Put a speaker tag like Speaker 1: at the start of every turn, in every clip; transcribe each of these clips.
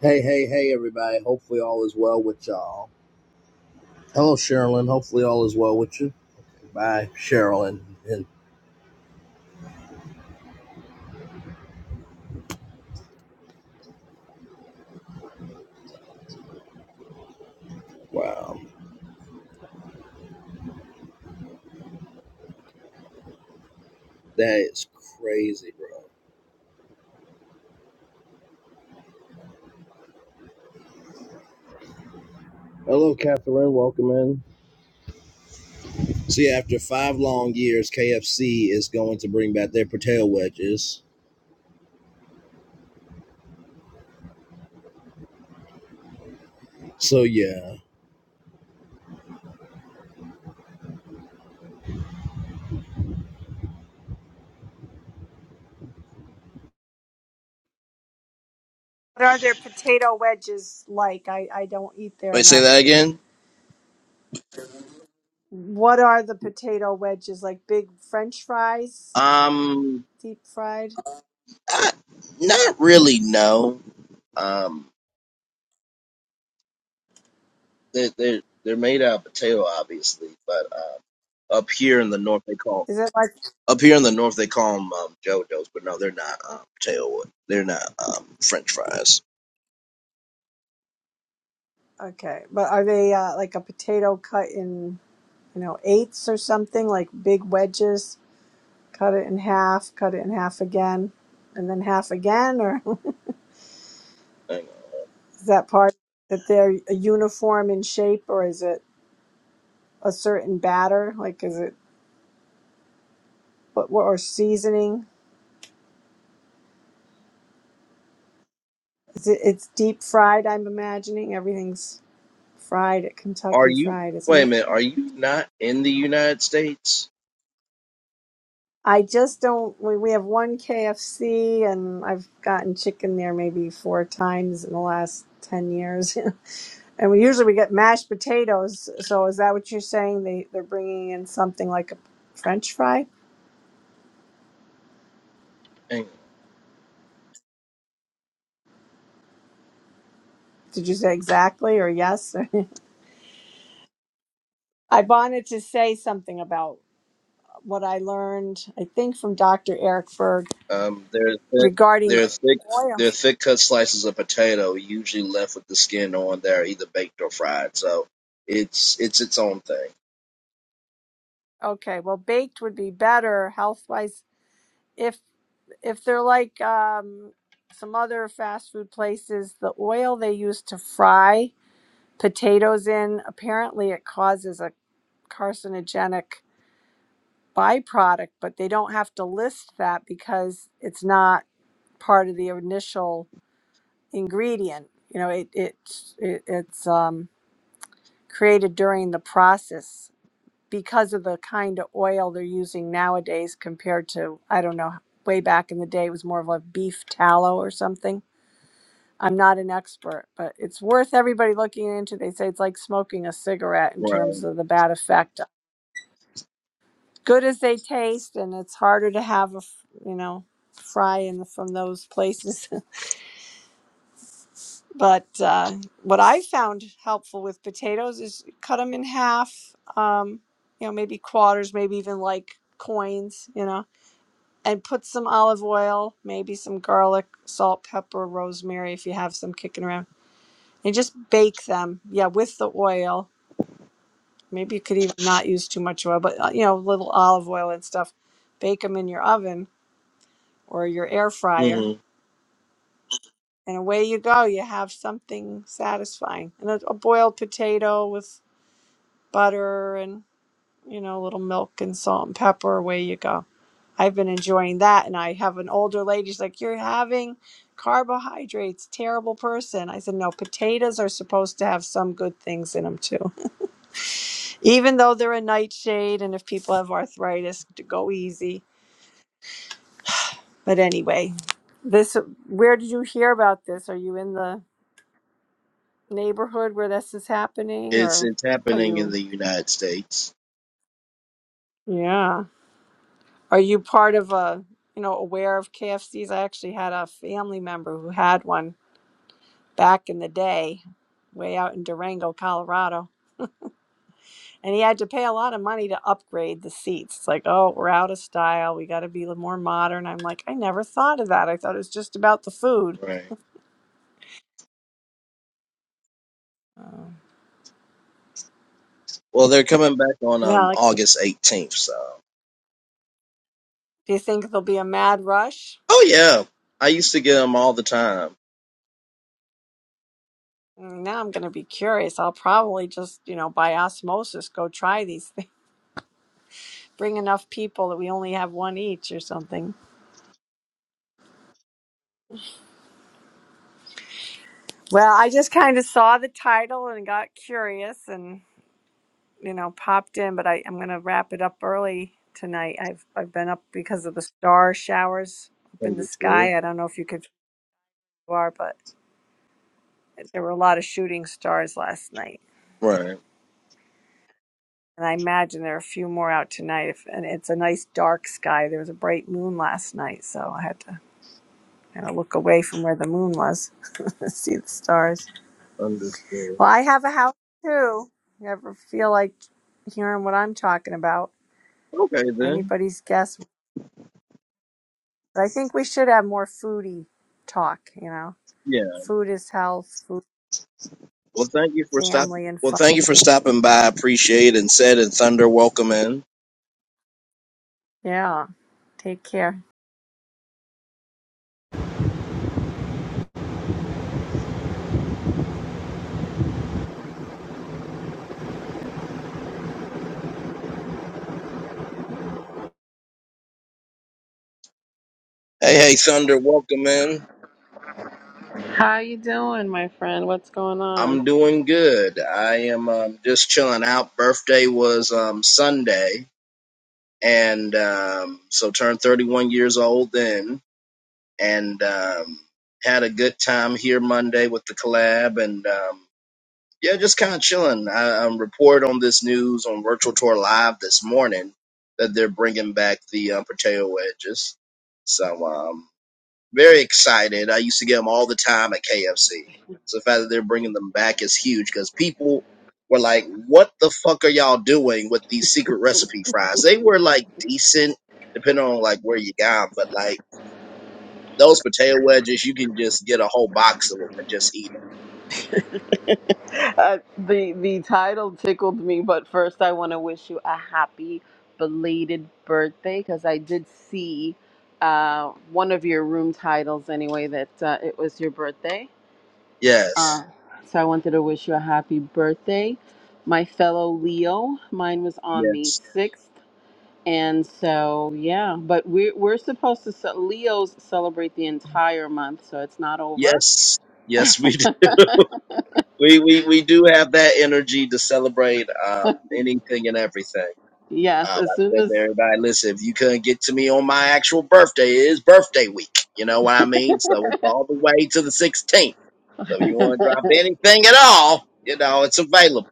Speaker 1: Hey, hey, hey, everybody. Hopefully, all is well with y'all. Hello, Sherilyn. Hopefully, all is well with you. Bye, Sherilyn. And wow, that is crazy, bro. Hello, Catherine. Welcome in. See, after five long years, KFC is going to bring back their potato wedges. So, yeah.
Speaker 2: What are their potato wedges like? I, I don't eat there
Speaker 1: Wait, say
Speaker 2: enough.
Speaker 1: that again?
Speaker 2: What are the potato wedges like? Big French fries,
Speaker 1: Um,
Speaker 2: deep fried?
Speaker 1: I, not really, no. Um, they're, they're, they're made out of potato, obviously, but um, up here in the north, they call
Speaker 2: Is it like
Speaker 1: Up here in the north, they call them um, JoJo's, but no, they're not um, tailwood. They're not um, French fries.
Speaker 2: okay? But are they uh, like a potato cut in you know eighths or something? Like big wedges? Cut it in half, cut it in half again, and then half again? Or
Speaker 1: Hang on.
Speaker 2: is that part that they're uniform in shape, or is it a certain batter? Like is it what, what or seasoning? Is it, it's deep fried, I'm imagining. Everything's fried at
Speaker 1: Are
Speaker 2: Kentucky
Speaker 1: you?
Speaker 2: Fried,
Speaker 1: Wait
Speaker 2: isn't
Speaker 1: a
Speaker 2: it?
Speaker 1: minute. Are you not in the United States?
Speaker 2: I just don't. We, we have one KFC, and I've gotten chicken there maybe four times in the last 10 years. and we usually we get mashed potatoes. So is that what you're saying? They, they're bringing in something like a French fry?
Speaker 1: Hang
Speaker 2: Did you say exactly or yes? I wanted to say something about what I learned, I think, from Dr. Eric Berg
Speaker 1: on. Um, they're thick,
Speaker 2: regarding
Speaker 1: they're thick.
Speaker 2: oil.
Speaker 1: They're thick cut slices of potato, usually left with the skin on. They're either baked or fried, so it's it's its own thing.
Speaker 2: Okay, well, baked would be better health wise. If if they're like um, some other fast food places, the oil they use to fry potatoes in apparently it causes a carcinogenic byproduct, but they don't have to list that because it's not part of the initial ingredient. You know, it it's it, it's um, created during the process. because of the kind of oil they're using nowadays compared to I don't know way back in the day it was more of a beef tallow or something. I'm not an expert, but it's worth everybody looking into. They say it's like smoking a cigarette in
Speaker 1: Right.
Speaker 2: terms of the bad effect. Good as they taste, and it's harder to have a f- you know fry in the, from those places. but uh, what I found helpful with potatoes is cut them in half. Um, you know, maybe quarters, maybe even like coins. You know, and put some olive oil, maybe some garlic, salt, pepper, rosemary if you have some kicking around, and just bake them. Yeah, with the oil. Maybe you could even not use too much oil, but uh, you know, little olive oil and stuff. Bake them in your oven or your air fryer,
Speaker 1: hmm
Speaker 2: and away you go. You have something satisfying. And a, a boiled potato with butter and you know, a little milk and salt and pepper. Away you go. I've been enjoying that. And I have an older lady, she's like, You're having carbohydrates, terrible person. I said, No, potatoes are supposed to have some good things in them too, even though they're a nightshade. And if people have arthritis, to go easy. But anyway, this, where did you hear about this? Are you in the neighborhood where this is happening
Speaker 1: It's
Speaker 2: or
Speaker 1: it's
Speaker 2: are
Speaker 1: happening in
Speaker 2: you,
Speaker 1: the United States.
Speaker 2: yeah, are you part of a, you know, aware of KFCs? I actually had a family member who had one back in the day way out in Durango, Colorado. And he had to pay a lot of money to upgrade the seats. It's like, oh, we're out of style. We got to be more modern. I'm like, I never thought of that. I thought it was just about the food.
Speaker 1: Right.
Speaker 2: Oh.
Speaker 1: Well, they're coming back on
Speaker 2: Well,
Speaker 1: um
Speaker 2: like,
Speaker 1: August eighteenth, so.
Speaker 2: do you think there'll be a mad rush?
Speaker 1: Oh yeah, I used to get them all the time.
Speaker 2: Mm, Now I'm going to be curious. I'll probably just, you know, by osmosis, go try these things. Bring enough people that we only have one each or something. Well, I just kind of saw the title and got curious, and. you know, popped in, but I, I'm going to wrap it up early tonight. I've, I've been up because of the star showers up in the
Speaker 1: Understood.
Speaker 2: sky. I don't know if you could, you are, but there were a lot of shooting stars last night.
Speaker 1: Right.
Speaker 2: And I imagine there are a few more out tonight. If, and it's a nice dark sky. There was a bright moon last night, so I had to kind of look away from where the moon was to see the stars.
Speaker 1: Understood.
Speaker 2: Well, I have a house too. You ever feel like hearing what I'm talking about?
Speaker 1: Okay then.
Speaker 2: Anybody's guess But I think we should have more foodie talk, you know.
Speaker 1: Yeah.
Speaker 2: Food is health, food
Speaker 1: Well, thank you
Speaker 2: is
Speaker 1: for stopping.
Speaker 2: family and
Speaker 1: Well,
Speaker 2: fun.
Speaker 1: thank you for stopping by. I Appreciate it. and said and Thunder, welcome in.
Speaker 2: Yeah. Take care.
Speaker 1: Hey, hey, Thunder, welcome in.
Speaker 3: How you doing, my friend? What's going on?
Speaker 1: I'm doing good. I am um, just chilling out. Birthday was um, Sunday, and um, so turned 31 years old then, and um, had a good time here Monday with the collab, and um, Yeah, just kind of chilling. I, um report on this news on Virtual Tour Live this morning that they're bringing back the um, potato wedges. So um, very excited. I used to get them all the time at KFC. So the fact that they're bringing them back is huge because people were like, "What the fuck are y'all doing with these secret recipe fries?" They were like decent, depending on like where you got 'em, but like those potato wedges, you can just get a whole box of them and just eat them.
Speaker 3: Uh, the the title tickled me, but first I want to wish you a happy belated birthday because I did see uh, one of your room titles anyway that uh, it was your birthday.
Speaker 1: Yes,
Speaker 3: Uh, so I wanted to wish you a happy birthday, my fellow Leo. Mine was on
Speaker 1: yes.
Speaker 3: the sixth, and so yeah. But we're we're supposed to ce- Leos celebrate the entire month, so it's not over.
Speaker 1: Yes, yes, we do. we we we do have that energy to celebrate um, anything and everything.
Speaker 3: Yes,
Speaker 1: Um,
Speaker 3: as
Speaker 1: I
Speaker 3: soon
Speaker 1: said
Speaker 3: as
Speaker 1: to everybody, listen, if you couldn't get to me on my actual birthday, it is birthday week. You know what I mean? So it's all the way to the 16th. So if you want to drop anything at all, you know it's available.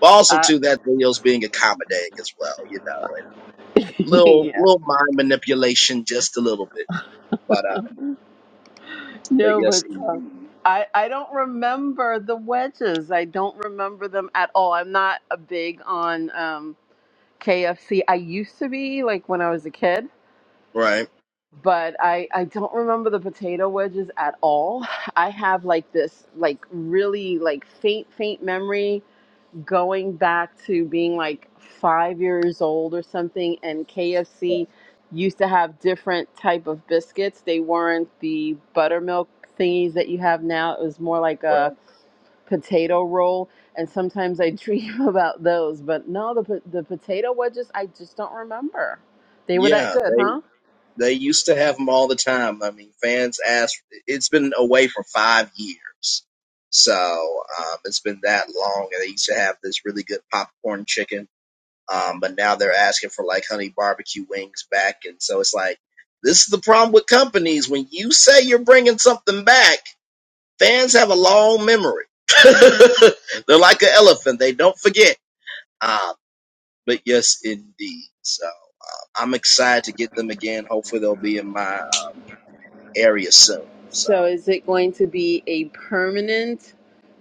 Speaker 1: But also
Speaker 3: I,
Speaker 1: too, that video's being accommodating as well. You know, and little
Speaker 3: yeah,
Speaker 1: little mind manipulation, just a little bit. But uh, but
Speaker 3: no,
Speaker 1: yes,
Speaker 3: but um,
Speaker 1: indeed,
Speaker 3: I I don't remember the wedges. I don't remember them at all. I'm not a big on um, KFC. I used to be like when I was a kid,
Speaker 1: right.
Speaker 3: but I I don't remember the potato wedges at all. I have like this like really like faint faint memory going back to being like five years old or something and
Speaker 1: Right.
Speaker 3: kfc used to have different type of biscuits they weren't the buttermilk thingies that you have now it was more like a
Speaker 1: Right.
Speaker 3: potato roll and sometimes i dream about those but no the, po- the potato wedges i just don't remember they were that
Speaker 1: Yeah,
Speaker 3: good huh
Speaker 1: They used to have them all the time. I mean, fans asked. It's been away for five years, so um, it's been that long. And they used to have this really good popcorn chicken, um, but now they're asking for like honey barbecue wings back. And so it's like this is the problem with companies when you say you're bringing something back. Fans have a long memory. they're like an elephant; they don't forget. Um, but yes, indeed. So. uh, I'm excited to get them again. Hopefully, they'll be in my area soon. So
Speaker 3: So is it going to be a permanent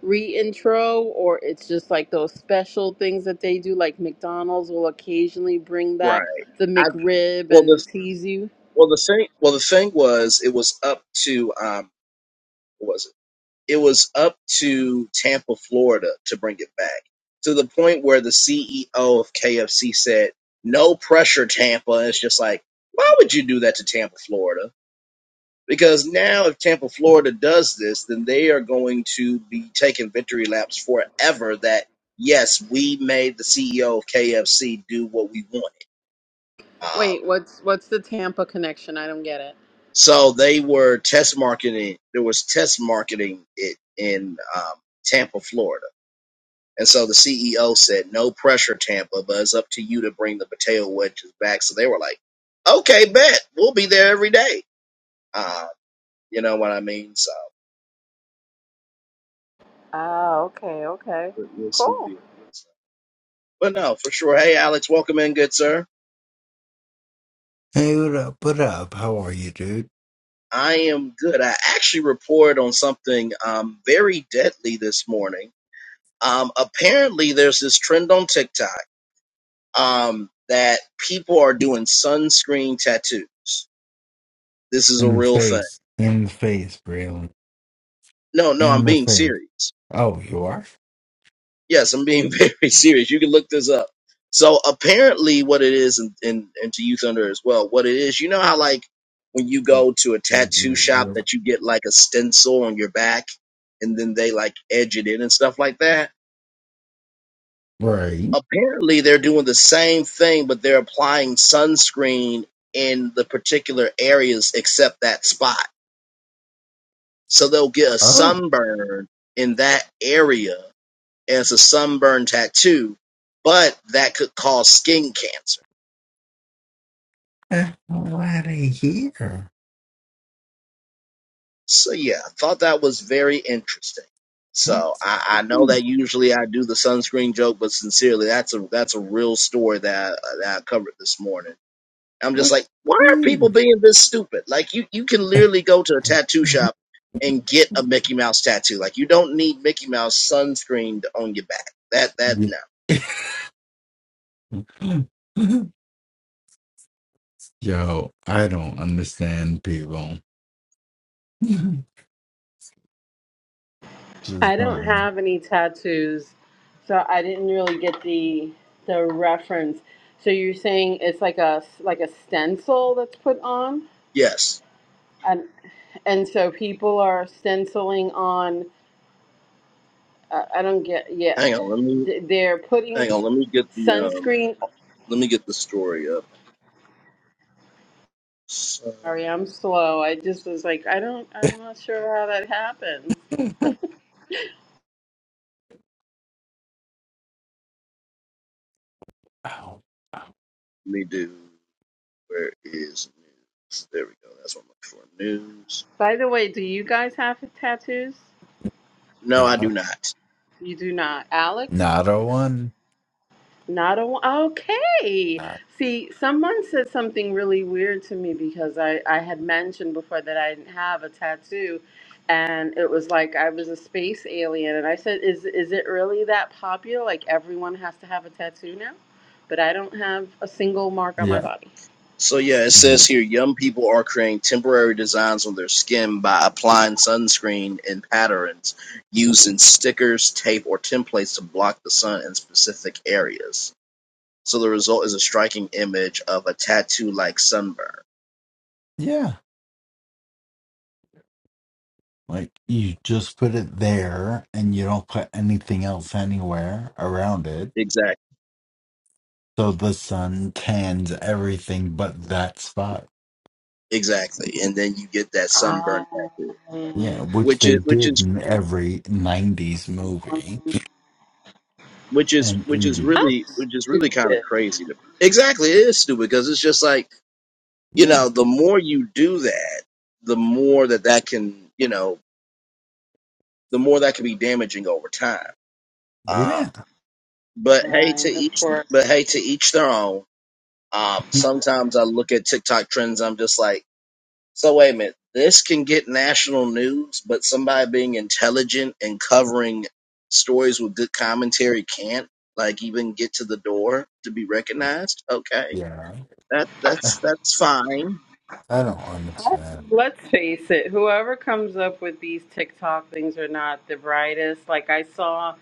Speaker 3: reintro or it's just like those special things that they do like McDonald's will occasionally bring back
Speaker 1: right.
Speaker 3: the
Speaker 1: I
Speaker 3: McRib
Speaker 1: well the
Speaker 3: and tease you?
Speaker 1: well the thing well the thing was it was up to um what was it? It was up to Tampa, Florida to bring it back. To the point where the CEO of KFC said, No pressure, Tampa. And it's just like, why would you do that to Tampa, Florida? Because now if Tampa, Florida does this, then they are going to be taking victory laps forever that yes, we made the CEO of KFC do what we wanted. Um,
Speaker 3: Wait, what's what's the Tampa connection? I don't get it.
Speaker 1: So they were test marketing. There was test marketing it in um, Tampa, Florida, and so the CEO said, "No pressure, Tampa, but it's up to you to bring the potato wedges back." So they were like, "Okay, bet we'll be there every day." Uh, you know what I mean? So,
Speaker 3: Ah, okay, okay.
Speaker 1: but we'll
Speaker 3: Cool.
Speaker 1: But no, for sure. Hey, Alex, welcome in, good sir.
Speaker 4: Hey, what up? What up? How are you, dude?
Speaker 1: I am good. I actually reported on something um, very deadly this morning. Um, apparently, there's this trend on TikTok um, that people are doing sunscreen tattoos. This is a
Speaker 4: In the
Speaker 1: real thing.
Speaker 4: face. In the face, Braylon.
Speaker 1: No, no,
Speaker 4: In
Speaker 1: I'm
Speaker 4: the
Speaker 1: being
Speaker 4: face.
Speaker 1: serious.
Speaker 4: Oh, you are?
Speaker 1: Yes, I'm being very serious. You can look this up. So apparently, what it is, and, and, and to you, Thunder, as well, what it is, you know how like when you go to a tattoo shop that you get like a stencil on your back, and then they like edge it in and stuff like that.
Speaker 4: Right.
Speaker 1: Apparently, they're doing the same thing, but they're applying sunscreen in the particular areas except that spot. So they'll get a
Speaker 4: Oh,
Speaker 1: sunburn in that area as a sunburn tattoo, but that could cause skin cancer.
Speaker 4: eh, I'm glad to hear.
Speaker 1: So yeah, I thought that was very interesting. So
Speaker 4: That's
Speaker 1: I, I know
Speaker 4: cool.
Speaker 1: that usually I do the sunscreen joke, but sincerely, that's a that's a real story that I, that I covered this morning. I'm just like,
Speaker 4: That's
Speaker 1: why are people being this stupid? Like you you can literally go to a tattoo shop and get a Mickey Mouse tattoo. Like you don't need Mickey Mouse sunscreened on your back. That that no.
Speaker 4: cool. Yo, I don't understand people.
Speaker 3: I
Speaker 4: Just
Speaker 3: don't
Speaker 4: don't.
Speaker 3: have any tattoos, so I didn't really get the the reference. So you're saying it's like a like a stencil that's put on?
Speaker 1: Yes.
Speaker 3: I, and so people are stenciling on. Uh, I don't get. Yeah,
Speaker 1: Hang on, let me
Speaker 3: Th- they're putting
Speaker 1: hang on. Let me get the um.
Speaker 3: sunscreen.
Speaker 1: Let me get the story up. Son,
Speaker 3: Sorry,
Speaker 1: let
Speaker 3: I'm slow. I just was like, I don't. I'm not sure how that happens.
Speaker 1: me do. Where is news? There we go. That's what I'm looking for. News.
Speaker 3: By the way, do you guys have tattoos?
Speaker 1: No, I do
Speaker 4: Not,
Speaker 1: not.
Speaker 3: You do not, Alex.
Speaker 4: not a one.
Speaker 3: Not a wa- okay. See, someone said something really weird to me because I I had mentioned before that I didn't have a tattoo, and it was like I was a space alien, and I said, "Is is it really that popular? Like everyone has to have a tattoo now?" But I don't have a single mark on my
Speaker 4: Yeah.
Speaker 3: body.
Speaker 1: So yeah, it says here young people are creating temporary designs on their skin by applying sunscreen in patterns using stickers, tape, or templates to block the sun in specific areas. So the result is a striking image of a tattoo-like sunburn.
Speaker 4: Yeah. Like you just put it there and you don't put anything else anywhere around it.
Speaker 1: Exactly.
Speaker 4: So the sun tans everything but that spot.
Speaker 1: Exactly, and then you get that sunburn
Speaker 3: Um,
Speaker 1: tattoo,
Speaker 4: Yeah, which
Speaker 1: which is
Speaker 4: they
Speaker 1: which
Speaker 4: did
Speaker 1: is
Speaker 4: in every 90s movie
Speaker 1: which is
Speaker 4: and
Speaker 1: which is
Speaker 4: 80s.
Speaker 3: how
Speaker 1: really which is really kind of
Speaker 3: stupid!
Speaker 1: crazy to me. Exactly, it is stupid because it's just like you
Speaker 4: Yeah.
Speaker 1: know, the more you do that, the more that that can you know, the more that can be damaging over time. Um,
Speaker 4: Yeah.
Speaker 1: but hey, to
Speaker 3: Right, of
Speaker 1: each
Speaker 3: course.
Speaker 1: but hey, to each their own. Um, sometimes I look at TikTok trends, I'm just like So wait a minute. This can get national news, but somebody being intelligent and covering stories with good commentary can't like even get to the door to be recognized. Okay.
Speaker 4: Yeah.
Speaker 1: That that's that's fine.
Speaker 4: I don't understand.
Speaker 3: Let's face it, whoever comes up with these TikTok things are not the brightest. Like I saw,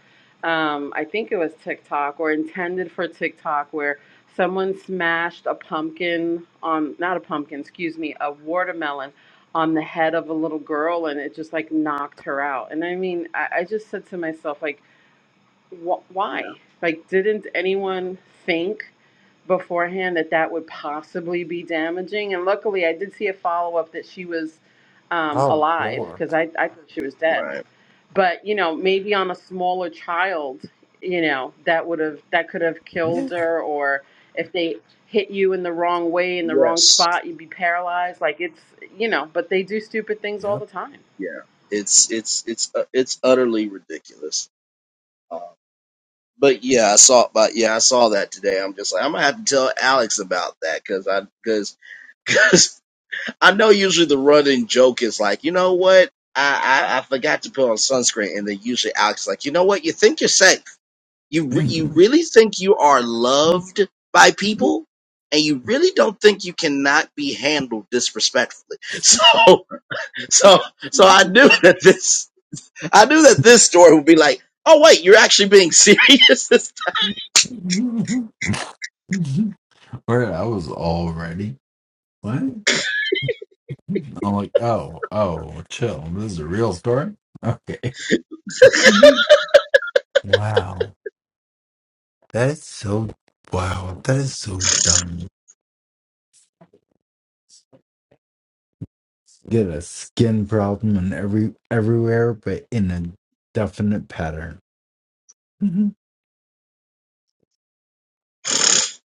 Speaker 3: um, I think it was TikTok or intended for TikTok where someone smashed a pumpkin on, not a pumpkin, excuse me, a watermelon on the head of a little girl and it just like knocked her out. And I mean, I, I just said to myself, like, wh-
Speaker 1: No.
Speaker 3: why? Like, didn't anyone think beforehand that that would possibly be damaging? And luckily, I did see a follow up that she was um,
Speaker 4: Oh,
Speaker 3: alive
Speaker 4: Lord.
Speaker 3: because I, I thought she was dead.
Speaker 1: Right.
Speaker 3: But you know, maybe on a smaller child, you know, that would have that could have killed
Speaker 4: Yeah.
Speaker 3: her, or if they hit you in the wrong way in the wrong
Speaker 1: Yes.
Speaker 3: spot, you'd be paralyzed. Like it's you know, but they do stupid things all
Speaker 4: Yep.
Speaker 3: the time.
Speaker 1: Yeah. It's it's it's uh, it's utterly ridiculous. Um, but yeah, I saw but yeah, I saw that today. I'm just like I'm going to have to tell Alex about that cuz I cuz I know usually the running joke is like, you know what? I, I, I forgot to put on sunscreen. And then usually Alex is like, you know what? You think you're safe. You, re- you really think you are loved by people and you really don't think you cannot be handled disrespectfully. So, so, so I knew that this, I knew that this story would be like, oh wait, you're actually being serious. this time."
Speaker 4: Where I was already. What? I'm like, oh, oh, chill. This is a real story. Okay. Mhm. Wow. That's so. Wow. That is so dumb. Get a skin problem and every everywhere, but in a definite pattern. Mhm.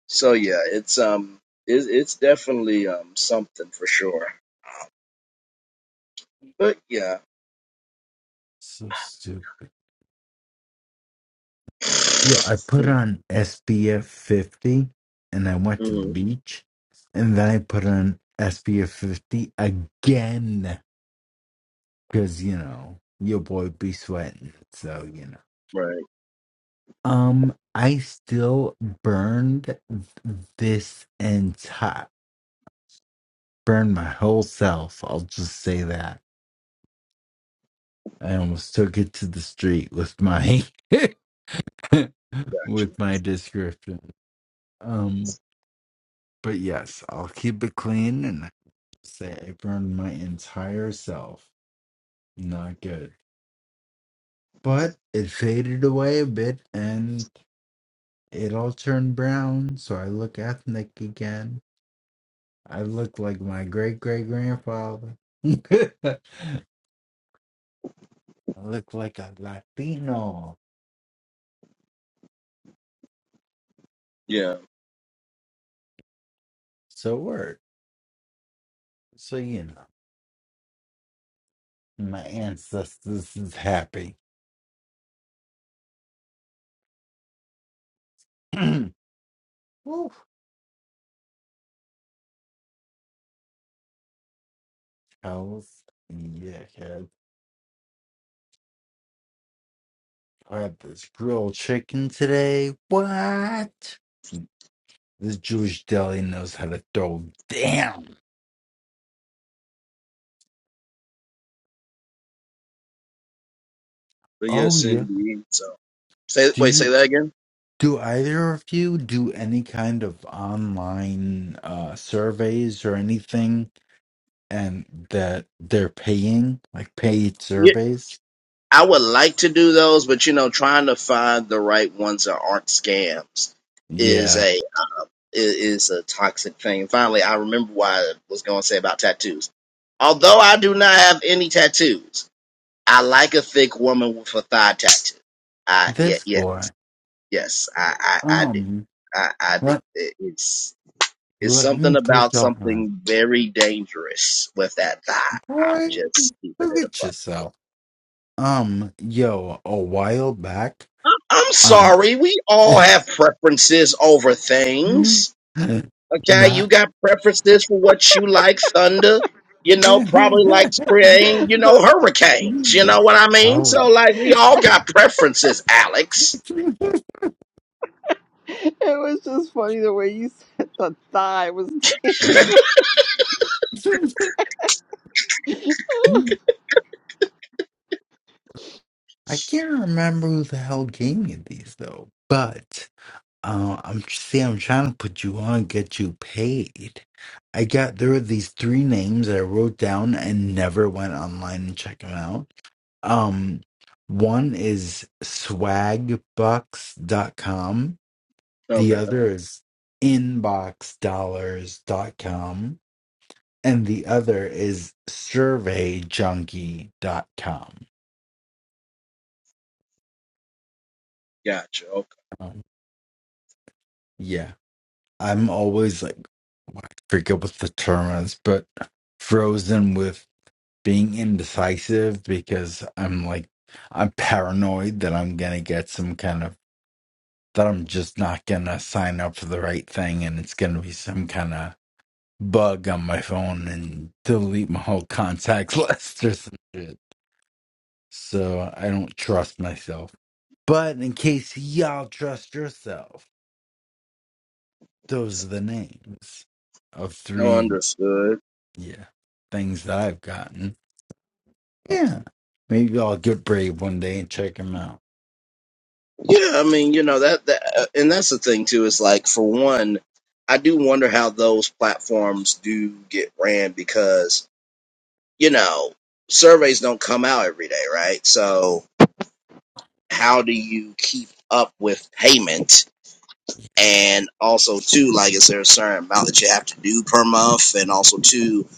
Speaker 1: so yeah, it's, um, it's, it's definitely, um, something for sure. But yeah.
Speaker 4: So stupid. Yo, I put
Speaker 1: Mm,
Speaker 4: on SPF 50 and I went to
Speaker 1: mhm.
Speaker 4: the beach, and then I put on SPF 50 again because you know your boy be sweating. So you know.
Speaker 1: Right,
Speaker 4: Um, I still burned th- this entire burned my whole self. I'll just say that. I almost took it to the street with my
Speaker 1: gotcha.
Speaker 4: with my description. Um, but yes, I'll keep it clean and say I burned my entire self. Not good. But it faded away a bit and it all turned brown, so I look ethnic again. I look like my great great grandfather. I look like a Latino.
Speaker 1: Yeah,
Speaker 4: So word. So you know, my ancestors is happy. Woo. I was yeah, had, I had this grilled chicken today. What? This Jewish deli knows how to throw down.
Speaker 1: but
Speaker 4: Oh
Speaker 1: yes,
Speaker 4: yeah.
Speaker 1: indeed. So, say
Speaker 4: Do
Speaker 1: wait, say
Speaker 4: you
Speaker 1: that again.
Speaker 4: do either of you do any kind of online uh surveys or anything? and that they're paying like paid
Speaker 1: Yeah,
Speaker 4: surveys.
Speaker 1: I would like to do those, but you know, trying to find the right ones that aren't scams is
Speaker 4: Yeah,
Speaker 1: a i- is a toxic thing. Finally, I remember why I was going to say about tattoos. Although I do not have any tattoos, I like a thick woman with a thigh tattoo. I yeah
Speaker 4: this
Speaker 1: yeah
Speaker 4: boy.
Speaker 1: yes I I, I do
Speaker 4: Um,
Speaker 1: I I do.
Speaker 4: let
Speaker 1: It- It's It's
Speaker 4: let
Speaker 1: something
Speaker 4: me put
Speaker 1: about
Speaker 4: y'all on.
Speaker 1: something very dangerous with that guy. I'm
Speaker 4: Boy,
Speaker 1: just keeping
Speaker 4: look
Speaker 1: it
Speaker 4: at
Speaker 1: above.
Speaker 4: yourself. Um, yo, a while back.
Speaker 1: I'm
Speaker 4: Um,
Speaker 1: sorry. We all have preferences over things. Okay, you
Speaker 4: not.
Speaker 1: got preferences for what you like, thunder. You know, probably likes creating, you know,
Speaker 3: the
Speaker 1: hurricanes. You know what I mean?
Speaker 4: oh.
Speaker 1: So, like, we all got preferences, Alex.
Speaker 3: It was just funny the way you said the thigh was dangerous.
Speaker 4: I can't remember who the hell gave me these though, but. Uh, I'm see. I'm trying to put you on, get you paid. I got there were these three names that I wrote down and never went online and checked them out. Um, one is swagbucks.com. The
Speaker 1: Okay,
Speaker 4: other is inboxdollars.com, and the other is surveyjunkie.com.
Speaker 1: gotcha. Okay,
Speaker 4: Um, yeah, I'm always like, I forget what the term is, but frozen with being indecisive because I'm like I'm paranoid that I'm gonna get some kind of that I'm just not gonna sign up for the right thing and it's gonna be some kind of bug on my phone and delete my whole contacts list or some shit. So I don't trust myself. But in case y'all trust yourself, those are the names of
Speaker 1: no,
Speaker 4: three
Speaker 1: understood.
Speaker 4: yeah things that I've gotten. Yeah. Maybe I'll get brave one day and check them out.
Speaker 1: Yeah, I mean, you know that, that, uh, and that's the thing too. Is like for one, I do wonder how those platforms do get ran because you know surveys don't come out every day, right? So how do you keep up with payment? And also, too, like, is there a certain amount that you have to do per month? And also, too,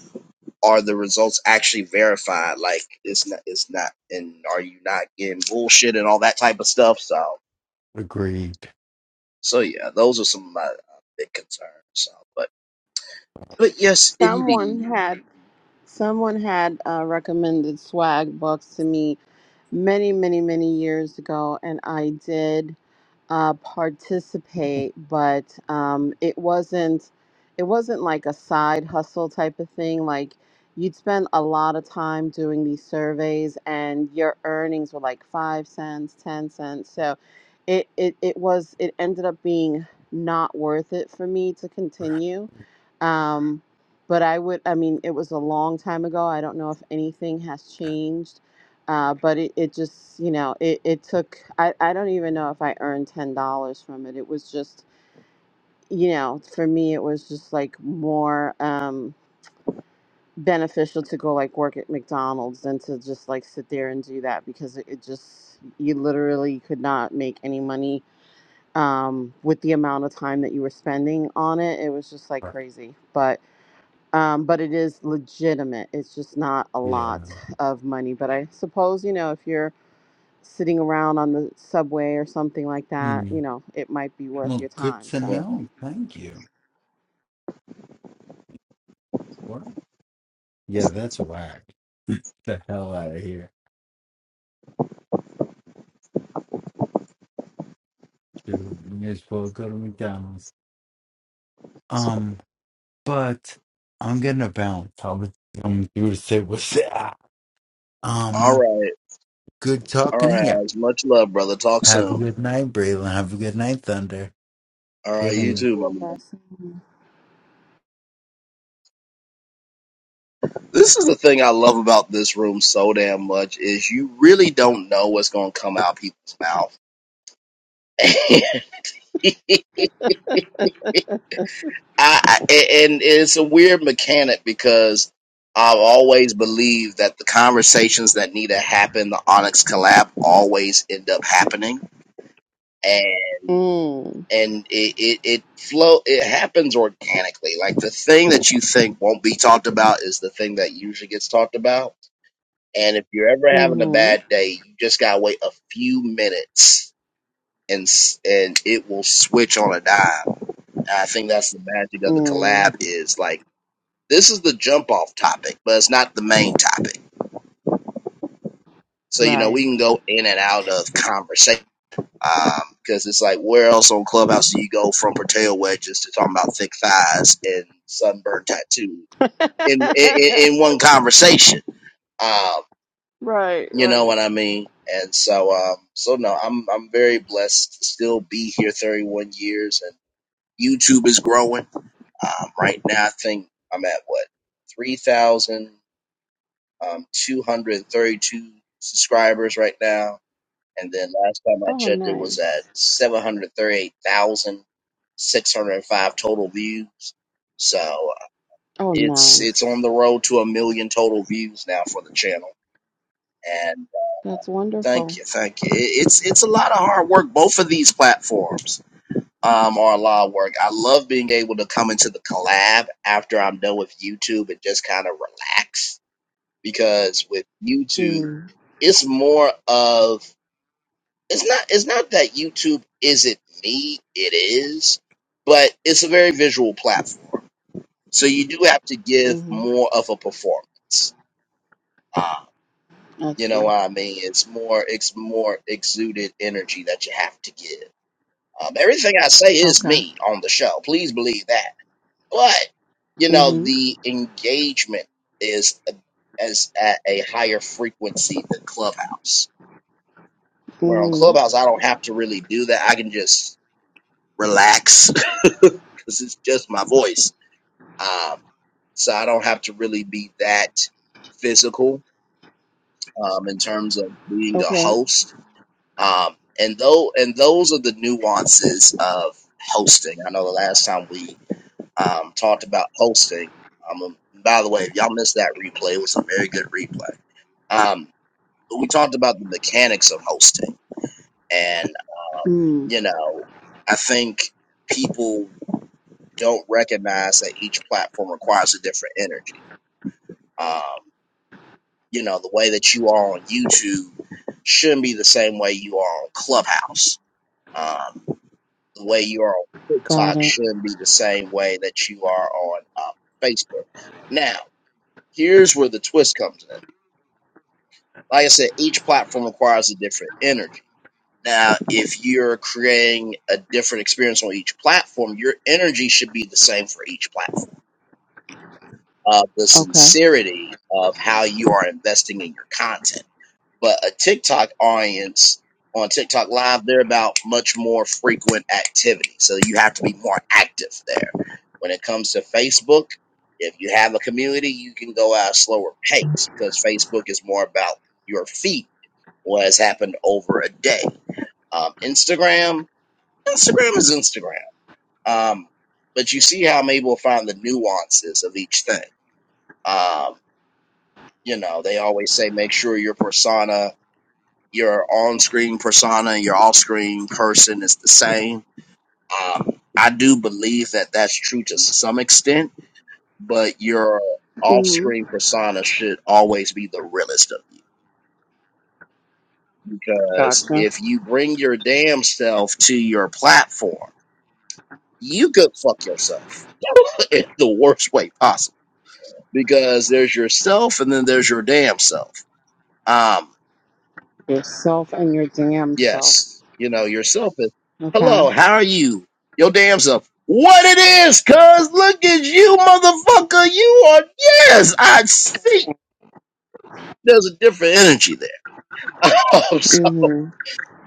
Speaker 1: are the results actually verified? Like, it's not, it's not, and are you not getting bullshit and all that type of stuff? So,
Speaker 4: Agreed.
Speaker 1: So yeah, those are some of my uh, big concerns. So, but but yes,
Speaker 3: Someone
Speaker 1: indeed.
Speaker 3: had someone had uh, recommended swag books to me many, many, many years ago, and I did uh, participate, but um, it wasn't it wasn't like a side hustle type of thing. Like you'd spend a lot of time doing these surveys, and your earnings were like five cents, ten cents. So it it, it was it ended up being not worth it for me to continue. Um, but I would, I mean, it was a long time ago. I don't know if anything has changed uh, but it, it just, you know, it, it took, I, I don't even know if I earned $10 from it. It was just, you know, for me, it was just like more um, beneficial to go like work at McDonald's than to just like sit there and do that because it, it just, you literally could not make any money um, with the amount of time that you were spending on it. It was just like crazy. But, um, but it is legitimate. It's just not a
Speaker 4: Yeah.
Speaker 3: lot of money. But I suppose, you know, if you're, sitting around on the subway or something like that,
Speaker 4: Hmm.
Speaker 3: you know, it might be worth
Speaker 4: Well,
Speaker 3: your
Speaker 4: good
Speaker 3: time.
Speaker 4: to
Speaker 3: So,
Speaker 1: Well,
Speaker 4: know. Thank you. What? Yeah, that's whack. The hell out of here. Dude, you may as well go to McDonald's. Um, but I'm gonna bounce. I was um you to say what's that?
Speaker 1: all
Speaker 4: Um,
Speaker 1: right,
Speaker 4: good
Speaker 1: all
Speaker 4: talking to
Speaker 1: right.
Speaker 4: you.
Speaker 1: Oz. Much love, brother. Talk
Speaker 4: Have a
Speaker 1: soon.
Speaker 4: good night, Braylon. Have a good night, Thunder.
Speaker 1: All right,
Speaker 4: Good
Speaker 1: you
Speaker 3: You
Speaker 4: night.
Speaker 1: too, my
Speaker 3: too,
Speaker 1: man.
Speaker 3: Leslie.
Speaker 1: This is the thing I love about this room so damn much is you really don't know what's gonna come out people's mouth. I, I- and it's a weird mechanic because I've always believed that the conversations that need to happen, the Onyx collab, always end up happening
Speaker 3: mm,
Speaker 1: and it it, it flow it happens organically like the thing that you think won't be talked about is the thing that usually gets talked about and if you're ever having a bad
Speaker 3: mm-hmm,
Speaker 1: day you just gotta wait a few minutes and s- and it will switch on a dime and i think that's the magic of the
Speaker 3: mm,
Speaker 1: collab is like this is the jump off topic but it's not the main topic so you know
Speaker 3: right,
Speaker 1: we can go in and out of conversation. because um, it's like where else on Clubhouse do you go from potato wedges to talking about thick thighs and sunburn tattoo in in, in one conversation? Um,
Speaker 3: right,
Speaker 1: you know
Speaker 3: right.
Speaker 1: what I mean? And so, um, so no, I'm I'm very blessed to still be here, 31 years, and YouTube is growing. Um, right now, I think I'm at what 3,232 subscribers right now And then last time I
Speaker 3: Oh,
Speaker 1: checked, it was at
Speaker 3: nice.
Speaker 1: 738,605 total views. So uh,
Speaker 3: Oh,
Speaker 1: it's it's on
Speaker 3: nice.
Speaker 1: the road to a million total views now for the channel. And uh,
Speaker 3: That's wonderful.
Speaker 1: thank you, thank you. It, it's it's a lot of hard work. Both of these platforms um, are a lot of work. I love being able to come into the collab after I'm done with YouTube and just kind of relax because with YouTube,
Speaker 3: Mm,
Speaker 1: it's more of it's not it's not that YouTube isn't me, it is, but it's a very visual platform. So you do have to give
Speaker 3: mm-hmm.
Speaker 1: more of a performance. Uh,
Speaker 3: I
Speaker 1: you know
Speaker 3: see.
Speaker 1: what I mean? It's more it's more exuded energy that you have to give. Um, everything I say is
Speaker 3: Okay.
Speaker 1: me on the show. Please believe that. But you know
Speaker 3: Mm-hmm.
Speaker 1: the engagement is as at a higher frequency than Clubhouse. Where on
Speaker 3: Mm-hmm.
Speaker 1: Clubhouse I don't have to really do that. I can just relax because it's just my voice. Um, so I don't have to really be that physical um, in terms of being a
Speaker 3: Okay.
Speaker 1: host. Um, and though, and those are the nuances of hosting. I know the last time we um, talked about hosting. Um, by the way, if y'all missed that replay, it was a very good replay. Um, but we talked about the mechanics of hosting, and
Speaker 3: Mm,
Speaker 1: you know, I think people don't recognize that each platform requires a different energy Um, you know, the way that you are on YouTube shouldn't be the same way you are on Clubhouse. Um, the way you are on
Speaker 3: got
Speaker 1: TikTok
Speaker 3: it.
Speaker 1: shouldn't be the same way that you are on uh, Facebook. Now, here's where the twist comes in. Like I said, each platform requires a different energy. Now, if you're creating a different experience on each platform, your energy should be the same for each platform. Uh, the
Speaker 3: Okay.
Speaker 1: sincerity of how you are investing in your content but a TikTok audience on TikTok Live, they're about much more frequent activity. So you have to be more active there. When it comes to Facebook, if you have a community, you can go at a slower pace because Facebook is more about your feed, what has happened over a day. Um, Instagram, Instagram is Instagram. Um, but you see how I'm able to find the nuances of each thing. Um, you know, they always say make sure your persona your on-screen persona and your off-screen person is the same. Um, I do believe that that's true to some extent, but your
Speaker 3: Mm-hmm.
Speaker 1: off-screen persona should always be the realest of you because
Speaker 3: Gotcha.
Speaker 1: if you bring your damn self to your platform, you could fuck yourself in the worst way possible because there's yourself and then there's your damn self. Um,
Speaker 3: Yourself and your damn self.
Speaker 1: Yes. You know, yourself is
Speaker 3: Okay.
Speaker 1: hello, how are you? Your damn self. What it is, cuz look at you, motherfucker. You are yes, I see. There's a different energy there. so,
Speaker 3: hmm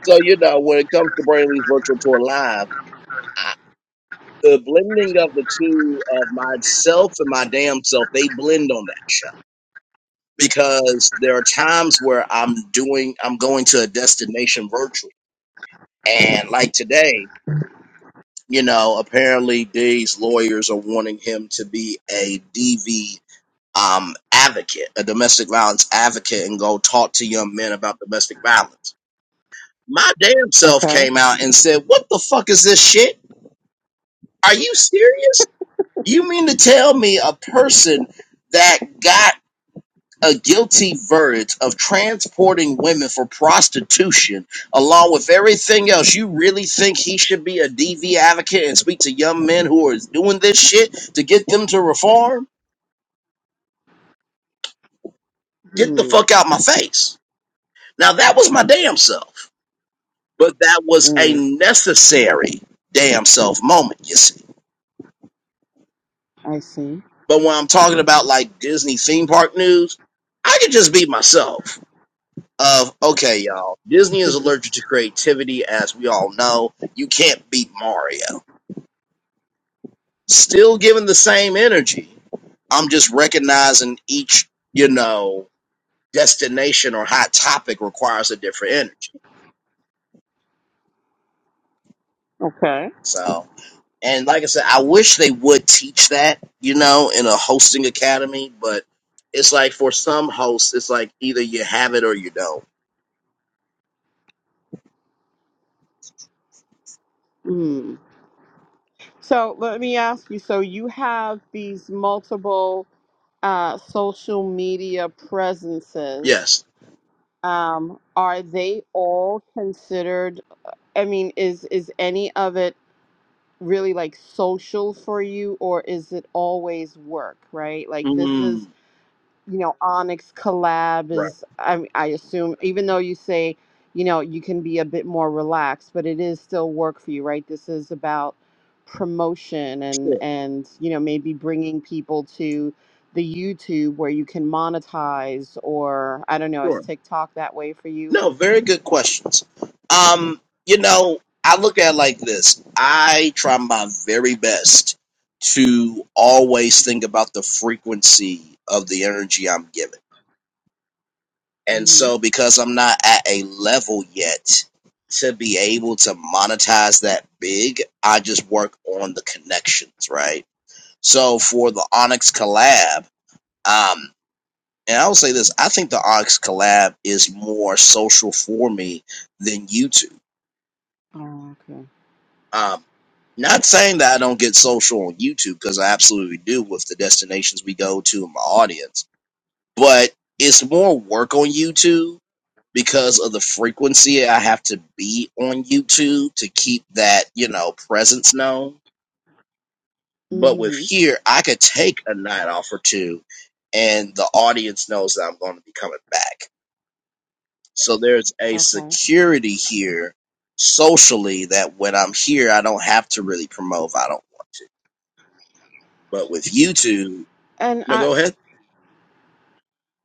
Speaker 1: so you know, when it comes to Brainley's virtual tour live, the blending of the two of myself and my damn self, they blend on that show. Because there are times where I'm doing I'm going to a destination virtual. And like today, you know, apparently Day's lawyers are wanting him to be a DV um, advocate, a domestic violence advocate, and go talk to young men about domestic violence. My damn self
Speaker 3: Okay.
Speaker 1: came out and said, What the fuck is this shit? Are you serious? You mean to tell me a person that got a guilty verdict of transporting women for prostitution along with everything else you really think he should be a dv advocate and speak to young men who are doing this shit to get them to reform get the
Speaker 3: Mm.
Speaker 1: fuck out my face now that was my damn self but that was a
Speaker 3: Mm.
Speaker 1: necessary damn self moment you see
Speaker 3: I see.
Speaker 1: but when i'm talking about like disney theme park news i could just be myself of okay, y'all. Disney is allergic to creativity, as we all know. You can't beat Mario. Still giving the same energy. I'm just recognizing each, you know, destination or hot topic requires a different energy.
Speaker 3: Okay.
Speaker 1: So, and like I said, I wish they would teach that, you know, in a hosting academy, but it's like for some hosts, it's like either you have it or you don't.
Speaker 3: Mm. So let me ask you. So you have these multiple uh, social media presences.
Speaker 1: Yes.
Speaker 3: Um, are they all considered? I mean, is is any of it really like social for you, or is it always work? Right? Like this is
Speaker 1: Mm,
Speaker 3: you know, Onyx collab
Speaker 1: right.
Speaker 3: is, I, I assume, even though you say, you know, you can be a bit more relaxed, but it is still work for you, right? This is about promotion and,
Speaker 1: Sure.
Speaker 3: and, you know, maybe bringing people to the YouTube where you can monetize or, I don't know, is
Speaker 1: Sure.
Speaker 3: TikTok that way for you?
Speaker 1: No, very good questions. Um, you know, I look at it like this. I try my very best to always think about the frequency of the energy I'm giving. And
Speaker 3: Mm-hmm.
Speaker 1: so because I'm not at a level yet to be able to monetize that big, I just work on the connections, right? So for the Onyx collab, um, and I will say this, I think the Onyx collab is more social for me than YouTube
Speaker 3: Oh, okay.
Speaker 1: Um, not saying that I don't get social on YouTube because I absolutely do with the destinations we go to and my audience, but it's more work on YouTube because of the frequency I have to be on YouTube to keep that, you know, presence known. But with
Speaker 3: Mm-hmm.
Speaker 1: here, I could take a night off or two and the audience knows that I'm going to be coming back. So there's a
Speaker 3: Okay.
Speaker 1: security here socially that when I'm here, I don't have to really promote if I don't want to. But with YouTube,
Speaker 3: And
Speaker 1: no,
Speaker 3: I,
Speaker 1: go ahead.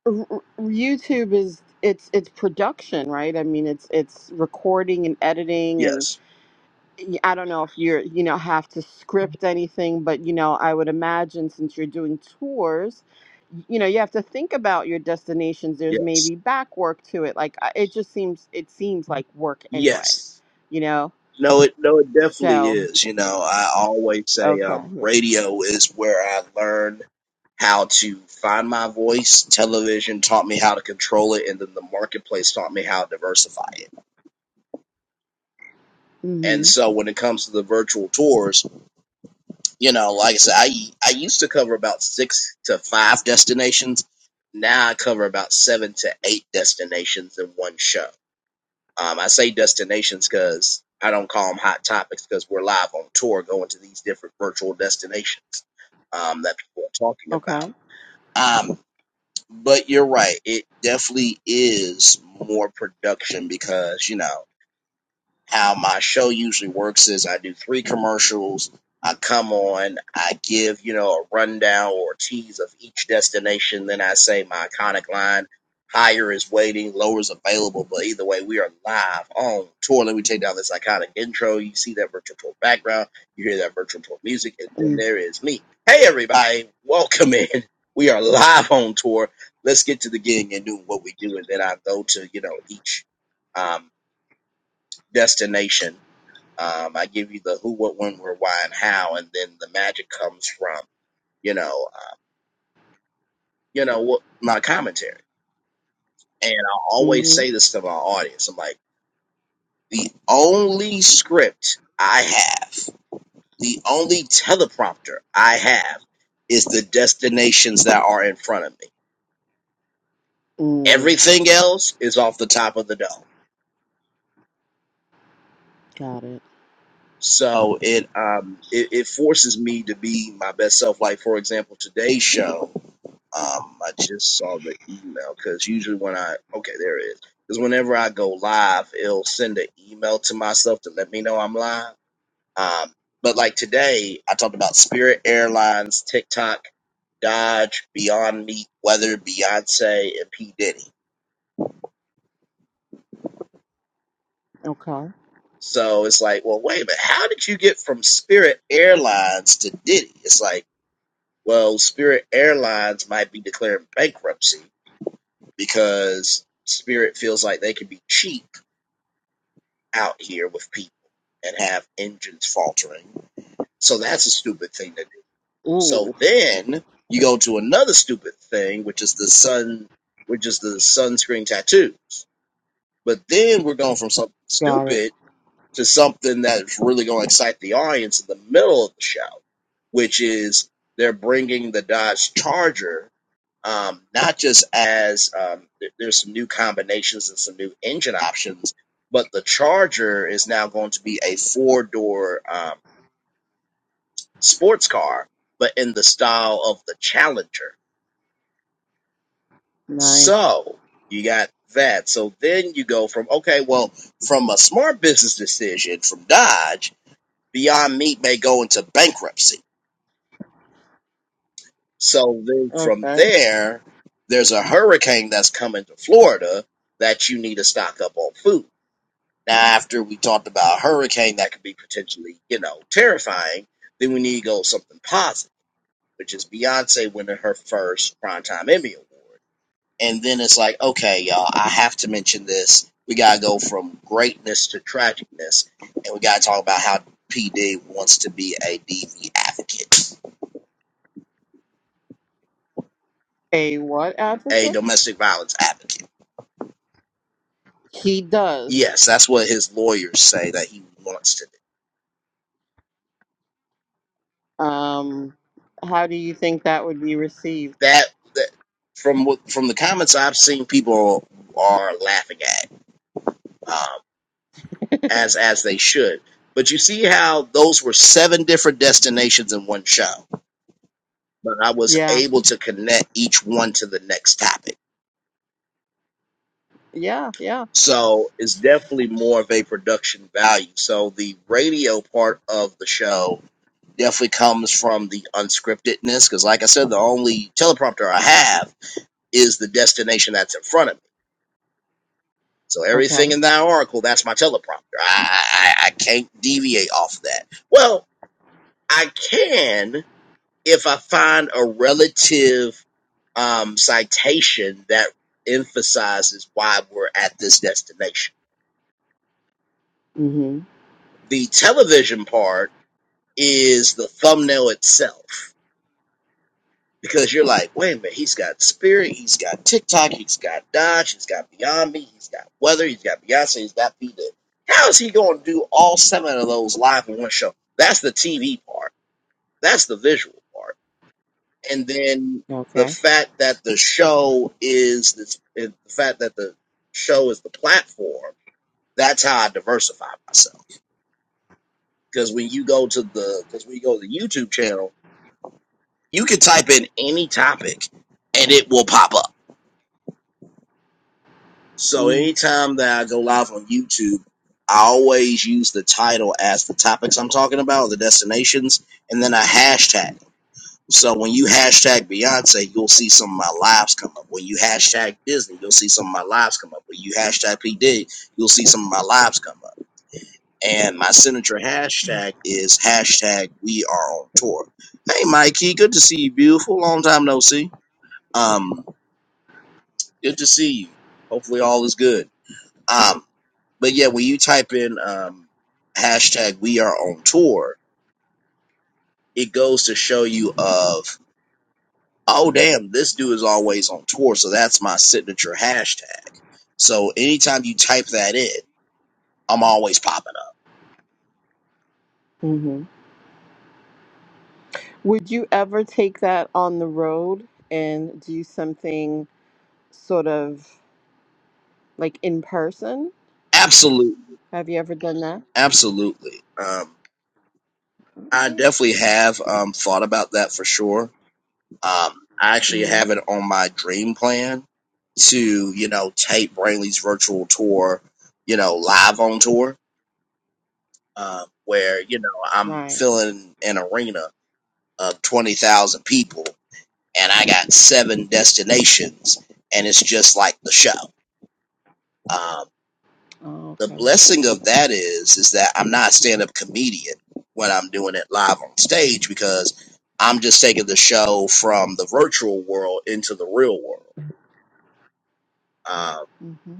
Speaker 3: r- r- YouTube is, it's, it's production, right? I mean, it's, it's recording and editing and,
Speaker 1: Yes,
Speaker 3: y- I don't know if you're, you know, have to script anything, but you know, I would imagine since you're doing tours, y- you know, you have to think about your destinations. There's
Speaker 1: yes,
Speaker 3: maybe back work to it. Like I- it just seems, it seems like work anyway,
Speaker 1: yes.
Speaker 3: you know?
Speaker 1: No, it no, it definitely
Speaker 3: So,
Speaker 1: is. You know, I always say
Speaker 3: okay.
Speaker 1: um,
Speaker 3: Yeah.
Speaker 1: radio is where I learned how to find my voice. Television taught me how to control it, and then the marketplace taught me how to diversify it. And
Speaker 3: Mm-hmm.
Speaker 1: so, when it comes to the virtual tours, you know, like I said, I I used to cover about six to five destinations. Now I cover about seven to eight destinations in one show Um, I say destinations because I don't call them hot topics because we're live on tour going to these different virtual destinations um, that people are talking
Speaker 3: Okay.
Speaker 1: about. Um, but you're right. It definitely is more production because, you know, how my show usually works is I do three commercials. I come on, I give, you know, a rundown or a tease of each destination. Then I say my iconic line, higher is waiting, lower is available. But either way, we are live on tour. Let me take down this iconic intro. You see that virtual tour background. You hear that virtual tour music. And then
Speaker 3: Mm,
Speaker 1: there is me. Hey, everybody, welcome in. We are live on tour. Let's get to the gig and do what we do. And then I go to, you know, each um, destination um, I give you the who, what, when, where, why, and how, and then the magic comes from you know, uh, you know what my commentary. And I always
Speaker 3: Mm-hmm.
Speaker 1: say this to my audience: I'm like, the only script I have, the only teleprompter I have, is the destinations that are in front of me.
Speaker 3: Mm.
Speaker 1: Everything else is off the top of the dome.
Speaker 3: Got it.
Speaker 1: So it um it, it forces me to be my best self. Like for example, today's show. Um, I just saw the email because usually when I okay, there it is. Because whenever I go live, it'll send an email to myself to let me know I'm live. Um, but like today, I talked about Spirit Airlines, TikTok, Dodge, Beyond Meat, Weather, Beyonce, and P Diddy.
Speaker 3: Okay.
Speaker 1: So it's like, well, wait a minute, how did you get from Spirit Airlines to Diddy? It's like, well, Spirit Airlines might be declaring bankruptcy because Spirit feels like they can be cheap out here with people and have engines faltering. So that's a stupid thing to do. So
Speaker 3: Ooh.
Speaker 1: then you go to another stupid thing, which is the sun, which is the sunscreen tattoos. But then we're going from something
Speaker 3: Got it.
Speaker 1: stupid to something that's really going to excite the audience in the middle of the show, which is they're bringing the Dodge Charger um, not just as um, there- there's some new combinations and some new engine options, but the Charger is now going to be a four door um, sports car, but in the style of the Challenger.
Speaker 3: Nice.
Speaker 1: So you got that. So then you go from, okay, well, from a smart business decision from Dodge, Beyond Meat may go into bankruptcy. So then from
Speaker 3: Okay.
Speaker 1: there, there's a hurricane that's coming to Florida that you need to stock up on food. Now, after we talked about a hurricane that could be potentially, you know, terrifying, then we need to go something positive, which is Beyonce winning her first Primetime Emmy Award. And then it's like, okay, y'all, I have to mention this. We got to go from greatness to tragicness. And we got to talk about how PD wants to be a DV advocate,
Speaker 3: A what
Speaker 1: a
Speaker 3: advocate?
Speaker 1: domestic violence advocate.
Speaker 3: He does.
Speaker 1: Yes, that's what his lawyers say that he wants to
Speaker 3: Um, how do you think that would be received?
Speaker 1: that, that from what- from the comments I've seen, people are laughing at um, as as they should. But you see how those were seven different destinations in one show, but I was
Speaker 3: Yeah,
Speaker 1: able to connect each one to the next topic.
Speaker 3: yeah, yeah.
Speaker 1: So it's definitely more of a production value. So the radio part of the show definitely comes from the unscriptedness, because like I said, the only teleprompter I have is the destination that's in front of me. So everything
Speaker 3: Okay.
Speaker 1: in that oracle, that's my teleprompter. I, I, I I can't deviate off of that. Well, I can if I find a relative um, citation that emphasizes why we're at this destination.
Speaker 3: Mm-hmm.
Speaker 1: The television part is the thumbnail itself. because you're like, wait a minute, he's got Spirit, he's got TikTok, he's got Dodge, he's got Beyond Me, he's got Weather, he's got Beyonce, he's got P. Diddy. How is he going to do all seven of those live in one show? That's the TV part. That's the visual part. And then the
Speaker 3: Okay.
Speaker 1: fact that the show is this, the fact that the show is the platform. That's how I diversify myself. Because when you go to the, because when you go to the YouTube channel, you can type in any topic and it will pop up So
Speaker 3: Mm,
Speaker 1: anytime that I go live on YouTube, I always use the title as the topics I'm talking about, the destinations, and then a hashtag. So when you hashtag Beyonce, you'll see some of my lives come up. When you hashtag Disney, you'll see some of my lives come up. When you hashtag P D, you'll see some of my lives come up. And my signature hashtag is hashtag We Are On Tour. Hey, Mikey, good to see you, beautiful. Long time no see. Um, good to see you. Hopefully all is good. Um. But yeah, when you type in um, hashtag we are on tour, it goes to show you of oh damn, this dude is always on tour, so that's my signature hashtag. So anytime you type that in, I'm always popping up.
Speaker 3: Mm-hmm. Would you ever take that on the road and do something sort of like in person?
Speaker 1: Absolutely,
Speaker 3: Have you ever done that?
Speaker 1: absolutely. Um, I
Speaker 3: Okay.
Speaker 1: definitely have um, thought about that for sure. Um, I actually
Speaker 3: Mm-hmm.
Speaker 1: have it on my dream plan to you know tape Brainley's virtual tour, you know live on tour um, where you know I'm
Speaker 3: Right.
Speaker 1: filling an arena of twenty thousand people, and I got seven destinations, and it's just like the show. Um,
Speaker 3: Oh,
Speaker 1: the
Speaker 3: okay.
Speaker 1: blessing of that is is that I'm not a stand up comedian when I'm doing it live on stage because I'm just taking the show from the virtual world into the real world. Um,
Speaker 3: Mm-hmm.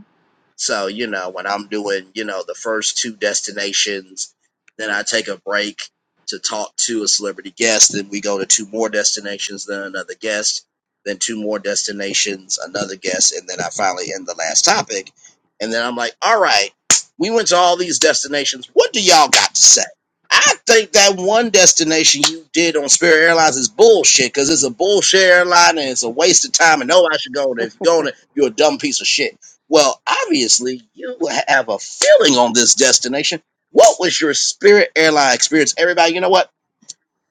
Speaker 1: So, you know, when I'm doing, you know, the first two destinations, then I take a break to talk to a celebrity guest. Then we go to two more destinations, then another guest, then two more destinations, another guest, and then I finally end the last topic. And then I'm like, all right, we went to all these destinations. What do y'all got to say? I think that one destination you did on Spirit Airlines is bullshit because it's a bullshit airline and it's a waste of time and nobody should go on it. If you go on it, you're a dumb piece of shit. Well, obviously, you have a feeling on this destination. What was your spirit airline experience? Everybody, you know what?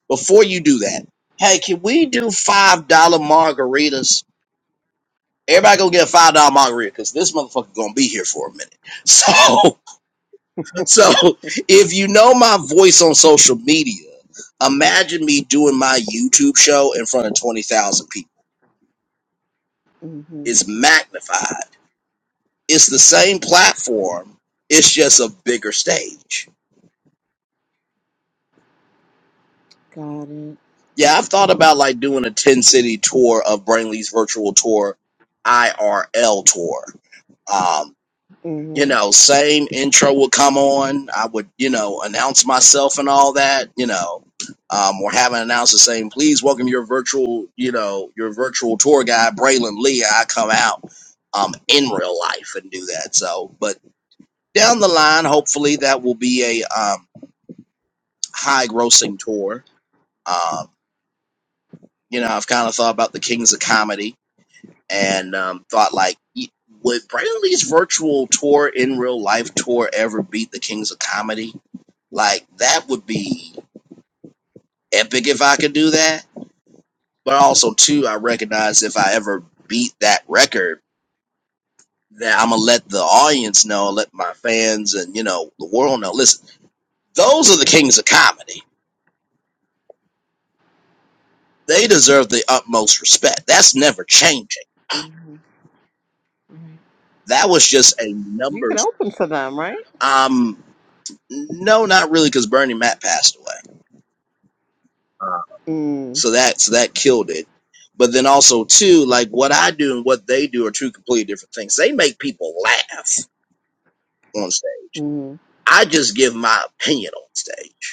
Speaker 1: Before you do that, hey, can we do $5 margaritas? Everybody go get a $5 margarita because this motherfucker going to be here for a minute. So, so if you know my voice on social media, imagine me doing my YouTube show in front of 20,000 people.
Speaker 3: Mm-hmm.
Speaker 1: It's magnified. It's the same platform. It's just a bigger stage.
Speaker 3: Got it.
Speaker 1: Yeah, I've thought about like doing a 10 city tour of Brainley's virtual tour, IRL tour. Um, you
Speaker 3: Mm-hmm.
Speaker 1: know, same intro would come on. I would, you know, announce myself and all that, you know, um, or have an announcer saying, please welcome your virtual, you know, your virtual tour guide, Braylon Lee. And I come out um, in real life and do that. So, but down the line, hopefully that will be a um, high grossing tour. Um, you know, I've kind of thought about the Kings of Comedy and um, thought like, would Brandon Lee's virtual tour in real life tour ever beat the Kings of Comedy? Like that would be epic if I could do that. But also too, I recognize if I ever beat that record, that I'm gonna let the audience know, let my fans and you know the world know. Listen, those are the Kings of Comedy. They deserve the utmost respect. That's never changing.
Speaker 3: Mm-hmm. Right.
Speaker 1: That was just a
Speaker 3: You can
Speaker 1: numbers.
Speaker 3: open for them, right?
Speaker 1: Um, no, not really, because Bernie Mac passed away.
Speaker 3: Mm.
Speaker 1: So that so that killed it. But then also too, like what I do and what they do are two completely different things. They make people laugh on stage.
Speaker 3: Mm-hmm.
Speaker 1: I just give my opinion on stage.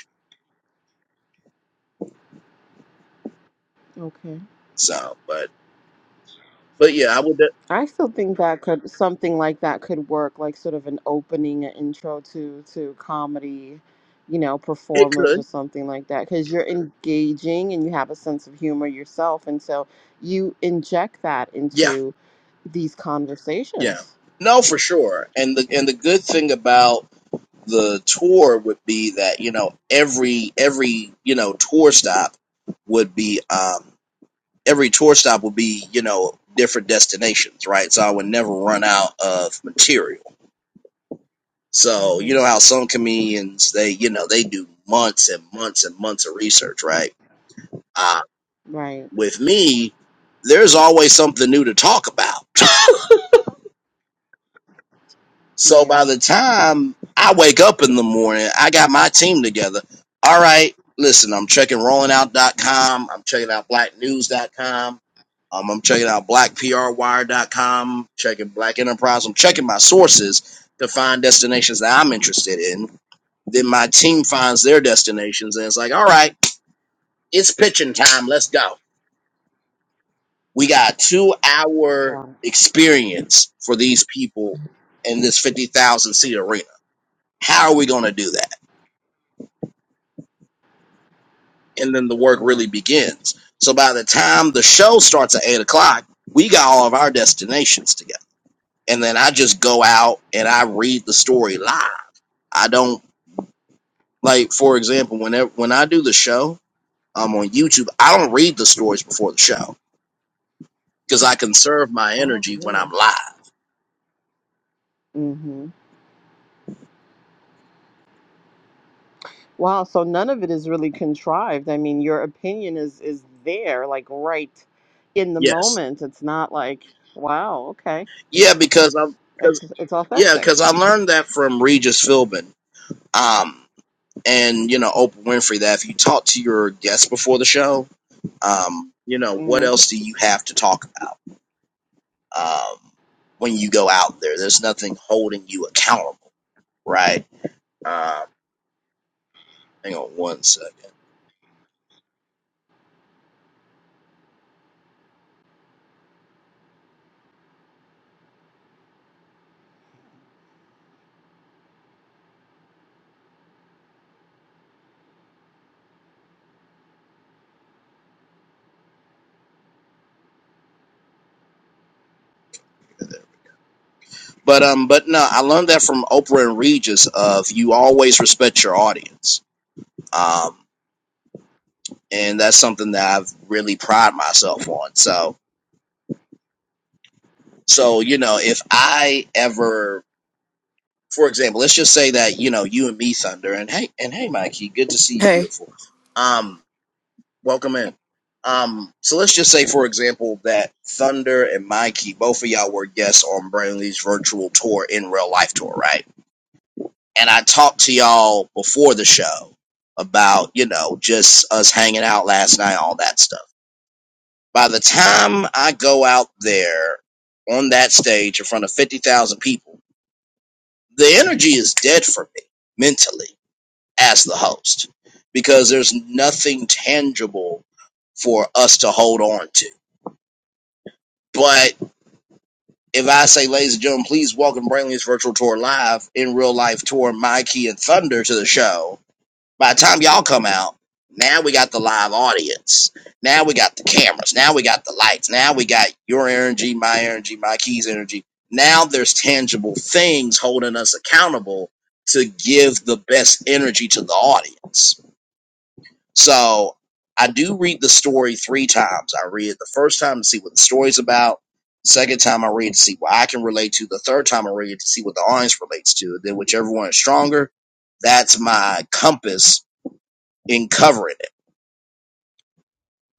Speaker 3: Okay.
Speaker 1: So, but but yeah, I would. de-
Speaker 3: I still think that could something like that could work, like sort of an opening, an intro to to comedy, you know,
Speaker 1: It
Speaker 3: performers or
Speaker 1: could.
Speaker 3: something like that, because you're engaging and you have a sense of humor yourself, and so you inject that
Speaker 1: Yeah,
Speaker 3: into these
Speaker 1: yeah.
Speaker 3: conversations.
Speaker 1: No, for sure. And the and the good thing about the tour would be that you know every every you know tour stop would be um every tour stop would be you know different destinations right so i would never run out of material So
Speaker 3: hmm
Speaker 1: you know how some comedians they you know they do months and months and months of research, right? Uh,
Speaker 3: Right.
Speaker 1: with me, there's always something new to talk about. So by
Speaker 3: Yeah.
Speaker 1: the time I wake up in the morning, I got my team together. All right, listen, I'm checking rollingout.com. I'm checking out blacknews.com. Um, I'm checking out blackprwire.com, checking Black Enterprise. I'm checking my sources to find destinations that I'm interested in Then my team finds their destinations and it's like, all right, it's pitching time. Let's go. We got two hour
Speaker 3: Got it.
Speaker 1: experience for these people in this 50,000 seat arena. How are we going to do that? And then the work
Speaker 3: Mm.
Speaker 1: really begins. So by the time the show starts at eight o'clock, we got all of our destinations together. And then I just go out and I read the story live. I don't like, for example, whenever when I do the show, um, on YouTube, I don't read the stories before the show. because I conserve my
Speaker 3: Oh,
Speaker 1: energy when I'm
Speaker 3: really?
Speaker 1: live.
Speaker 3: hmm Wow, so none of it is really contrived. I mean, your opinion is is there, like right in the
Speaker 1: Yes.
Speaker 3: moment. It's not like, wow, okay.
Speaker 1: Yeah, because I'm because
Speaker 3: It's it's
Speaker 1: yeah,
Speaker 3: authentic.
Speaker 1: because I learned that from Regis Philbin. Um and you know, Oprah Winfrey that if you talk to your guests before the show, um, you know, what
Speaker 3: hmm
Speaker 1: else do you have to talk about? Um when you go out there. There's nothing holding you accountable, right? Um hang on one second. But um, but no, I learned that from Oprah and Regis. Of you always respect your audience, um, and that's something that I've really pride myself on. So, so you know, if I ever, for example, let's just say that you know you and me, Thunder, and hey, and hey, Mikey, good to see you,
Speaker 5: Hey.
Speaker 1: beautiful. Um, welcome in. Um, so let's just say, for example, that Thunder and Mikey, both of y'all were guests on Brainley's virtual tour in real life tour, right? and I talked to y'all before the show about, you know, just us hanging out last night, all that stuff. By the time I go out there on that stage in front of 50,000 people, the energy is dead for me mentally as the host because there's nothing tangible for us to hold on to. But if I say, ladies and gentlemen, please welcome Brainley's virtual tour live in real life tour, Mikey and Thunder to the show, By the time y'all come out, now we got the live audience. Now we got the cameras. Now we got the lights. Now we got your energy, my energy, my keys energy. Now there's tangible things holding us accountable to give the best energy to the audience. So I do read the story three times. I read it the first time to see what the story's about. The second time I read it to see what I can relate to. The third time I read it to see what the audience relates to. Then whichever one is stronger, that's my compass in covering it,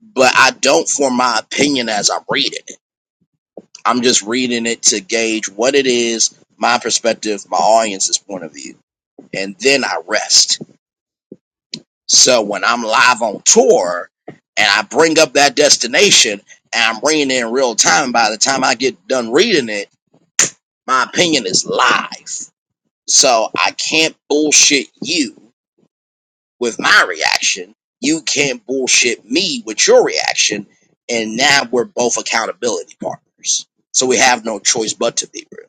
Speaker 1: but I don't form my opinion as I'm reading it. I'm just reading it to gauge what it is, my perspective, my audience's point of view, and then I rest. So when I'm live on tour and I bring up that destination and I'm reading it in real time, by the time I get done reading it, my opinion is live. So I can't bullshit you with my reaction. You can't bullshit me with your reaction. And now we're both accountability partners. So we have no choice but to be real.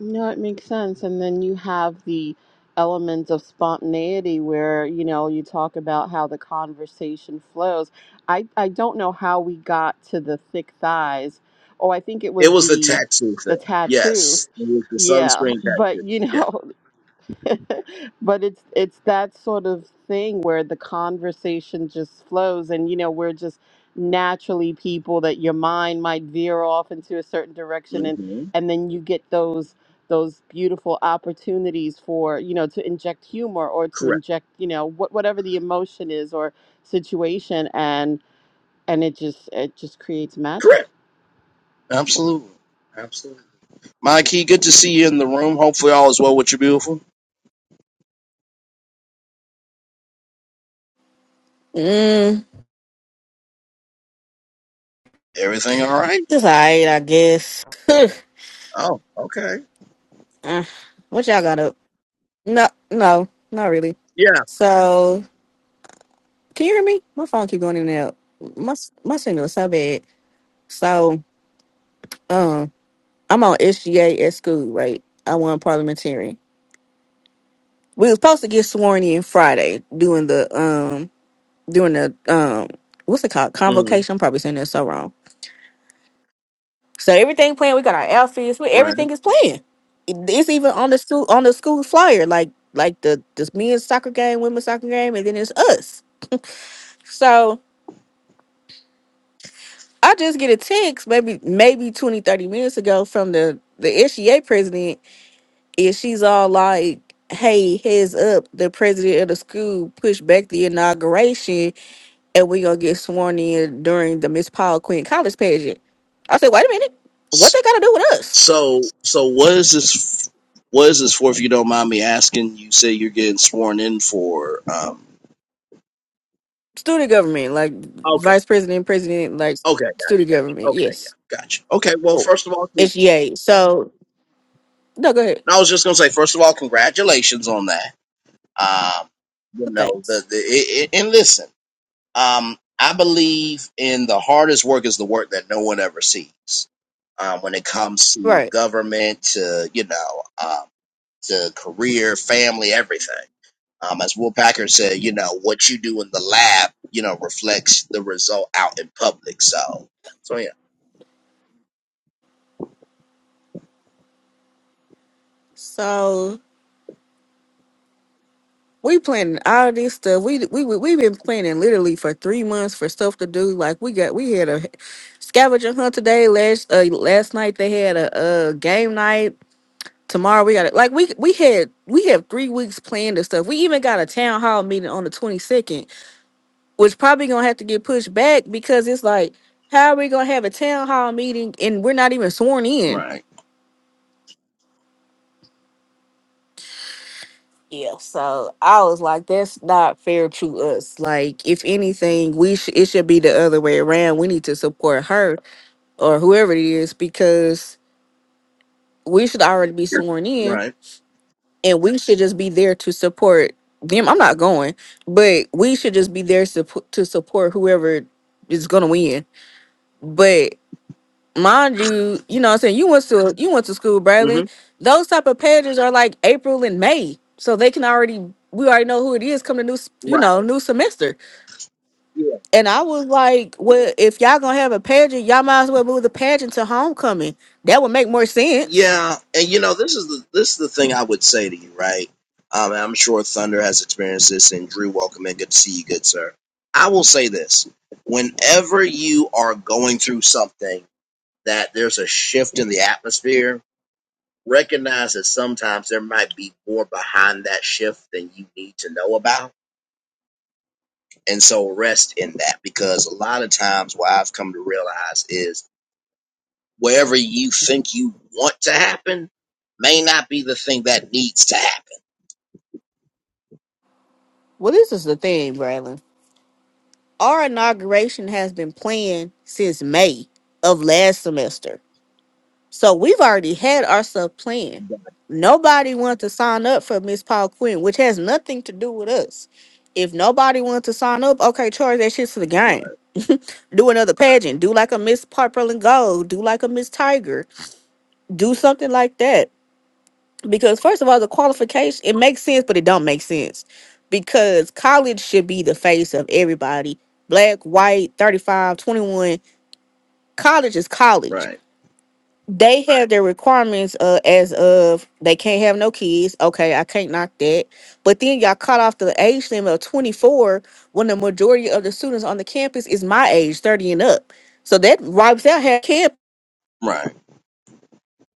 Speaker 3: No, it makes sense. And then you have the element of spontaneity where, you know, you talk about how the conversation flows. I I don't know how we got to the thick thighs. Oh, I think it
Speaker 1: It
Speaker 3: was
Speaker 1: was the
Speaker 3: the
Speaker 1: tattoo
Speaker 3: the
Speaker 1: thing.
Speaker 3: tattoo.
Speaker 1: Yes. It was the
Speaker 3: Yeah,
Speaker 1: sunscreen
Speaker 3: but
Speaker 1: tattoo.
Speaker 3: you
Speaker 1: Yeah.
Speaker 3: know, but it's it's that sort of thing where the conversation just flows and you know we're just naturally people that your mind might veer off into a certain direction and
Speaker 1: hmm
Speaker 3: and then you get those those beautiful opportunities for you know to inject humor or to
Speaker 1: Correct.
Speaker 3: inject you know what whatever the emotion is or situation and and it just it just creates
Speaker 1: Correct.
Speaker 3: magic
Speaker 1: Absolutely. Absolutely. Mikey, good to see you in the room. Hopefully all is well with you, beautiful.
Speaker 5: Mm,
Speaker 1: Everything all right?
Speaker 5: just alright, I guess.
Speaker 1: Oh, okay.
Speaker 5: Uh, what y'all got up? No, no, not really.
Speaker 1: Yeah.
Speaker 5: So, can you hear me? My phone keep going in and out. My s- my signal is so bad. So, um, I'm on SGA at school, right? I won parliamentarian. We was supposed to get sworn in Friday doing the um doing the um what's it called
Speaker 1: hmm
Speaker 5: convocation. I'm probably saying that so wrong. So everything playing. We got our outfits. We
Speaker 1: Right.
Speaker 5: everything is playing. It- It's even on the school on the school flyer, like like the this men's soccer game, women's soccer game, and then it's us. So I just get a text maybe maybe 20 30 minutes ago from the the SGA president, and she's all like, "Hey, heads up, the president of the school pushed back the inauguration, and we're gonna get sworn in during the Miss Paul Quinn College pageant." I said, "Wait a minute, what
Speaker 1: S-
Speaker 5: they got to do with us?"
Speaker 1: So so what is this what is this for if you don't mind me asking? You say you're getting sworn in for um
Speaker 5: student government, like
Speaker 1: Okay.
Speaker 5: vice president, president, like
Speaker 1: Okay.
Speaker 5: student government.
Speaker 1: Okay, yeah.
Speaker 5: Yes.
Speaker 1: Gotcha. Okay, well
Speaker 5: Oh,
Speaker 1: first of all con-
Speaker 5: it's yay. So no, go ahead.
Speaker 1: I was just gonna say, first of all, congratulations on that. Um you
Speaker 5: Well,
Speaker 1: know
Speaker 5: thanks.
Speaker 1: the, the it, it, and listen Um, I believe in the hardest work is the work that no one ever sees. Um, when it comes to
Speaker 5: Right.
Speaker 1: government, to you know, um, to career, family, everything. Um, as Will Packer said, you know, what you do in the lab, you know, reflects the result out in public. So, so yeah,
Speaker 5: So we planning all this stuff. We we we we've been planning literally for three months for stuff to do. Like we got we had a scavenger hunt today. Last uh, last night they had a, a game night. Tomorrow we got it. Like we we had we have three weeks planned and stuff. We even got a town hall meeting on the twenty second was probably gonna have to get pushed back because it's like, how are we gonna have a town hall meeting and we're not even sworn in?
Speaker 1: right,
Speaker 5: Yeah, so I was like, that's not fair to us. Like, if anything, we sh- it should be the other way around. We need to support her or whoever it is because we should already be sworn in
Speaker 1: right,
Speaker 5: and we should just be there to support them. I'm not going, but we should just be there suppo- to support whoever is gonna win. But mind you, you know what I'm saying, you went to you went to school,
Speaker 1: hmm
Speaker 5: Bradley. Those type of pages are like April and May. So they can already we already know who it is Come the new s- you
Speaker 1: right.
Speaker 5: know, new semester. And I was like, Well, if y'all gonna have a pageant, y'all might as well move the pageant to homecoming. That would make more sense.
Speaker 1: Yeah, and you know this is the this is the thing I would say to you, right? Um, and I'm sure Thunder has experienced this, and Drew, welcome in. good to see you, good sir. I will say this: whenever you are going through something that there's a shift in the atmosphere, recognize that sometimes there might be more behind that shift than you need to know about, and so rest in that because a lot of times what I've come to realize is wherever you think you want to happen may not be the thing that needs to happen.
Speaker 5: Well, this is the thing, Braylon. Our inauguration has been planned since May of last semester. So we've already had our stuff planned. Nobody wanted to sign up for Miss Paul Quinn, which has nothing to do with us. If nobody wanted to sign up, okay, charge that shit to the game. Do another pageant. Do like a Miss Purple and Gold. Do like a Miss Tiger. Do something like that. Because first of all, the qualification it makes sense, but it don't make sense. Because college should be the face of everybody. Black, white, 35, 21. College is college
Speaker 1: Right,
Speaker 5: they have their requirements uh, as of they can't have no kids. Okay, I can't knock that. But then y'all cut off the age limit of 24 when the majority of the students on the campus is my age, 30 and up. So that wipes out half campus
Speaker 1: right,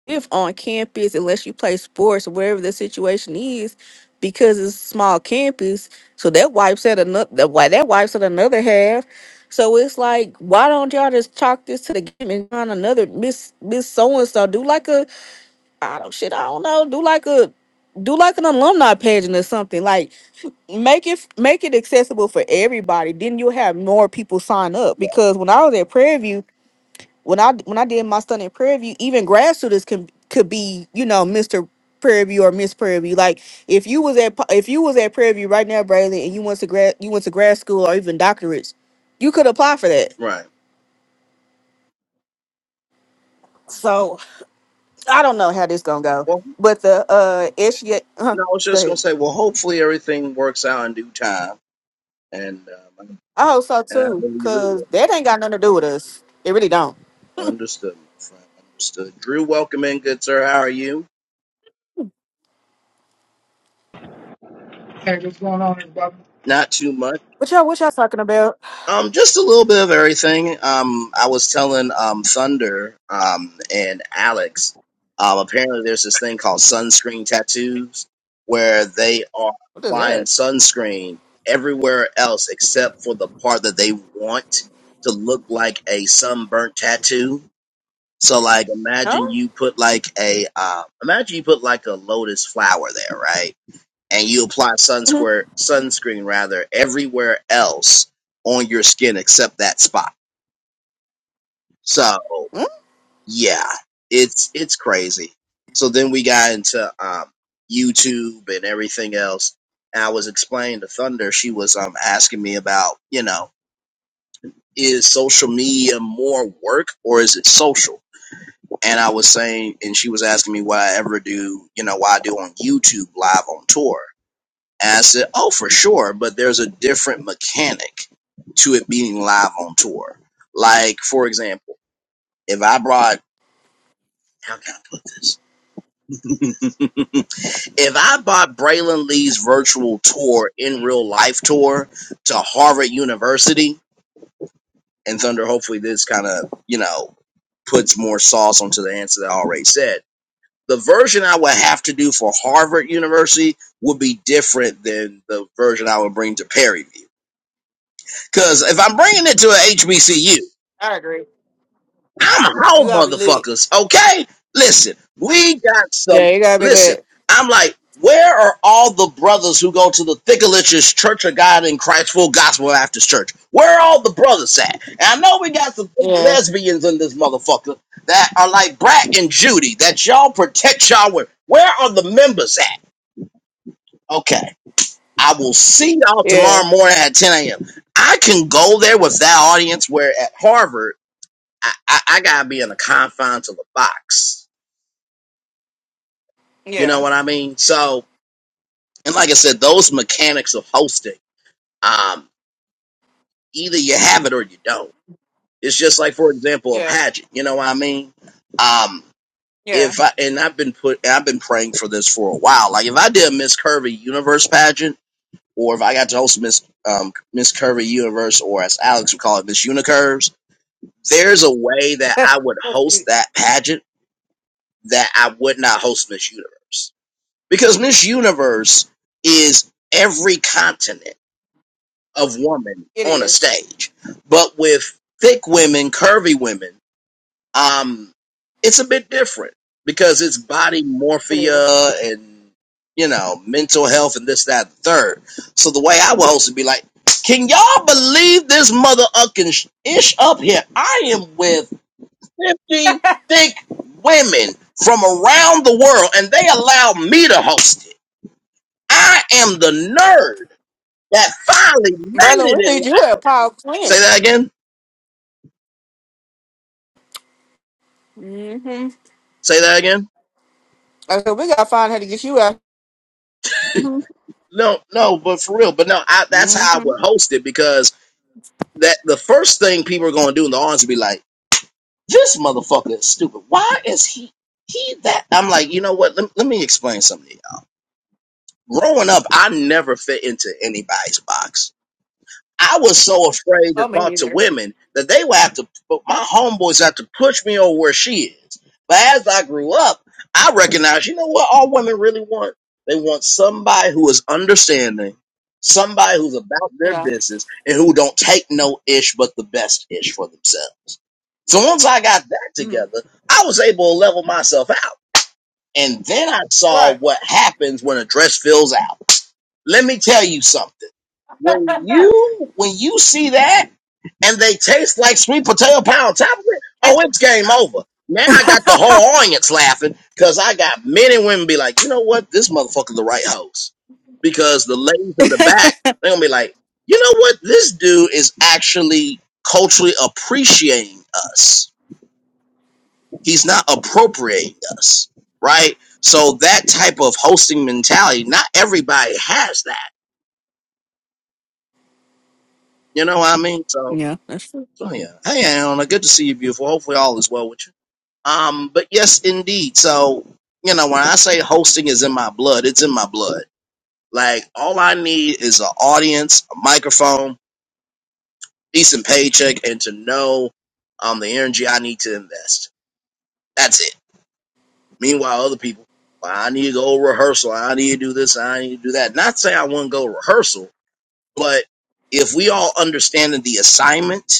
Speaker 5: if on campus unless you play sports or wherever the situation is because it's a small campus. So that wipes out another why that wipes out another half. So it's like, why don't y'all just chalk this to the game and find another Miss Miss So and So do like a I don't shit. I don't know. Do like a do like an alumni pageant or something. Like make it make it accessible for everybody. Then you'll have more people sign up.
Speaker 1: yeah,
Speaker 5: Because when I was at Prairie View, when I when I did my study in Prairie View, even grad students can could be you know Mister Prairie View or Miss Prairie View. Like if you was at if you was at Prairie View right now, Braylon, and you went to grad you went to grad school or even doctorates, you could apply for that.
Speaker 1: right.
Speaker 5: So I don't know how this gonna go,
Speaker 1: Well,
Speaker 5: but the uh SGA, uh,
Speaker 1: no, I was
Speaker 5: go
Speaker 1: just gonna
Speaker 5: ahead.
Speaker 1: say, well, hopefully everything works out in due time, and um,
Speaker 5: I hope so
Speaker 1: and I
Speaker 5: too,
Speaker 1: believe it will.
Speaker 5: cause that ain't got nothing to do with us. It really don't.
Speaker 1: Understood, my friend. Understood. Drew, welcome in, good sir. How are you?
Speaker 6: Hey, what's going on, brother?
Speaker 1: Not too much.
Speaker 5: What y'all, what y'all talking about?
Speaker 1: Um, just a little bit of everything. Um, I was telling um Thunder um and Alex, um, apparently there's this thing called sunscreen tattoos where they are
Speaker 5: What is
Speaker 1: applying
Speaker 5: that?
Speaker 1: sunscreen everywhere else except for the part that they want to look like a sunburnt tattoo. So like imagine
Speaker 5: Huh?
Speaker 1: you put like a uh, imagine you put like a lotus flower there, right? and you apply
Speaker 5: hmm
Speaker 1: sunscreen sunscreen rather everywhere else on your skin except that spot. So yeah, it's it's crazy. So then we got into um, YouTube and everything else. And I was explaining to Thunder, she was um asking me about you know is social media more work or is it social? And I was saying, and she was asking me what I ever do, you know, why I do on YouTube live on tour. And I said, Oh, for sure, but there's a different mechanic to it being live on tour. Like, for example, if I brought, how can I put this? if I bought Braylon Lee's virtual tour in real life tour to Harvard University, and Thunder, hopefully this kind of, you know, puts more sauce onto the answer that I already said. The version I would have to do for Harvard University would be different than the version I would bring to Perryview. Cause if I'm bringing it to a HBCU,
Speaker 5: I agree.
Speaker 1: I'm
Speaker 5: You
Speaker 1: home,
Speaker 5: gotta be lit.
Speaker 1: motherfuckers. Okay, listen, we got some.
Speaker 5: Yeah, you gotta be
Speaker 1: Listen,
Speaker 5: lit.
Speaker 1: I'm like, where are all the brothers who go to the Thickelich's Church of God in Christ Full Gospel After Church? Where are all the brothers at? And I know we got some big
Speaker 5: Yeah,
Speaker 1: lesbians in this motherfucker that are like Brat and Judy that y'all protect y'all with. Where are the members at? Okay, I will see y'all
Speaker 5: yeah,
Speaker 1: tomorrow morning at 10 a.m. I can go there with that audience where at Harvard. I, I, I gotta be in the confines of a box. You know
Speaker 5: yeah,
Speaker 1: what I mean? So, and like I said, those mechanics of hosting, um, either you have it or you don't. It's just like, for example, a
Speaker 5: yeah,
Speaker 1: pageant. You know what I mean? Um,
Speaker 5: yeah.
Speaker 1: if I and I've been put, and I've been praying for this for a while. Like if I did a Miss Curvy Universe pageant, or if I got to host Miss um, Miss Curvy Universe, or as Alex would call it, Miss Unicurves. There's a way that I would
Speaker 5: That's
Speaker 1: host
Speaker 5: cute.
Speaker 1: that pageant that I would not host Miss Universe Because Miss Universe is every continent of woman
Speaker 5: It
Speaker 1: on a
Speaker 5: is.
Speaker 1: stage. But with thick women, curvy women, um, it's a bit different because it's body
Speaker 5: It is.
Speaker 1: morphia and, you know, mental health and this, that, and the third. So the way I would host would be like, can y'all believe this mother ucking sh- ish up here? I am with 50 thick women from around the world and they allow me to host it. I am the nerd that finally made
Speaker 5: Berlin, we
Speaker 1: it in
Speaker 5: need
Speaker 1: life.
Speaker 5: you at Paul Quinn.
Speaker 1: Say that again.
Speaker 5: Mm-hmm.
Speaker 1: Say that again.
Speaker 5: I said we gotta find how to get you out. Mm-hmm.
Speaker 1: No, no, but for real. But no, I, that's how I
Speaker 5: Mm-hmm.
Speaker 1: would host it because that the first thing people are going to do in the audience would be like, "This motherfucker is stupid. Why is he he that?" I'm like, you know what? Let, let me explain something. To y'all. Growing up, I never fit into anybody's box. I was so afraid to
Speaker 5: Oh, me
Speaker 1: talk to
Speaker 5: neither.
Speaker 1: women that they would have to, but my homeboys have to push me over where she is. But as I grew up, I recognized, you know what all women really want? They want somebody who is understanding, somebody who's about their
Speaker 5: Yeah.
Speaker 1: business, and who don't take no ish but the best ish for themselves. So once I got that
Speaker 5: Mm-hmm.
Speaker 1: together, I was able to level myself out. And then I saw
Speaker 5: Right.
Speaker 1: what happens when a dress fills out. Let me tell you something. When you when you see that and they taste like sweet potato pound it, oh, it's game over. Now I got the whole audience laughing because I got men and women be like, you know what, this motherfucker's the right host because the ladies in the back they are gonna be like, you know what, this dude is actually culturally appreciating us. He's not appropriating us, right? So that type of hosting mentality, not everybody has that You know what I mean? So,
Speaker 5: Yeah, that's true.
Speaker 1: so yeah. Hey, Anna, good to see you, beautiful. Hopefully, all is well with you. Um, but yes, indeed. So, you know, when I say hosting is in my blood, it's in my blood. Like, all I need is an audience, a microphone, decent paycheck, and to know um the energy I need to invest. That's it. Meanwhile, other people, well, I need to go rehearsal. I need to do this. I need to do that. Not say I want not go rehearsal, but if we all understanding the assignment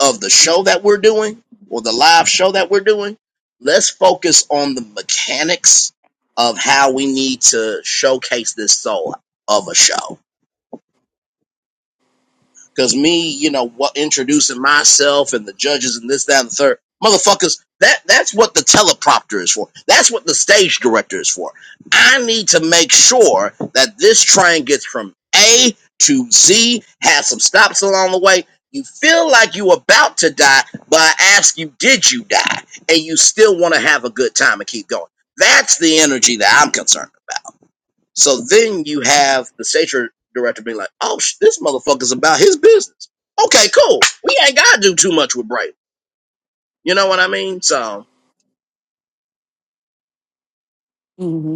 Speaker 1: of the show that we're doing or the live show that we're doing, let's focus on the mechanics of how we need to showcase this soul of a show. Cause me, you know, what introducing myself and the judges and this, that, and the third. Motherfuckers, that that's what the teleprompter is for. That's what the stage director is for. I need to make sure that this train gets from A to Z, has some stops along the way. You feel like you about to die, but I ask you, did you die? And you still want to have a good time and keep going. That's the energy that I'm concerned about. So then you have the station director being like, "Oh, sh- this motherfucker's about his business." Okay, cool. We ain't gotta do too much with Brady. You know what I mean? So,
Speaker 5: Mm-hmm.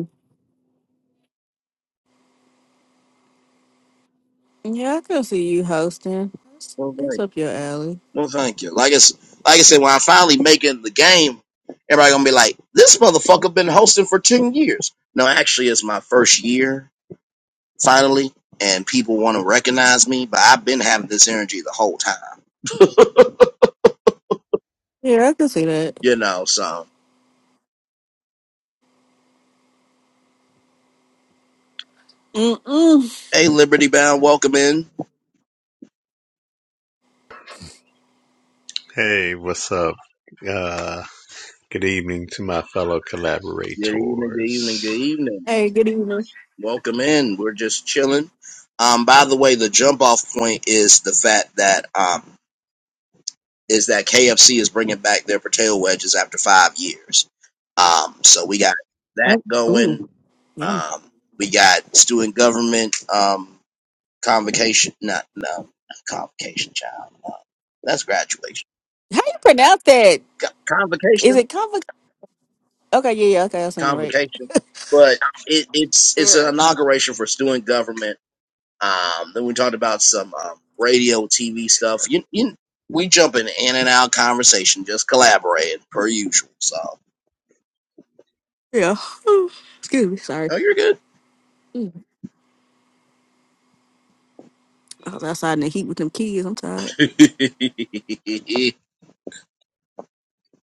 Speaker 5: Yeah, I can see you hosting. It's,
Speaker 1: well,
Speaker 5: it's
Speaker 1: thank
Speaker 5: up your alley.
Speaker 1: well, thank you. Like it's like I said, when I finally make it in the game, everybody gonna be like, "This motherfucker been hosting for ten years." No, actually, it's my first year finally, and people want to recognize me, but I've been having this energy the whole time.
Speaker 5: Yeah, I can see that.
Speaker 1: You know, so
Speaker 5: Mm-mm.
Speaker 1: hey, Liberty Bound, welcome in.
Speaker 7: Hey, what's up? Uh, good evening to my fellow
Speaker 1: Good evening. Good evening.
Speaker 7: collaborators.
Speaker 1: Good evening.
Speaker 5: Hey, good evening.
Speaker 1: Welcome in. We're just chilling. Um, by the way, the jump off point is the fact that um, is that KFC is bringing back their potato wedges after five years. Um, so we got
Speaker 5: Uh,
Speaker 1: that going.
Speaker 5: ooh, yum.
Speaker 1: Um, we got student government um, convocation. Not no not convocation, child. Uh, that's graduation.
Speaker 5: How you pronounce that?
Speaker 1: Co-
Speaker 5: Is
Speaker 1: Convocation,
Speaker 5: it convo? Okay, yeah, yeah, okay, I seen it right.
Speaker 1: convocation. But it, it's it's
Speaker 5: Yeah.
Speaker 1: an inauguration for student government Um, then we talked about some um, radio, TV stuff. You, you, we jumping in and out conversation, just collaborating per usual. So,
Speaker 5: Yeah. Ooh, Excuse me, sorry.
Speaker 1: oh, you're good.
Speaker 5: Mm. I was outside in the heat with them kids. I'm tired.
Speaker 1: yes, indeed.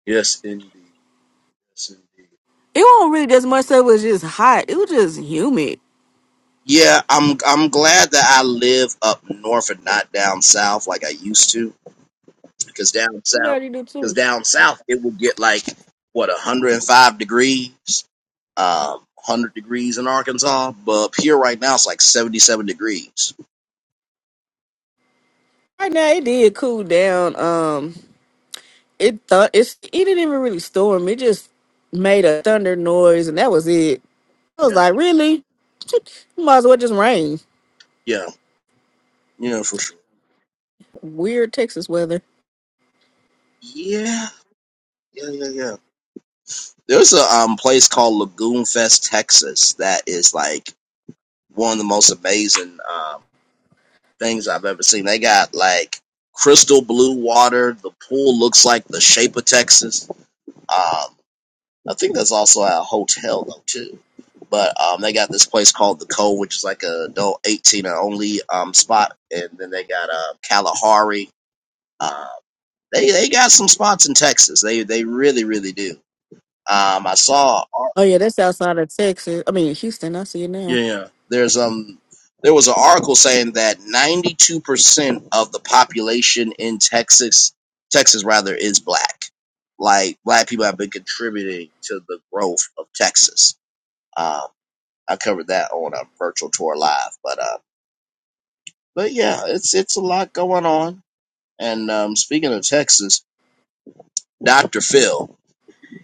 Speaker 1: Yes, indeed.
Speaker 5: It wasn't really as much so it was just hot. It was just humid.
Speaker 1: Yeah, I'm. I'm glad that I live up north and not down south like I used to. Because down
Speaker 5: I'm
Speaker 1: south,
Speaker 5: glad you do
Speaker 1: because
Speaker 5: too.
Speaker 1: down south, it would get like what 105 degrees, um, 100 degrees in Arkansas, but up here right now it's like 77 degrees.
Speaker 5: Right now it did cool down. Um it thought it's it didn't even really storm. It just made a thunder noise and that was it I was
Speaker 1: Yeah.
Speaker 5: like, really? Might as well just rain.
Speaker 1: Yeah, yeah, for sure.
Speaker 5: Weird Texas weather.
Speaker 1: Yeah, yeah, yeah, yeah. There's a um place called Lagoon Fest, Texas, that is like one of the most amazing um things I've ever seen. They got like crystal blue water. The pool looks like the shape of Texas. Um, I think that's also at a hotel though too. But um, they got this place called the Cove, which is like a adult eighteen and only um spot, and then they got uh Kalahari. Uh, they they got some spots in Texas. They they really really do. Um, I saw
Speaker 5: Oh yeah, that's outside of Texas. I mean Houston. I see it
Speaker 1: Yeah,
Speaker 5: now.
Speaker 1: yeah. there's um there was an article saying that 92% of the population in Texas Texas rather is black. Like black people have been contributing to the growth of Texas. Um, I covered that on a virtual tour live, but uh, but yeah, it's it's a lot going on. And um, speaking of Texas, Dr. Phil,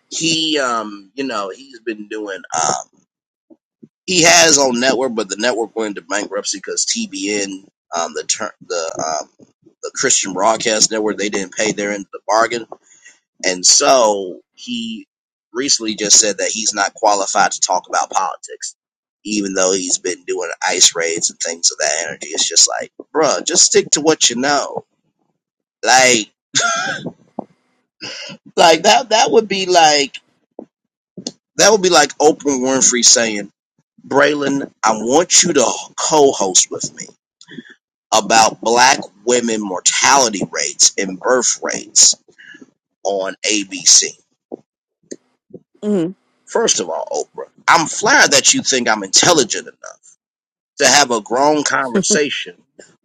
Speaker 1: he um you know he's been doing um. he had his own network, but the network went into bankruptcy because TBN, um, the ter- the um, the Christian Broadcast Network, they didn't pay their end of the bargain, and so he recently just said that he's not qualified to talk about politics, even though he's been doing ice raids and things of that energy. It's just like, bruh, just stick to what you know. Like, like that that would be like that would be like Oprah Winfrey saying, "Braylon, I want you to co-host with me." about black women mortality rates and birth rates on ABC.
Speaker 5: Mhm.
Speaker 1: First of all, Oprah, I'm flattered that you think I'm intelligent enough to have a grown conversation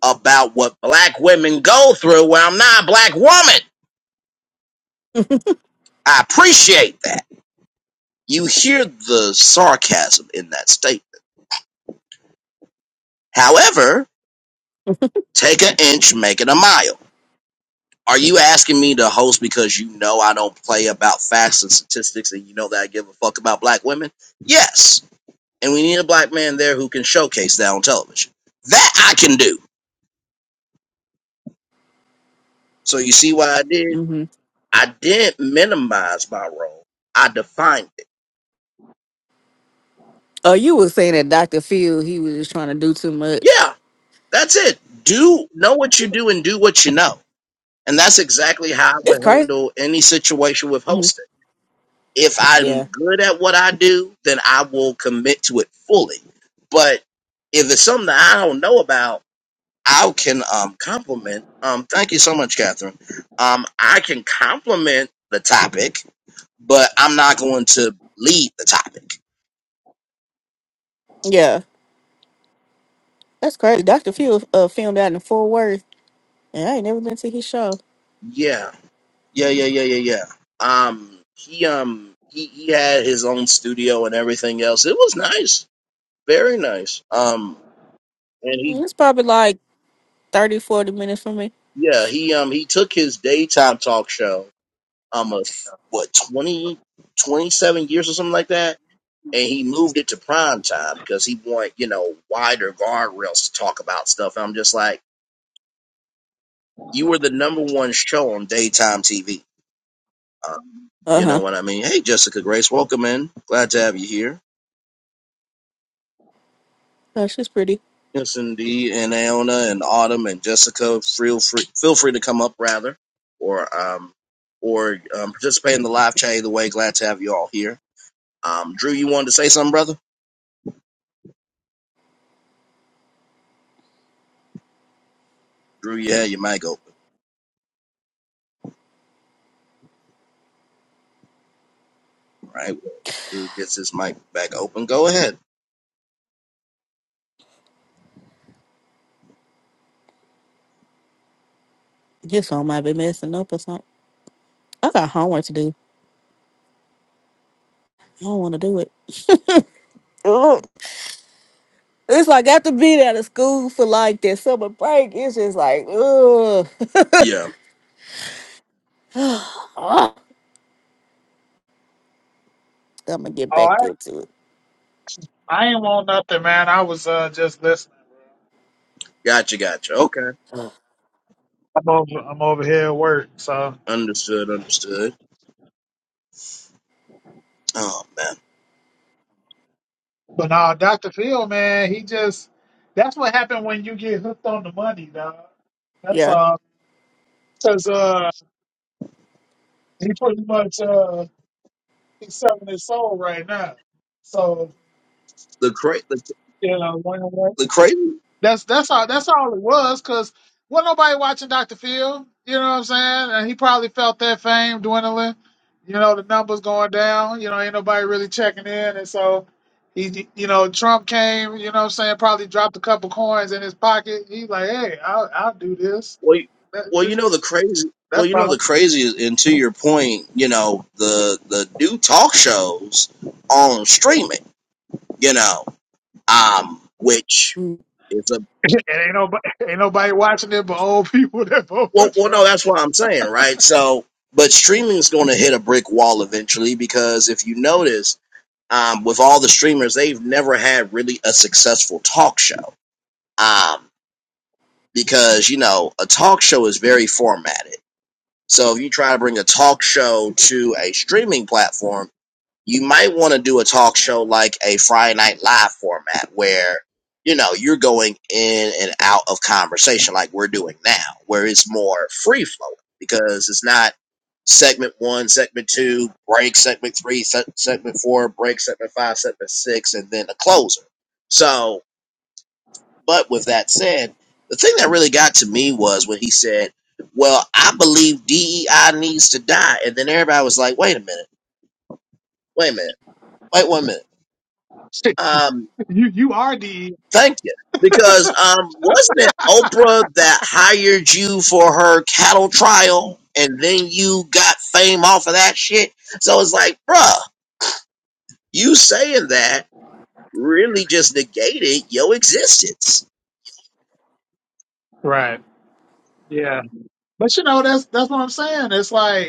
Speaker 1: about what black women go through when I'm not a black woman. I appreciate that. You hear the sarcasm in that statement. However, take an inch, make it a mile. Are you asking me to host because you know I don't play about facts and statistics and you know that I give a fuck about black women? Yes. And we need a black man there who can showcase that on television. That I can do. So you see what I did?
Speaker 5: Mhm.
Speaker 1: I didn't minimize my role. I defined it.
Speaker 5: Oh, you were saying that Dr. Phil he was just trying to do too much.
Speaker 1: Yeah, that's it. Do know what you do and do what you know. And that's exactly how I
Speaker 5: It's
Speaker 1: would
Speaker 5: crazy.
Speaker 1: handle any situation with
Speaker 5: hmm
Speaker 1: hosting. if I'm
Speaker 5: Yeah.
Speaker 1: good at what I do, then I will commit to it fully. But if it's something that I don't know about, I can um, compliment. Um, thank you so much, Catherine. Um, I can compliment the topic, but I'm not going to lead the topic.
Speaker 5: Yeah. That's crazy. Dr. Phil uh, filmed out in Fort Worth, and I ain't never been to his show.
Speaker 1: Yeah, yeah, yeah, yeah, yeah, yeah. Um, he um he, he had his own studio and everything else. It was nice, very nice. Um, and he
Speaker 5: Mm, It's probably like 30, 40 minutes from me.
Speaker 1: yeah he um he took his daytime talk show almost what 20, 27 years or something like that. And he moved it to prime time because he wanted, you know, wider guardrails to talk about stuff. And I'm just like, you were the number one show on daytime TV. Uh,
Speaker 5: Uh
Speaker 1: you
Speaker 5: huh.
Speaker 1: know what I mean? Hey, Jessica Grace, welcome in. Glad to have you here.
Speaker 5: Oh, she's pretty.
Speaker 1: Yes, indeed. And Aona and Autumn and Jessica, feel free, feel free to come up rather, or um, or um, participate in the live chat either way. Glad to have you all here. Um, Drew, you wanted to say something, brother? Drew, yeah, you might go. All right, well, Drew gets his mic back open. Go ahead.
Speaker 5: His phone might be messing up or something. I got homework to do. I don't want to do it. It's like after being out of school for like that summer break, it's just like, ugh.
Speaker 1: Yeah,
Speaker 5: I'm gonna get
Speaker 6: Oh,
Speaker 5: back
Speaker 6: I
Speaker 5: into it.
Speaker 6: I ain't want nothing, man. I was uh just listening.
Speaker 1: gotcha, gotcha. Okay,
Speaker 5: Ugh.
Speaker 6: I'm over I'm over here at work, so.
Speaker 1: understood, understood. Oh man,
Speaker 6: But no, Dr. Phil, man, he just that's what happened when you get hooked on the money, dog. That's
Speaker 5: Yeah.
Speaker 6: all. Cause uh, he pretty much uh he's selling his soul right now. So
Speaker 1: the cra- the,
Speaker 6: you know, when,
Speaker 1: the crazy.
Speaker 6: That's that's all that's all it was, cause wasn't nobody watching Dr. Phil, you know what I'm saying? And he probably felt that fame dwindling, you know, the numbers going down, you know, ain't nobody really checking in. And so he you know, Trump came, you know what I'm saying, probably dropped a couple coins in his pocket. He like, hey, I'll I'll do this.
Speaker 1: Well, you-
Speaker 6: That,
Speaker 1: well, you
Speaker 6: that's
Speaker 1: know the crazy. Well,
Speaker 6: that's
Speaker 1: you know the
Speaker 6: all.
Speaker 1: crazy, is- and to your point, you know the the new talk shows on streaming. You know, um, which is a
Speaker 6: And ain't nobody ain't nobody watching it but old people that vote for
Speaker 1: well, well, no,
Speaker 6: Trump.
Speaker 1: that's what I'm saying, right? So, but streaming is going to hit a brick wall eventually because if you notice um, with all the streamers, they've never had really a successful talk show. Um, because, you know, a talk show is very formatted. So if you try to bring a talk show to a streaming platform, you might want to do a talk show like a Friday Night Live format where, you know, you're going in and out of conversation like we're doing now, where it's more free flowing because it's not segment one, segment two, break, segment three, se- segment four, break, segment five, segment six, and then a closer. So, but with that said, the thing that really got to me was when he said, Well, I believe DEI needs to die. And then everybody was like, Wait a minute, wait a minute, wait one minute Um.
Speaker 6: you you are the
Speaker 1: Thank you. Because um, wasn't it Oprah that hired you for her cattle trial, and then you got fame off of that shit? So it's like, bruh, you saying that really just negated your existence.
Speaker 6: right. Yeah. But you know, that's that's what I'm saying. It's like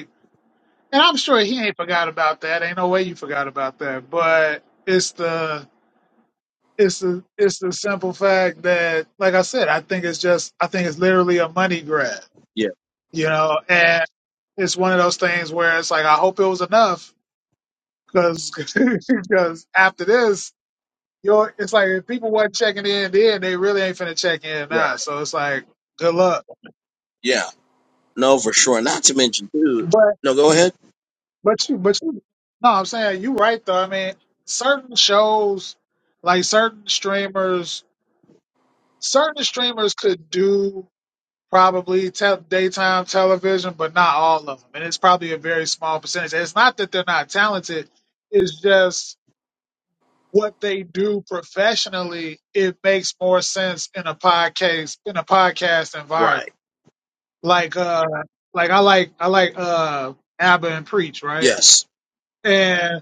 Speaker 6: And I'm sure he ain't forgot about that. Ain't no way you forgot about that. But it's the it's the it's the simple fact that, like I said, I think it's just I think it's literally a money grab,
Speaker 1: Yeah,
Speaker 6: you know. And it's one of those things where it's like I hope it was enough because after this, you're it's like if people weren't checking in then, they really ain't finna check in
Speaker 1: right.
Speaker 6: now. So it's like good luck.
Speaker 1: Yeah, no, for sure. Not to mention, dude.
Speaker 6: But
Speaker 1: No, go ahead.
Speaker 6: but you but you no, I'm saying you right though. I mean, certain shows like certain streamers certain streamers could do probably te- daytime television, but not all of them. And it's probably a very small percentage. It's not that they're not talented, it's just what they do professionally, it makes more sense in a podcast in a podcast environment.
Speaker 1: Right.
Speaker 6: Like uh like I like I like uh Abba and Preach, right?
Speaker 1: Yes.
Speaker 6: And.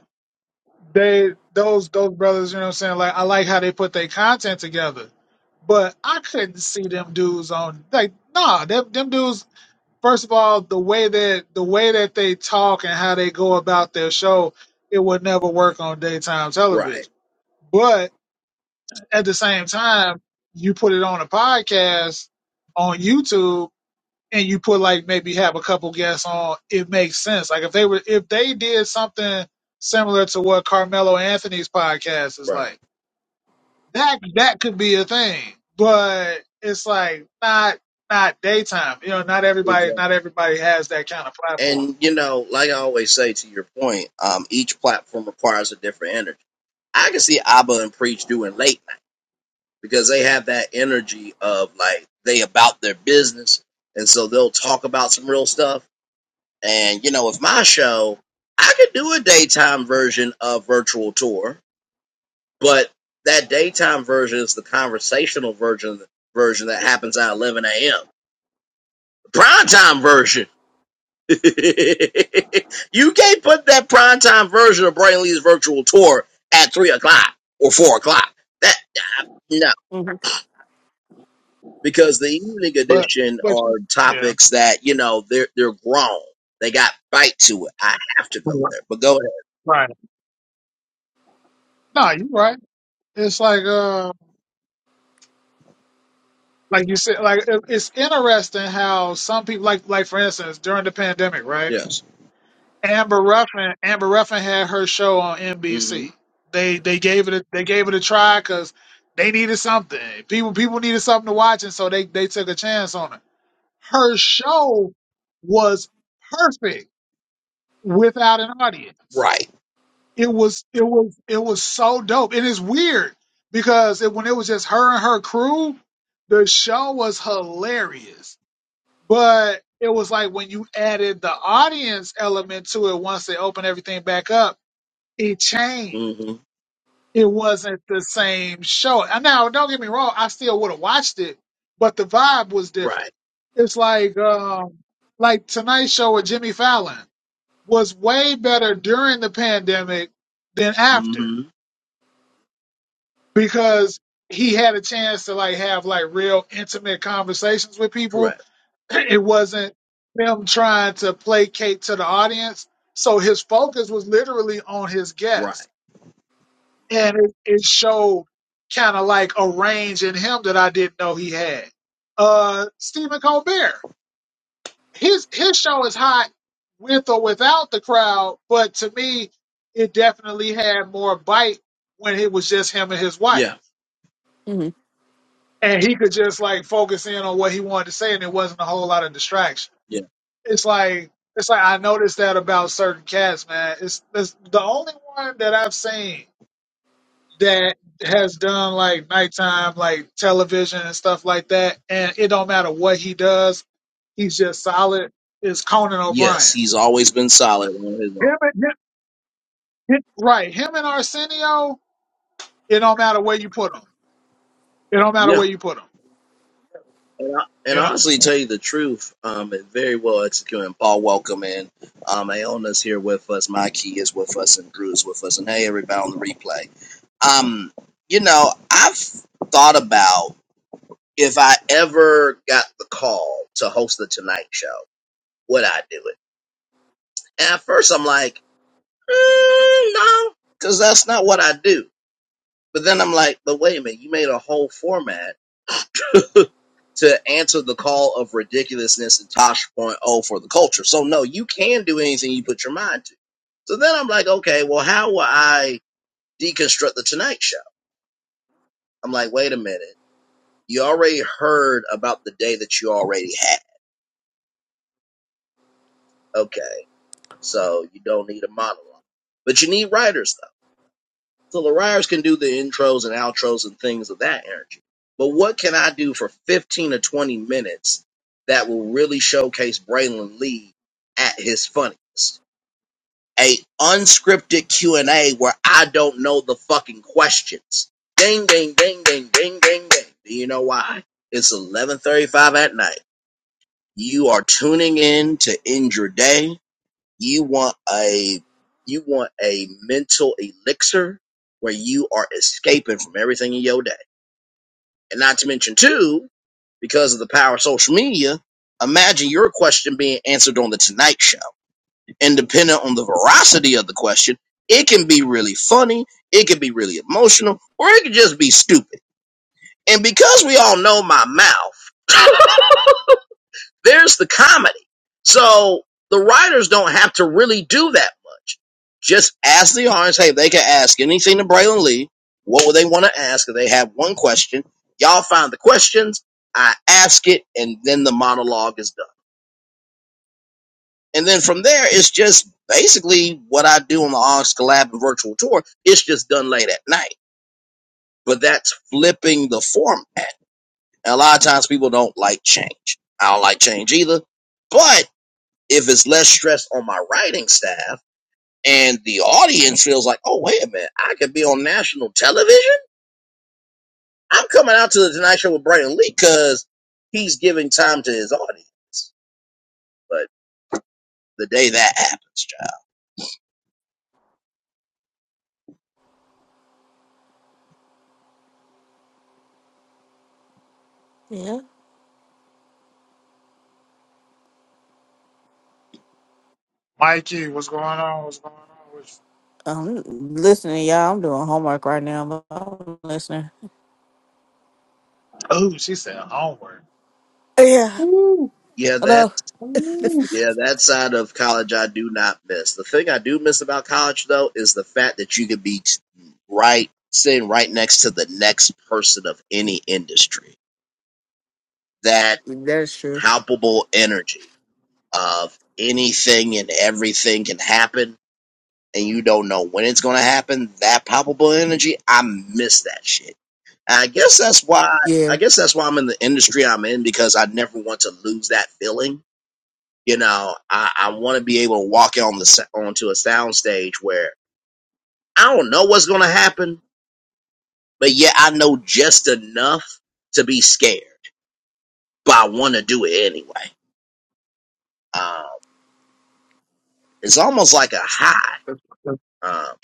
Speaker 6: they those those brothers, you know what I'm saying? Like I like how they put their content together. But I couldn't see them dudes on like nah, them them dudes first of all, the way that the way that they talk and how they go about their show, it would never work on daytime
Speaker 1: Right.
Speaker 6: television. But at the same time, you put it on a podcast on YouTube and you put like maybe have a couple guests on, it makes sense. Like if they were if they did something similar to what Carmelo Anthony's podcast is
Speaker 1: Right.
Speaker 6: like, that that could be a thing. But it's like not not daytime. You know, not everybody
Speaker 1: Exactly.
Speaker 6: not everybody has that kind of platform.
Speaker 1: And you know, like I always say, to your point, um, each platform requires a different energy. I can see Abba and Preach doing late. because they have that energy of like they about their business and so they'll talk about some real stuff and you know with my show i could do a daytime version of virtual tour but that daytime version is the conversational version version that happens at 11 a.m the prime time version you can't put that prime time version of brain lee's virtual tour at 3 o'clock or 4 o'clock that uh, no.
Speaker 5: Mm-hmm.
Speaker 1: because the evening
Speaker 6: But
Speaker 1: edition
Speaker 6: but you-
Speaker 1: are
Speaker 6: yeah,
Speaker 1: topics that you know they're they're grown. They got bite to it. I have to go there, but go ahead.
Speaker 6: right. No, you're right. It's like uh like you said like it- it's interesting how some people like like for instance during the pandemic, right?
Speaker 1: Yes.
Speaker 6: Amber Ruffin, Amber Ruffin had her show on
Speaker 1: hmm
Speaker 6: NBC. They they gave it a, they gave it a try because they needed something. People people needed something to watch, and so they they took a chance on her. Her show was perfect without an audience.
Speaker 1: Right.
Speaker 6: It was it was it was so dope, and it's weird because it, when it was just her and her crew, the show was hilarious. But it was like when you added the audience element to it once they opened everything back up it changed.
Speaker 1: hmm
Speaker 6: It wasn't the same show. And Now, don't get me wrong, I still would have watched it, but the vibe was different.
Speaker 1: Right.
Speaker 6: It's like um like Tonight Show with Jimmy Fallon was way better during the pandemic than after
Speaker 1: hmm
Speaker 6: because he had a chance to like have like real intimate conversations with people.
Speaker 1: Correct.
Speaker 6: It wasn't him trying to placate to the audience. So his focus was literally on his guests
Speaker 1: Right.
Speaker 6: and it, it showed kind of like a range in him that I didn't know he had. Uh, Stephen Colbert, his his show is hot with or without the crowd, but to me, it definitely had more bite when it was just him and his wife,
Speaker 1: Yeah.
Speaker 5: hmm
Speaker 6: and he could just like focus in on what he wanted to say, and it wasn't a whole lot of distraction.
Speaker 1: Yeah.
Speaker 6: It's like it's like I noticed that about certain cats, man. It's, it's the only one that I've seen that has done like nighttime like television and stuff like that and it don't matter what he does he's just solid is conan
Speaker 1: Yes.
Speaker 6: o'brien
Speaker 1: He's always been solid on his own.
Speaker 6: him and, him, him- right him and arsenio it don't matter where you put them. it don't matter
Speaker 1: Yeah.
Speaker 6: where you put them.
Speaker 1: And, I, and
Speaker 6: you know
Speaker 1: honestly, tell you the truth, um, it very well executed. And Paul, welcome in. Um, Aona's here with us. My key is with us, and Drew is with us. And hey, everybody on the replay. Um, you know, I've thought about if I ever got the call to host the Tonight Show, would I do it? And at first, I'm like, mm, no, because that's not what I do. But then I'm like, but wait a minute, you made a whole format to answer the call of ridiculousness and Tosh.0 for the culture. So no, you can do anything you put your mind to. So then I'm like, okay, well, how will I deconstruct the Tonight Show? I'm like, wait a minute. You already heard about the day that you already had. Okay. So you don't need a monologue, but you need writers though. So the writers can do the intros and outros and things of that energy. But what can I do for 15 or 20 minutes that will really showcase Braylon Lee at his funniest? a unscripted Q&A where I don't know the fucking questions. Ding, ding, ding, ding, ding, ding, ding. Do you know why? It's 11:35 at night. You are tuning in to end your day. You want a you want a mental elixir where you are escaping from everything in your day. And not to mention too, because of the power of social media, imagine your question being answered on the Tonight Show and depending on the veracity of the question, it can be really funny, it can be really emotional, or it can just be stupid. And because we all know my mouth, there's the comedy. So the writers don't have to really do that much. Just ask the audience, hey, if they can ask anything to Braylon Lee, what would they want to ask? If they have one question, y'all find the questions, I ask it, and then the monologue is done. And then from there, it's just basically what I do on the Ox Collab virtual tour. It's just done late at night, but that's flipping the format. And a lot of times people don't like change. I don't like change either. But if it's less stress on my writing staff and the audience feels like, oh, wait a minute, I could be on national television. I'm coming out to the Tonight Show with Brandon Lee because he's giving time to his audience. But the day that happens, child.
Speaker 5: Yeah.
Speaker 6: mikey what's going on what's going on What's-
Speaker 5: I'm listening, y'all. I'm doing homework right now, but I'm listening.
Speaker 6: oh she said homework
Speaker 5: Yeah.
Speaker 6: Ooh.
Speaker 1: Yeah, that
Speaker 5: Hello.
Speaker 1: yeah, that side of college I do not miss. The thing I do miss about college though is the fact that you could be t- right sitting right next to the next person of any industry. That
Speaker 5: That's true.
Speaker 1: palpable energy of anything and everything can happen and you don't know when it's going to happen. That palpable energy, I miss that shit. I guess that's why
Speaker 5: Yeah.
Speaker 1: I guess that's why I'm in the industry I'm in because I never want to lose that feeling You know, I, I want to be able to walk on the s- onto a sound stage where I don't know what's going to happen, but yet I know just enough to be scared, but I want to do it anyway. Um, it's almost like a high. Um,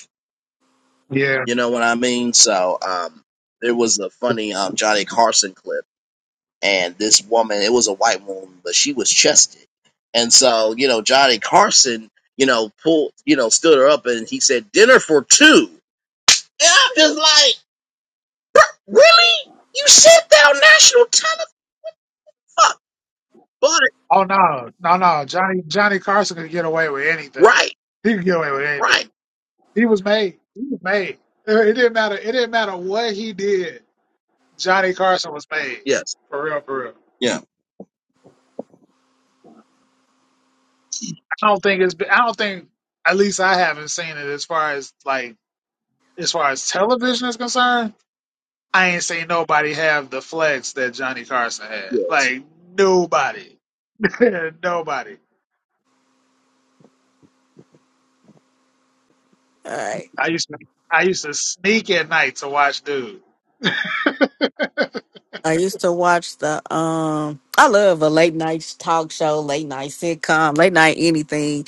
Speaker 6: yeah
Speaker 1: you know what I mean? So um, there was a funny um, Johnny Carson clip, and this woman, it was a white woman, but she was chested, and so you know Johnny Carson, you know pulled, you know stood her up, and he said, "Dinner for two," And I'm just like. Really? You said that on national television? Fuck, But
Speaker 6: oh no no no johnny johnny carson could get away with anything
Speaker 1: right,
Speaker 6: he could get away with anything
Speaker 1: right.
Speaker 6: He was made. He was made. It it didn't matter. It didn't matter what he did. Johnny Carson was made.
Speaker 1: Yes.
Speaker 6: For real, for real.
Speaker 1: Yeah.
Speaker 6: I don't think it's. Been, I don't think. At least I haven't seen it as far as like as far as television is concerned. I ain't seen nobody have the flex that Johnny Carson had.
Speaker 1: Yes.
Speaker 6: Like nobody, nobody.
Speaker 5: All right.
Speaker 6: I used to. I used to sneak at night to watch dude.
Speaker 5: I used to watch the um I love a late night talk show, late night sitcom, late night anything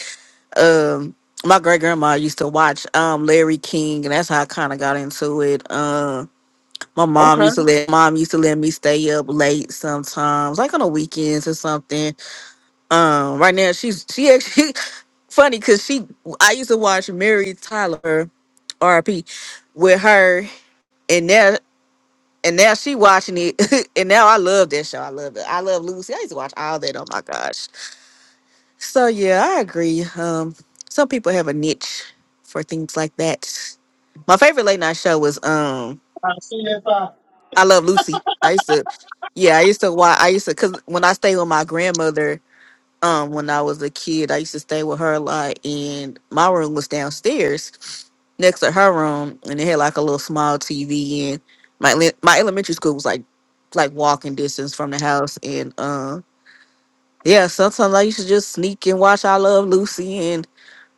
Speaker 5: um my great grandma used to watch um Larry King and that's how I kind of got into it. Um my mom
Speaker 6: Okay.
Speaker 5: used to let mom used to let me stay up late sometimes, like on the weekends or something. Um right now she's she actually funny cuz she I used to watch Mary Tyler RP with her and now and now she watching it and now I love that show. I love it. I love Lucy. I used to watch all that. Oh my gosh. So yeah, I agree. Um, some people have a niche for things like that. My favorite late night show was um,
Speaker 6: I see if I.
Speaker 5: I Love Lucy. I used to, yeah, I used to watch. I used to because when I stayed with my grandmother, um, when I was a kid, I used to stay with her a lot, and my room was downstairs next to her room, and it had like a little small TV, and my le- my elementary school was like like walking distance from the house, and um, yeah, sometimes I used to just sneak and watch I Love Lucy,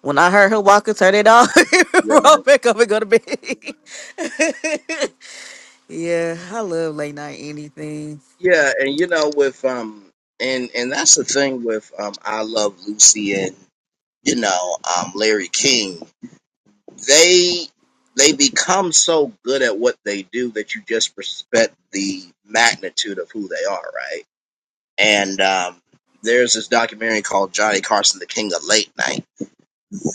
Speaker 5: When I heard her walking, turn it off,
Speaker 1: Right.
Speaker 5: roll back up and go to bed. yeah, I love late night anything.
Speaker 1: Yeah, and you know, with um and and that's the thing with um I Love Lucy and you know, um Larry King. They they become so good at what they do that you just respect the magnitude of who they are, right? And um there's this documentary called Johnny Carson, the King of Late Night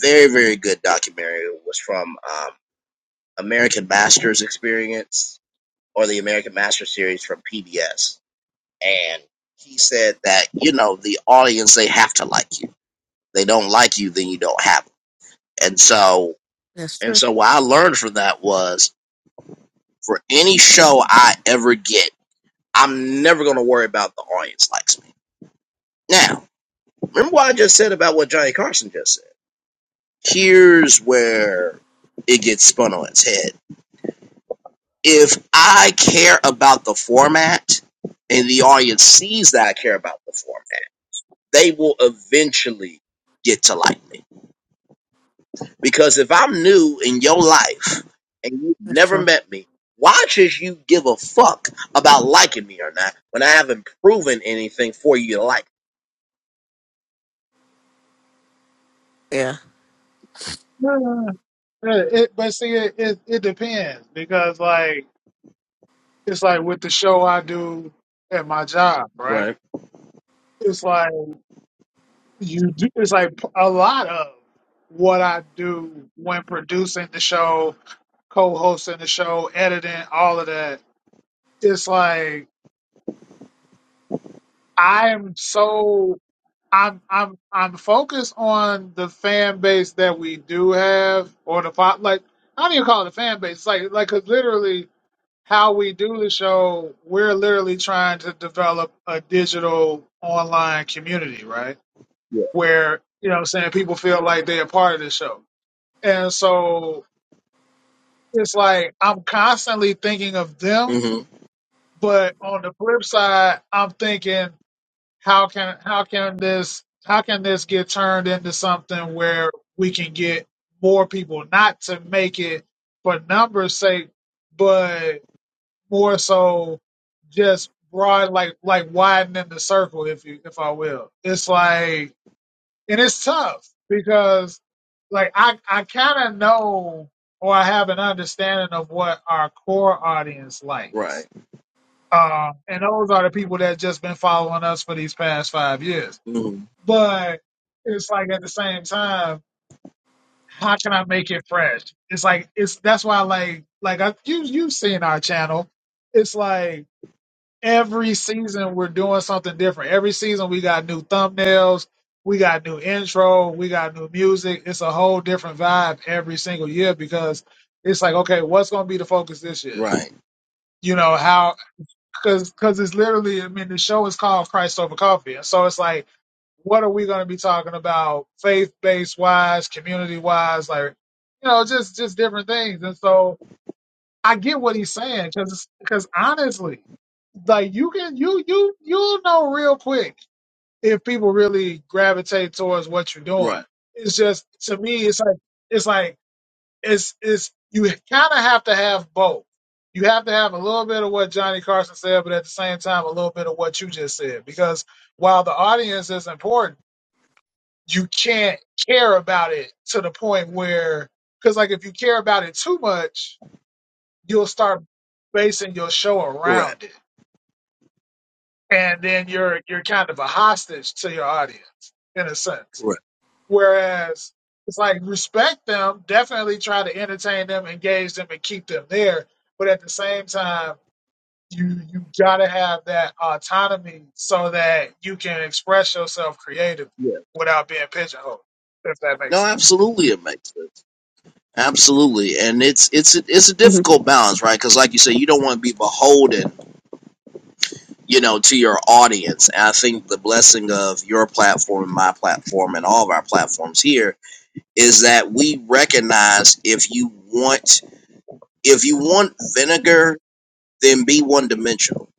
Speaker 1: very very good documentary. It was from um, American Masters experience or the American Master series from PBS. And he said that, you know, the audience, they have to like you. They don't like you, then you don't have them. And so,
Speaker 5: That's
Speaker 1: and
Speaker 5: true.
Speaker 1: so what I learned from that was for any show I ever get, I'm never going to worry about the audience likes me. Now, remember what I just said about what Johnny Carson just said? Here's where it gets spun on its head if I care about the format and the audience sees that I care about the format, they will eventually get to like me. Because if I'm new in your life and you've
Speaker 5: That's
Speaker 1: never
Speaker 5: true.
Speaker 1: met me, why should you give a fuck about liking me or not when I haven't proven anything for you to like?
Speaker 5: Yeah.
Speaker 6: Yeah. It, but see, it, it it depends because like. it's like with the show I do at my job, right?
Speaker 1: Right.
Speaker 6: It's like you do, it's like a lot of what I do when producing the show, co-hosting the show, editing, all of that. It's like I'm so I'm I'm I'm focused on the fan base that we do have or the fo- like I don't even call it a fan base. It's like like 'cause literally how we do the show, we're literally trying to develop a digital online community, right?
Speaker 1: Yeah.
Speaker 6: Where, you know what I'm saying, people feel like they're a part of the show. And so it's like I'm constantly thinking of them,
Speaker 1: Mm-hmm.
Speaker 6: but on the flip side, I'm thinking how can how can this how can this get turned into something where we can get more people not to make it for numbers sake, but more so just broad like like widening the circle if you if I will. It's like and it's tough because like I I kind of know or I have an understanding of what our core audience
Speaker 1: Right.
Speaker 6: likes. Um and those are the people that just been following us for these past 5 years.
Speaker 1: Mm-hmm.
Speaker 6: But it's like at the same time how can I make it fresh? It's like it's that's why like like I, you you've seen our channel. It's like every season we're doing something different. Every season we got new thumbnails, we got new intro, we got new music. It's a whole different vibe every single year because it's like, okay, what's going to be the focus this year?
Speaker 1: Right.
Speaker 6: You know how? Because because it's literally, I mean, the show is called Christ Over Coffee, and so it's like, what are we going to be talking about? Faith based wise, community wise, like you know, just just different things, and so I get what he's saying because because honestly, like you can you you you'll know real quick if people really gravitate towards what you're
Speaker 1: Right.
Speaker 6: doing. It's just to me, it's like it's like it's it's you kind of have to have both. You have to have a little bit of what Johnny Carson said, but at the same time, a little bit of what you just said. Because while the audience is important, you can't care about it to the point where, because like if you care about it too much, you'll start basing your show
Speaker 1: Correct.
Speaker 6: around it, and then you're you're kind of a hostage to your audience in a sense.
Speaker 1: Correct.
Speaker 6: Whereas it's like respect them, definitely try to entertain them, engage them, and keep them there. But at the same time, you you gotta have that autonomy so that you can express yourself creatively
Speaker 1: Yeah.
Speaker 6: without being pigeonholed. If that
Speaker 1: No,
Speaker 6: makes sense.
Speaker 1: absolutely, it makes sense. Absolutely, and it's it's a, it's a
Speaker 5: hmm
Speaker 1: difficult balance, right? Because, like you say, you don't want to be beholden, you know, to your audience. And I think the blessing of your platform, my platform, and all of our platforms here is that we recognize if you want if you want vinegar, then be one dimensional.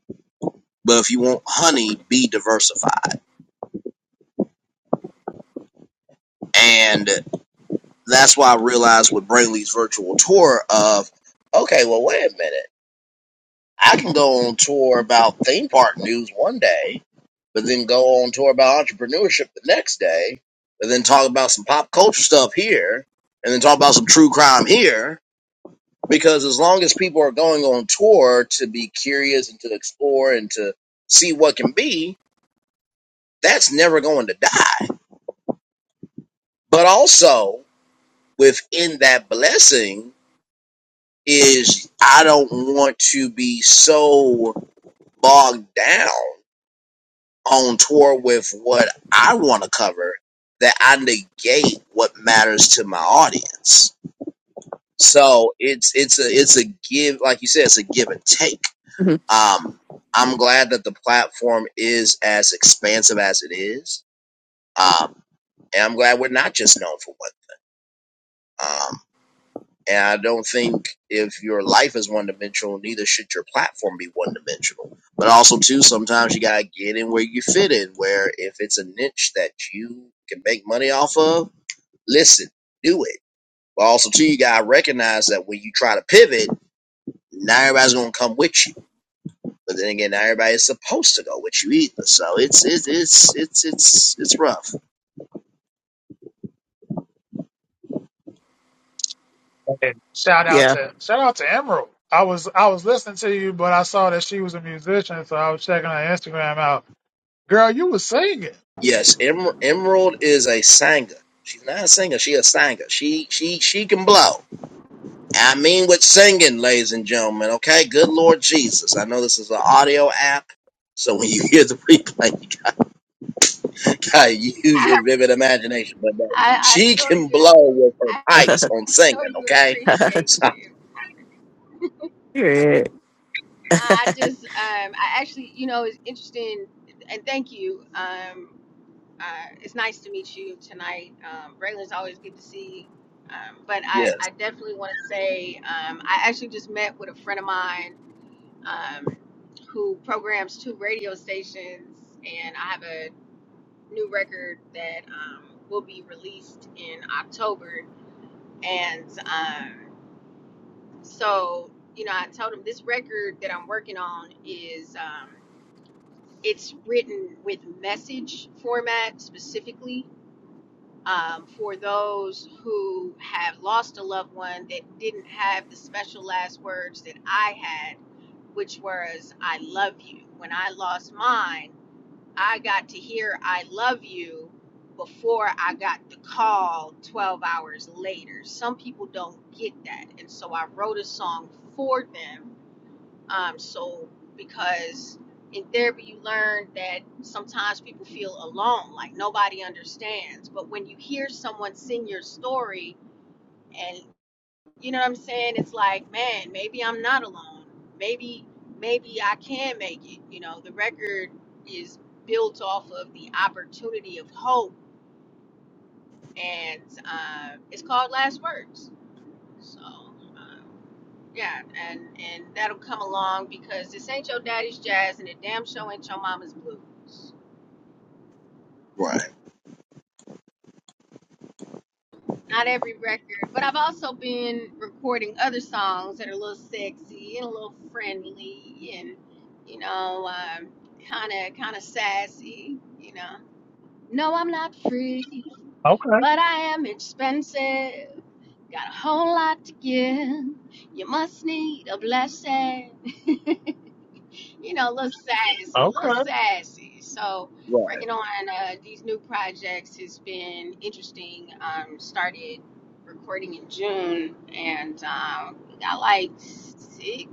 Speaker 1: But if you want honey, be diversified. And that's why I realized with Brainley's virtual tour of, okay, well, wait a minute. I can go on tour about theme park news one day, but then go on tour about entrepreneurship the next day, and then talk about some pop culture stuff here, and then talk about some true crime here. Because as long as people are going on tour to be curious and to explore and to see what can be, that's never going to die. But also within that blessing is I don't want to be so bogged down on tour with what I want to cover that I negate what matters to my audience. So it's it's a it's a give like you said it's a give and take.
Speaker 5: hmm
Speaker 1: Um, I'm glad that the platform is as expansive as it is, um, and I'm glad we're not just known for one. Um, And I don't think if your life is one dimensional, neither should your platform be one dimensional. But also, too, sometimes you got to get in where you fit in, where if it's a niche that you can make money off of, listen, do it. But also, too, you got to recognize that when you try to pivot, not everybody's going to come with you. But then again, not everybody's supposed to go with you either. So it's, it's, it's, it's, it's, it's rough.
Speaker 6: And shout out
Speaker 5: Yeah.
Speaker 6: to shout out to Emerald. I was I was listening to you, but I saw that she was a musician, so I was checking her Instagram out. Girl, you was singing.
Speaker 1: Yes, Emer- Emerald is a singer. She's not a singer. She a singer. She, she, she can blow. I mean with singing, ladies and gentlemen, okay? Good Lord Jesus. I know this is an audio app, so when you hear the replay, you gotta use
Speaker 8: I,
Speaker 1: your vivid imagination. But no,
Speaker 8: I, I
Speaker 1: she
Speaker 8: sure
Speaker 1: can
Speaker 8: do.
Speaker 1: blow with her
Speaker 8: I
Speaker 1: pipes on singing,
Speaker 8: sure do
Speaker 1: okay?
Speaker 8: appreciate
Speaker 1: So,
Speaker 8: you.
Speaker 5: Period.
Speaker 8: No, I just, um, I actually, you know, it's interesting, and thank you. Um, uh, it's nice to meet you tonight. Um, Braylon's always good to see. Um, but I,
Speaker 1: yes,
Speaker 8: I definitely want to say, um, I actually just met with a friend of mine um, who programs two radio stations, and I have a new record that um, will be released in October and um, So, you know, I told him this record that I'm working on is um, it's written with message format specifically um, for those who have lost a loved one that didn't have the special last words that I had, which was "I love you." When I lost mine, I got to hear "I love you." Before I got the call 12 hours later. Some people don't get that. And so I wrote a song for them um, so because in therapy you learn that sometimes people feel alone, like nobody understands. But when you hear someone sing your story and you know what I'm saying, it's like, man, maybe I'm not alone. Maybe maybe I can make it. You know, the record is built off of the opportunity of hope and uh, it's called Last Words. So um, Yeah, and and that'll come along because this ain't your daddy's jazz, and it damn show ain't your mama's blues.
Speaker 1: right,
Speaker 8: Not every record, but I've also been recording other songs that are a little sexy and a little friendly, and you know, um, kind of kind of sassy. You know, no, I'm not free,
Speaker 6: Okay,
Speaker 8: but I am expensive. Got a whole lot to give. You must need a blessing. you know, look sassy, look
Speaker 6: okay.
Speaker 8: sassy. So
Speaker 1: right.
Speaker 8: working on uh, these new projects has been interesting. Um, started recording in June, and um, we got like six,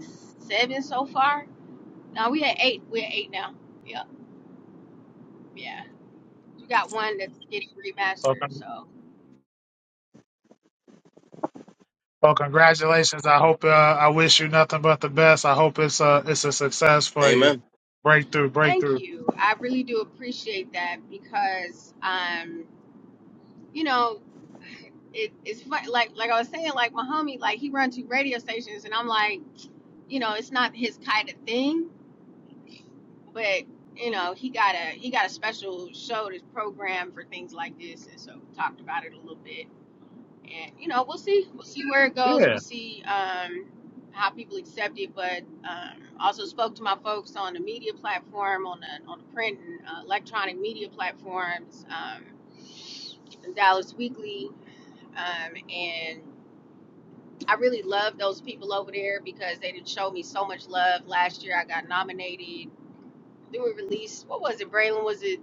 Speaker 8: seven so far. No, we had eight. We're at eight now. Yep, yeah. You got one that's getting
Speaker 6: Well,
Speaker 8: remastered.
Speaker 6: con-
Speaker 8: So
Speaker 6: well, congratulations. I hope uh, I wish you nothing but the best. I hope it's a it's a success for you.
Speaker 1: Amen.
Speaker 6: Breakthrough,
Speaker 8: thank
Speaker 6: breakthrough.
Speaker 8: you. I really do appreciate that because um, you know, it, it's fu- like like I was saying, like my homie, like he runs two radio stations, and I'm like, you know, it's not his kind of thing, but you know, he got a he got a special show that's programmed for things like this, and so we talked about it a little bit, and you know, we'll see, we'll see where it goes. We
Speaker 6: Yeah,
Speaker 8: see um, how people accept it, but um, also spoke to my folks on the media platform, on the on the print and uh, electronic media platforms, um, Dallas Weekly, um, and I really love those people over there because they did show me so much love. Last year I got nominated. Then we released, what was it, Braylon? Was it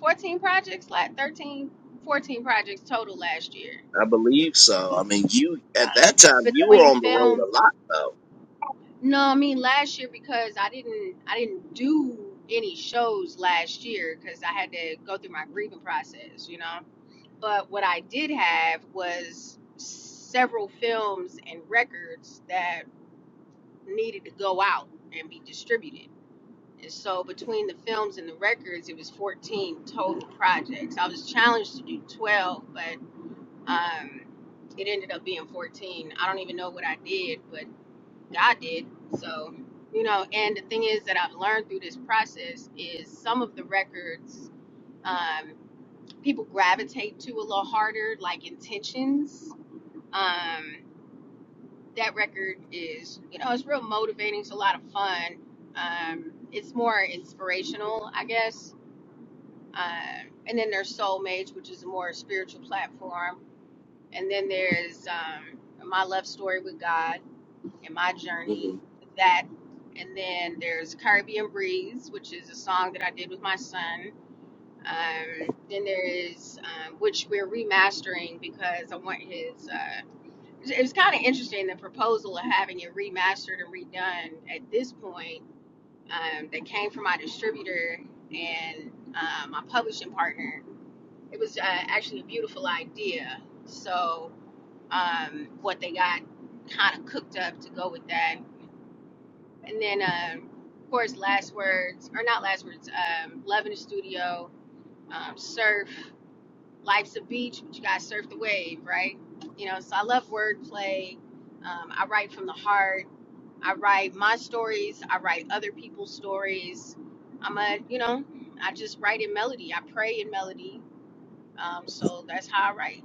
Speaker 8: 14 projects? Like 13, 14 projects total last year.
Speaker 1: I believe so. I mean, you, at
Speaker 8: Yeah.
Speaker 1: that time, you were
Speaker 8: Between
Speaker 1: on the road
Speaker 8: films.
Speaker 1: a lot,
Speaker 8: No, I mean last year because I didn't I didn't do any shows last year because I had to go through my grieving process, you know. But what I did have was several films and records that needed to go out and be distributed. And so between the films and the records, it was 14 total projects. I was challenged to do 12, but um, it ended up being 14. I don't even know what I did, but God did. So, you know, and the thing is that I've learned through this process is some of the records um, people gravitate to a little harder, like intentions. Um, that record is, you know, it's real motivating. It's a lot of fun. Um, it's more inspirational, I guess. Um, and then there's Soulmates, which is a more spiritual platform. And then there's um, My Love Story with God and My
Speaker 1: though.
Speaker 8: Journey,
Speaker 1: Mm-hmm.
Speaker 8: with that. And then there's Caribbean Breeze, which is a song that I did with my son. Um, then there is, um, which we're remastering because I want his. uh, it was kind of interesting the proposal of having it remastered and redone at this point um, that came from my distributor and uh, my publishing partner it was uh, actually a beautiful idea so um, what they got kind of cooked up to go with that and then um, of course last words or not last words um, love in the studio um, surf life's a beach but you gotta surf the wave right you know so i love wordplay um, i write from the heart I write my stories. I write other people's stories. I'm a, you know, I just write in melody. I pray in melody. Um, so that's how I write.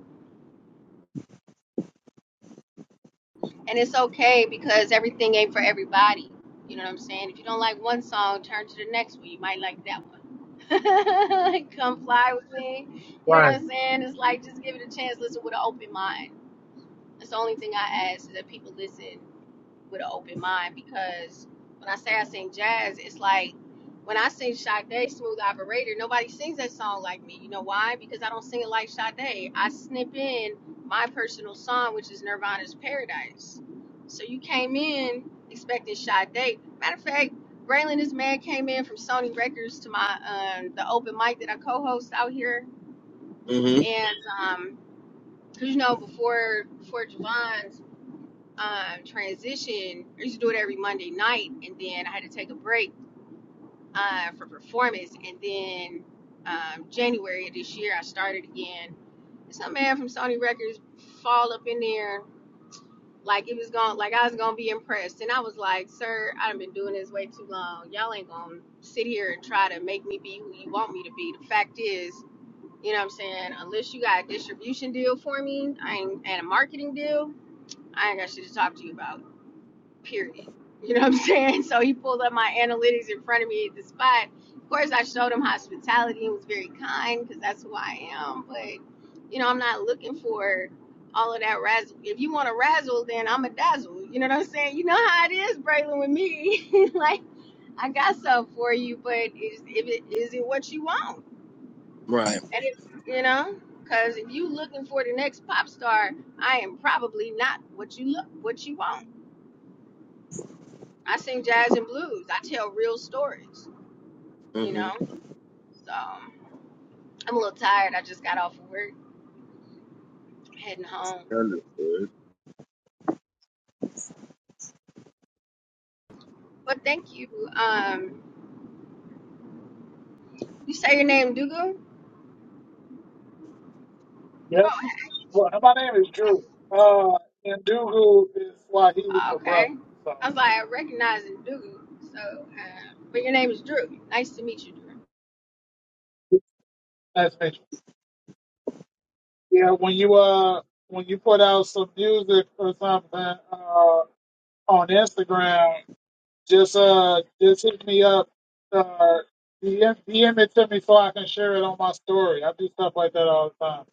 Speaker 8: And it's okay because everything ain't for everybody. You know what I'm saying? If you don't like one song, turn to the next one. You might like that one. Come fly with me. You know
Speaker 6: right.
Speaker 8: what I'm saying? It's like just give it a chance. Listen with an open mind. That's the only thing I ask is that people listen with an open mind because when I say I sing jazz, it's like when I sing Sade, Smooth Operator, nobody sings that song like me. You know why? Because I don't sing it like Sade. I snip in my personal song, which is Nirvana's Paradise. So you came in expecting Sade. Matter of fact, Braylon, this man came in from Sony Records to my um, the open mic that I co-host out here,
Speaker 1: Mm-hmm.
Speaker 8: and um, 'cause you know before before Javon's um, transition. I used to do it every Monday night, and then I had to take a break uh, for performance. And then um, January of this year, I started again. Some man from Sony Records fall up in there like it was going, like I was gonna be impressed. And I was like, "Sir, I've been doing this way too long. Y'all ain't gonna sit here and try to make me be who you want me to be." The fact is. You know what I'm saying? Unless you got a distribution deal for me I ain't, and a marketing deal, I ain't got shit to talk to you about. period. You know what I'm saying? So he pulled up my analytics in front of me at the spot. Of course, I showed him hospitality and was very kind because that's who I am. But, you know, I'm not looking for all of that razzle. If you want a razzle, then I'm a dazzle. You know what I'm saying? You know how it is, Braylon, with me. like, I got stuff for you, but is, if it, is it what you want?
Speaker 1: Right.
Speaker 8: And if, you know, because if you looking for the next pop star, I am probably not what you look, what you want. I sing jazz and blues. I tell real stories, you know.
Speaker 1: Mm-hmm.
Speaker 8: So I'm a little tired. I just got off of work, heading home.
Speaker 1: Understood.
Speaker 8: But thank you. Um, you say your name, Dugu?
Speaker 6: Yeah.
Speaker 8: Oh,
Speaker 6: Well, my name is Drew. Uh, and Dugu is Swahili
Speaker 8: hey.
Speaker 6: for
Speaker 8: okay.
Speaker 6: brother. So
Speaker 8: I was like recognizing Dugu. So, uh, but your name is Drew. Nice to meet you, Drew.
Speaker 6: nice to meet you. Yeah, when you uh when you put out some music or something, uh, on Instagram, just uh, just hit me up, uh, DM, it to me so I can share it on my story. I do stuff like that all the time.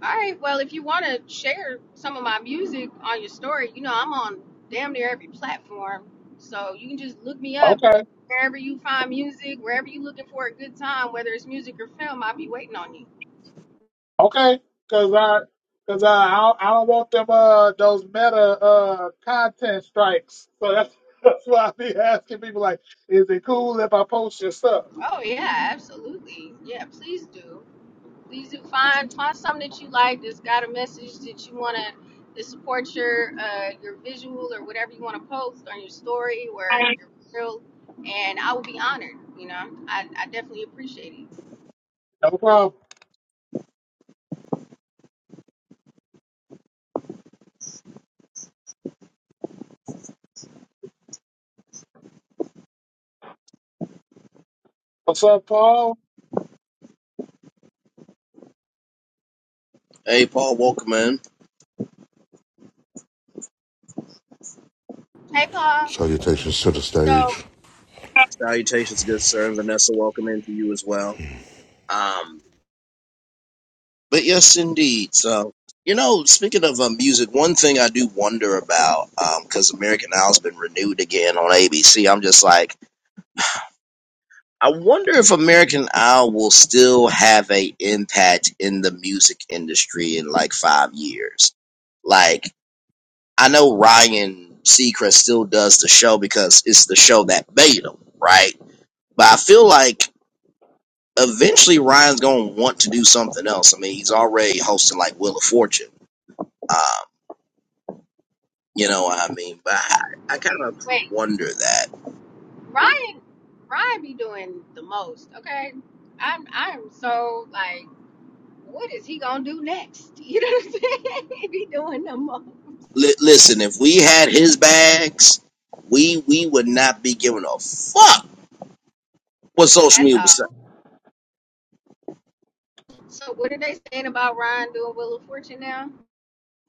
Speaker 8: All right. Well, if you want to share some of my music on your story, you know I'm on damn near every platform, so you can just look me up
Speaker 6: Okay,
Speaker 8: wherever you find music, wherever you're looking for a good time, whether it's music or film. I'll be waiting on you.
Speaker 6: okay, cause I, cause I, I don't, I don't want them uh those meta uh content strikes. So that's that's why I be asking people like, is it cool if I post your stuff?
Speaker 8: Oh yeah, absolutely. Yeah, please do. Please do find find something that you like that's got a message that you want to that supports your uh, your visual or whatever you want to post on your story or your reel, and I would be honored. You know, I, I definitely appreciate it.
Speaker 6: No problem. What's up, Paul?
Speaker 1: Hey, Paul, welcome in.
Speaker 8: Hey Paul.
Speaker 9: Salutations to the
Speaker 8: So
Speaker 9: stage.
Speaker 1: Salutations, good sir. And Vanessa, welcome in to you as well. Um, But yes, indeed. So, you know, speaking of uh, music, one thing I do wonder about, because American Idol's been renewed again on ABC, I'm just like, I wonder if American Idol will still have a impact in the music industry in like five years. Like, I know Ryan Seacrest still does the show because it's the show that made him, right? But I feel like eventually Ryan's going to want to do something else. I mean, he's already hosting like Wheel of Fortune. Um, You know what I mean? But I, I kind of
Speaker 8: wait,
Speaker 1: wonder that.
Speaker 8: Ryan Ryan be doing the most, okay? I'm I'm so like, what is he gonna do next? You know what I'm saying? he be doing the most.
Speaker 1: Li- listen, if we had his bags, we we would not be giving a fuck what social
Speaker 8: That's
Speaker 1: media was saying.
Speaker 8: all. So what are they saying about Ryan doing Wheel of Fortune now?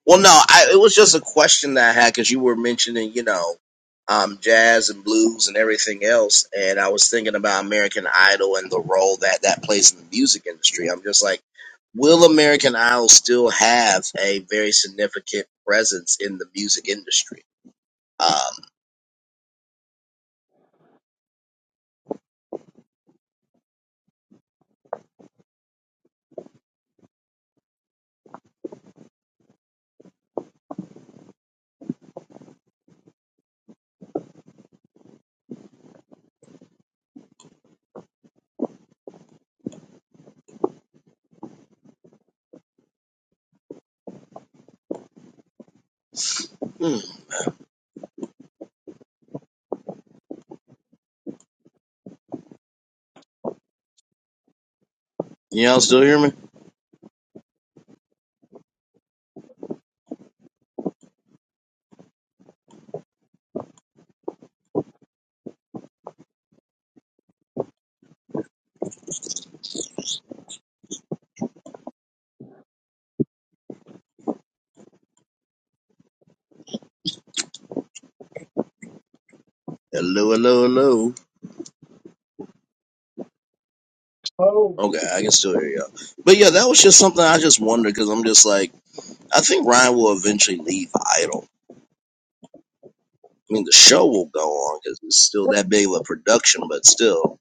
Speaker 1: Well, no, I, it was just a question that I had because you were mentioning, you know, um, jazz and blues and everything else, and I was thinking about American Idol and the role that that plays in the music industry. I'm just like, will American Idol still have a very significant presence in the music industry? Um, hmm. you all still hear me? Hello, hello, hello.
Speaker 6: Oh,
Speaker 1: Okay, I can still hear y'all. But yeah, that was just something I just wondered because I'm just like, I think Ryan will eventually leave Idol. I mean, the show will go on because it's still that big of a production, but still.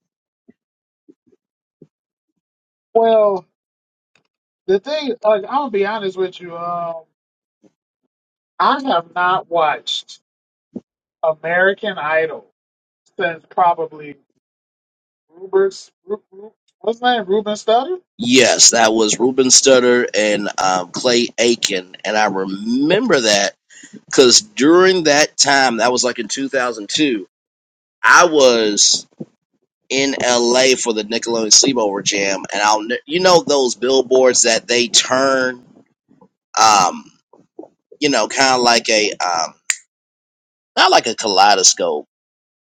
Speaker 6: well, the thing, like, I'll be honest with you. Um, I have not watched. American Idol since probably Ruber's, Ru- Ru- what's his name? Ruben Studdard?
Speaker 1: Yes, that was Ruben Studdard and um, Clay Aiken. And I remember that because during that time, that was like in 2002, I was in LA for the Nickelodeon Sleepover Jam. And I'll, ne- you know, those billboards that they turn. Um, you know, kind of like a um, not like a kaleidoscope,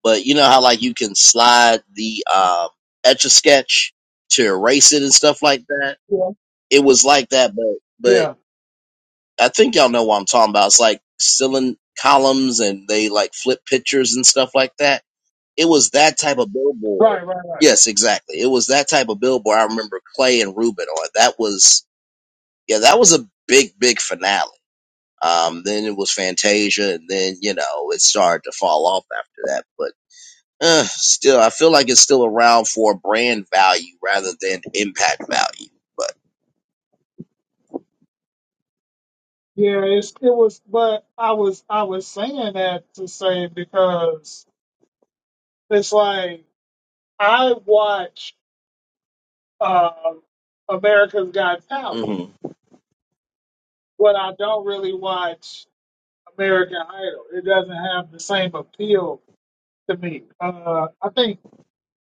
Speaker 1: but you know how like you can slide the um, etch a sketch to erase it and stuff like that.
Speaker 6: Yeah.
Speaker 1: It was like that, but but
Speaker 6: Yeah.
Speaker 1: I think y'all know what I'm talking about. It's like ceiling columns and they like flip pictures and stuff like that. It was that type of billboard.
Speaker 6: Right, right, right.
Speaker 1: Yes, exactly. It was that type of billboard. I remember Clay and Ruben on. That was yeah, that was a big big finale. Um, then it was Fantasia, and then you know it started to fall off after that. But uh, still, I feel like it's still around for brand value rather than impact value. But
Speaker 6: Yeah, it's, it was, but I was, I was saying that to say because it's like I watch um, America's Got Talent,
Speaker 1: hmm
Speaker 6: but I don't really watch American Idol. It doesn't have the same appeal to me. Uh, I think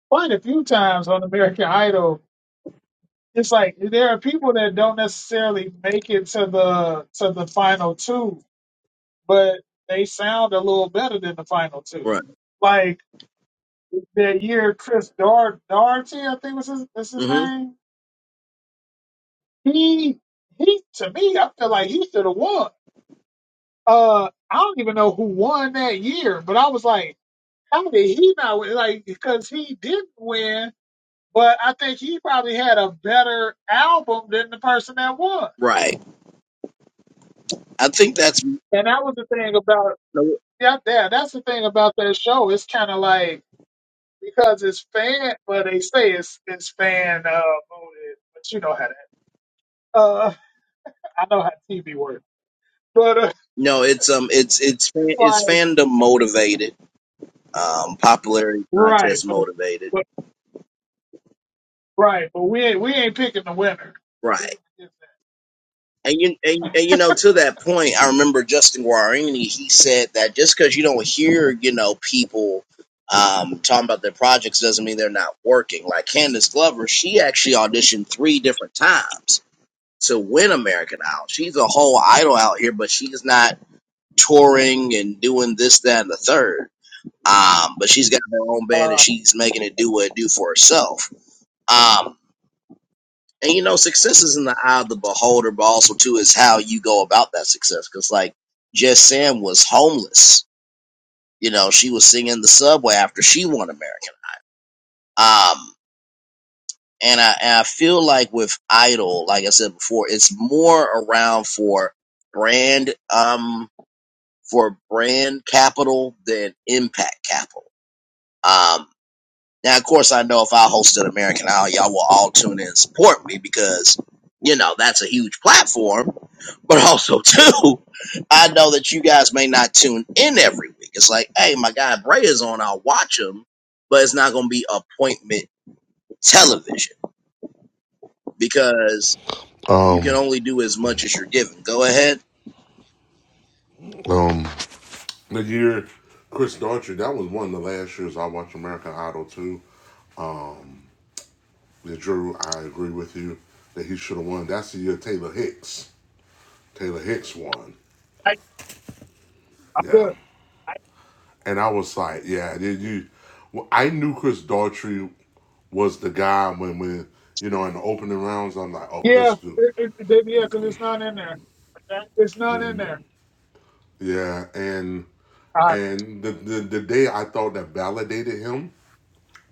Speaker 6: quite a few times on American Idol it's like there are people that don't necessarily make it to the to the final two, but they sound a little better than the final two.
Speaker 1: right,
Speaker 6: Like that year, Chris Dar Darty, I think was his was his
Speaker 1: hmm
Speaker 6: name. He he to me, I feel like he should have won. Uh, I don't even know who won that year, but I was like, how did he not win? Like because he didn't win, but I think he probably had a better album than the person that won.
Speaker 1: right. I think that's
Speaker 6: And that was the thing about
Speaker 1: no,
Speaker 6: Yeah, yeah, that's the thing about that show. It's kind of like because it's fan, well, they say it's it's fan uh, voted, but you know how that. Uh, I know how TV works, but uh,
Speaker 1: no. It's um, it's it's fan-
Speaker 6: it's
Speaker 1: it's
Speaker 6: like
Speaker 1: fandom motivated, um, popularity
Speaker 6: right,
Speaker 1: contest
Speaker 6: but,
Speaker 1: motivated.
Speaker 6: but right, but we ain't we ain't picking the winner.
Speaker 1: Right.
Speaker 6: You can forget
Speaker 1: And you, and, and you know, to that point, I remember Justin Guarini. He said that just because you don't hear, you know, people um, talking about their projects doesn't mean they're not working. Like Candace Glover, she actually auditioned three different times to win American Idol. She's a whole idol out here, but she's not touring and doing this, that, and the third. Um, but she's got her own
Speaker 6: that.
Speaker 1: band and
Speaker 6: Uh,
Speaker 1: she's making it do what it do for herself. Um, and you know, success is in the eye of the beholder, but also too is how you go about that success. Because like Jess Sam was homeless. You know, she was singing the subway after she won American. Idol. Um, and I and I feel like with Idol, like I said before, it's more around for brand um for brand capital than impact capital. Um, Now, of course, I know if I hosted American Idol, y'all will all tune in and support me because, you know, that's a huge platform. But also, too, I know that you guys may not tune in every week. It's like, hey, my guy Bray is on, I'll watch him, but it's not going to be appointment television because you can
Speaker 9: Um,
Speaker 1: only do as much as you're given. Go ahead.
Speaker 9: um, the year Chris Daughtry, that was one of the last years I watched American Idol too. And Drew, I agree with you that he should have won. That's the year Taylor Hicks. Taylor Hicks won.
Speaker 6: I, I'm
Speaker 9: Yeah,
Speaker 6: good. I,
Speaker 9: and I was like, yeah, did you? Well, I knew Chris Daughtry was the guy when when you know in the opening rounds. I'm like, oh, this
Speaker 6: yeah,
Speaker 9: dude.
Speaker 6: it, it, it- yeah, because it's not in there. It's not in there.
Speaker 9: Yeah, and and the, the the day I thought that validated him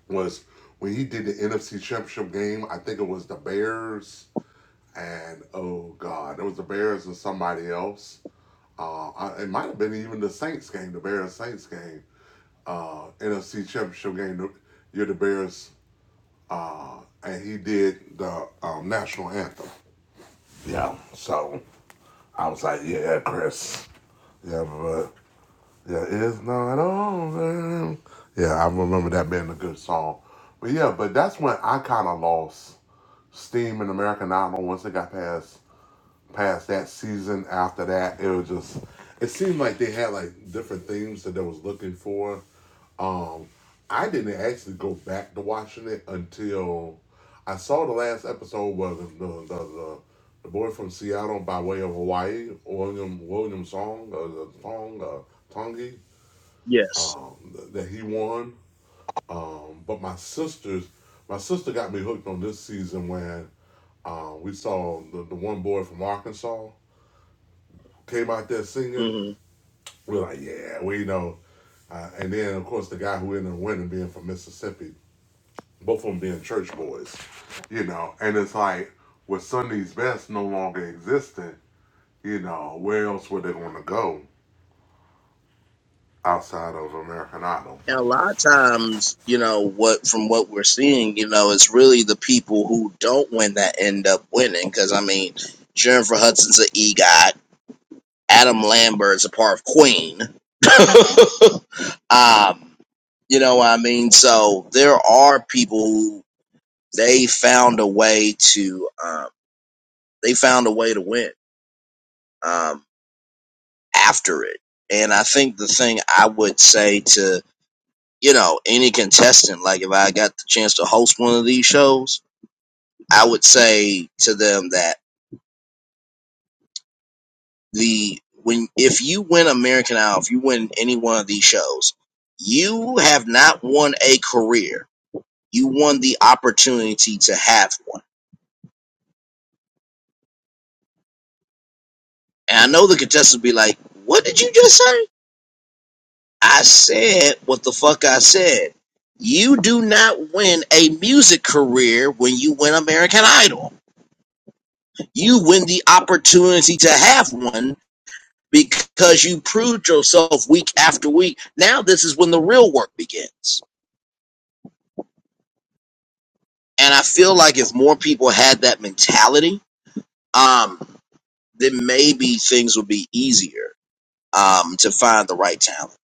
Speaker 9: was when he did the NFC Championship game. I think it was the Bears and oh god, it was the Bears and somebody else. Uh, I, it might have been even the Saints game, the Bears Saints game, uh, NFC Championship game. You're the Bears, uh, and he did the um, national anthem. Yeah, so I was like, yeah, Chris. Yeah, but Yeah, it's not over. Yeah, I remember that being a good song. But yeah, but that's when I kind of lost steam in American Idol. Once it got past past that season, after that, it was just it seemed like they had like different themes that they was looking for. Um, I didn't actually go back to watching it until I saw the last episode was the the, the, the boy from Seattle by way of Hawaii, William William Song, uh, Song, uh, Tongi
Speaker 1: Yes.
Speaker 9: um, that he won. Um, but my sisters, my sister got me hooked on this season when uh, we saw the, the one boy from Arkansas came out there singing. We are like, yeah, we know. Uh, and then of course the guy who ended up winning being from Mississippi, both of them being church boys, you know. And it's like with Sunday's Best no longer existing, you know, where else were they going to go outside of American Idol?
Speaker 1: And a lot of times, you know, what from what we're seeing, you know, it's really the people who don't win that end up winning. Because I mean, Jennifer Hudson's an EGOT, Adam Lambert's a part of Queen. um, you know what I mean? So there are people who they found a way to, um, they found a way to win um, after it. And I think the thing I would say to you know, any contestant, like if I got the chance to host one of these shows, I would say to them that the when if you win American Idol, if you win any one of these shows, you have not won a career. You won the opportunity to have one. And I know the contestants be like, What did you just say? I said what the fuck I said. You do not win a music career when you win American Idol you win the opportunity to have one because you proved yourself week after week. Now this is when the real work begins. And I feel like if more people had that mentality, um, then maybe things would be easier um, to find the right talent.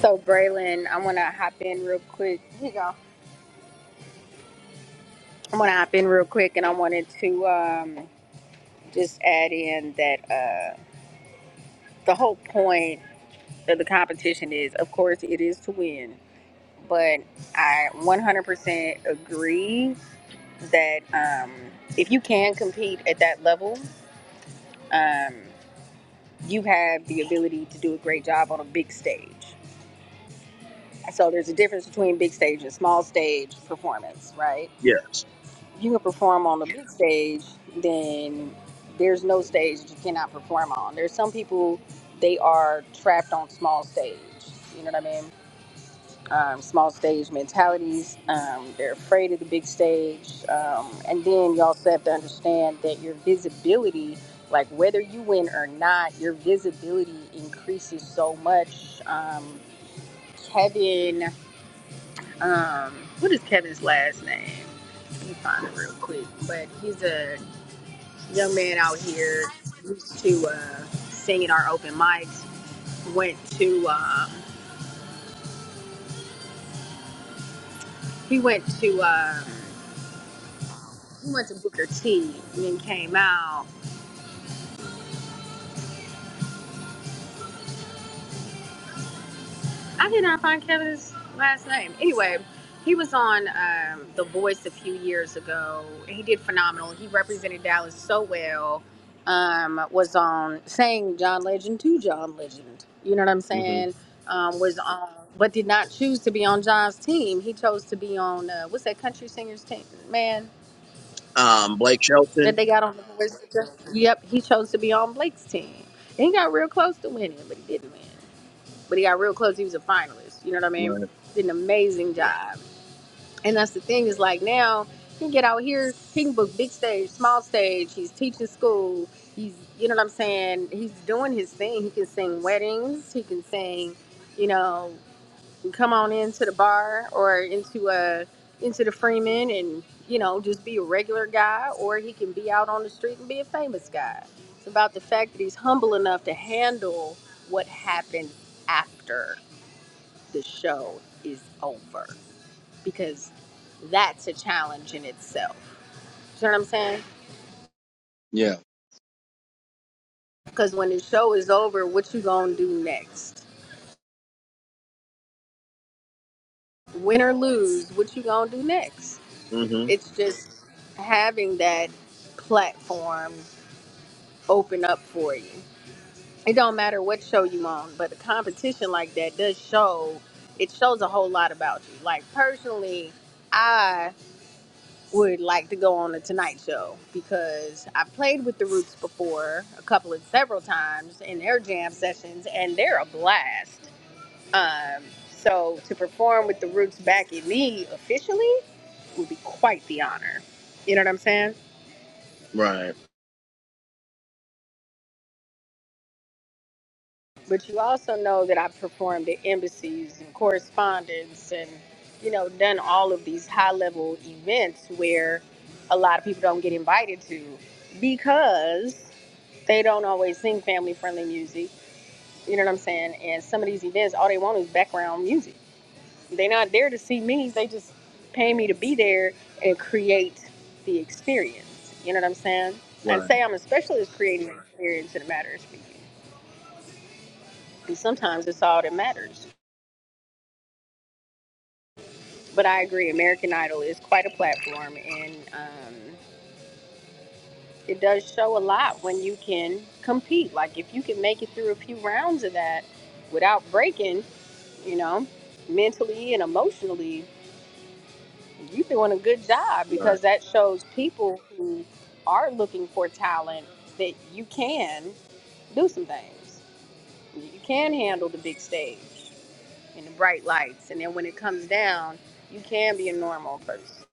Speaker 8: So Braylon, I want to hop in real quick. Here you go. I want to hop in real quick, and I wanted to um, just add in that uh, the whole point of the competition is, of course, it is to win. but I 100% agree that um, if you can compete at that level, um, you have the ability to do a great job on a big stage. So there's a difference between big stage and small stage performance, right?
Speaker 1: Yeah.
Speaker 8: If you can perform on the big stage, then there's no stage that you cannot perform on. There's some people they are trapped on small stage. You know what I mean? um, small stage mentalities. Um, they're afraid of the big stage. Um, and then you also have to understand that your visibility, like whether you win or not, your visibility increases so much. Um, Kevin, um, what is Kevin's last name? Let me find it real quick. But he's a young man out here used to uh, singing our open mics. Went to um, he went to. Um, We went to Booker T and then came out. I did not find Kevin's last name. Anyway, he was on um, The Voice a few years ago. He did phenomenal. He represented Dallas so well. Um, was on saying John Legend to John Legend. You know what I'm
Speaker 1: hmm
Speaker 8: saying? Um, was on, but did not choose to be on John's team. He chose to be on uh, what's that country singer's team? Man,
Speaker 1: Um, Blake
Speaker 8: that
Speaker 1: Shelton.
Speaker 8: they got on The Voice. Yep, he chose to be on Blake's team. And he got real close to winning, but he didn't win. but he got real close. He was a finalist. You know what I mean?
Speaker 1: Right.
Speaker 8: Did an amazing job. And that's the thing is like now he can get out here, he can book big stage, small stage. He's teaching school. He's you know what I'm saying. He's doing his thing. He can sing weddings. He can sing. You know, come on into the bar or into a into the Freeman and you know just be a regular guy, or he can be out on the street and be a famous guy. It's about the fact that he's humble enough to handle what happens after the show is over because that's a challenge in itself. You know what I'm saying?
Speaker 1: Yeah.
Speaker 8: Because when the show is over, what you gonna do next? Win or lose, what you gonna do next?
Speaker 1: hmm
Speaker 8: It's just having that platform open up for you. It don't matter what show you on, but a competition like that does show. It shows a whole lot about you. Like personally, I. would like to go on the Tonight Show because I've played with the Roots before a couple of several times in their jam sessions, and they're a blast. Um, so to perform with the Roots back in me officially would be quite the honor. You know what I'm saying?
Speaker 1: Right.
Speaker 8: But you also know that I've performed at embassies and correspondence and, you know, done all of these high level events where a lot of people don't get invited to because They don't always sing family friendly music. You know what I'm saying? And some of these events, all they want is background music. They're not there to see me. They just pay me to be there and create the experience. You know what I'm saying? And
Speaker 1: Right.
Speaker 8: say I'm a specialist creating the experience in a matter of speaking. And sometimes it's all that matters. But I agree, American Idol is quite a platform and um, it does show a lot when you can compete. Like if you can make it through a few rounds of that without breaking, you know, mentally and emotionally, you're doing a good job
Speaker 1: Right.
Speaker 8: because that shows people who are looking for talent that you can do some things. You can handle the big stage and the bright lights. And then when it comes down, you can be a normal person.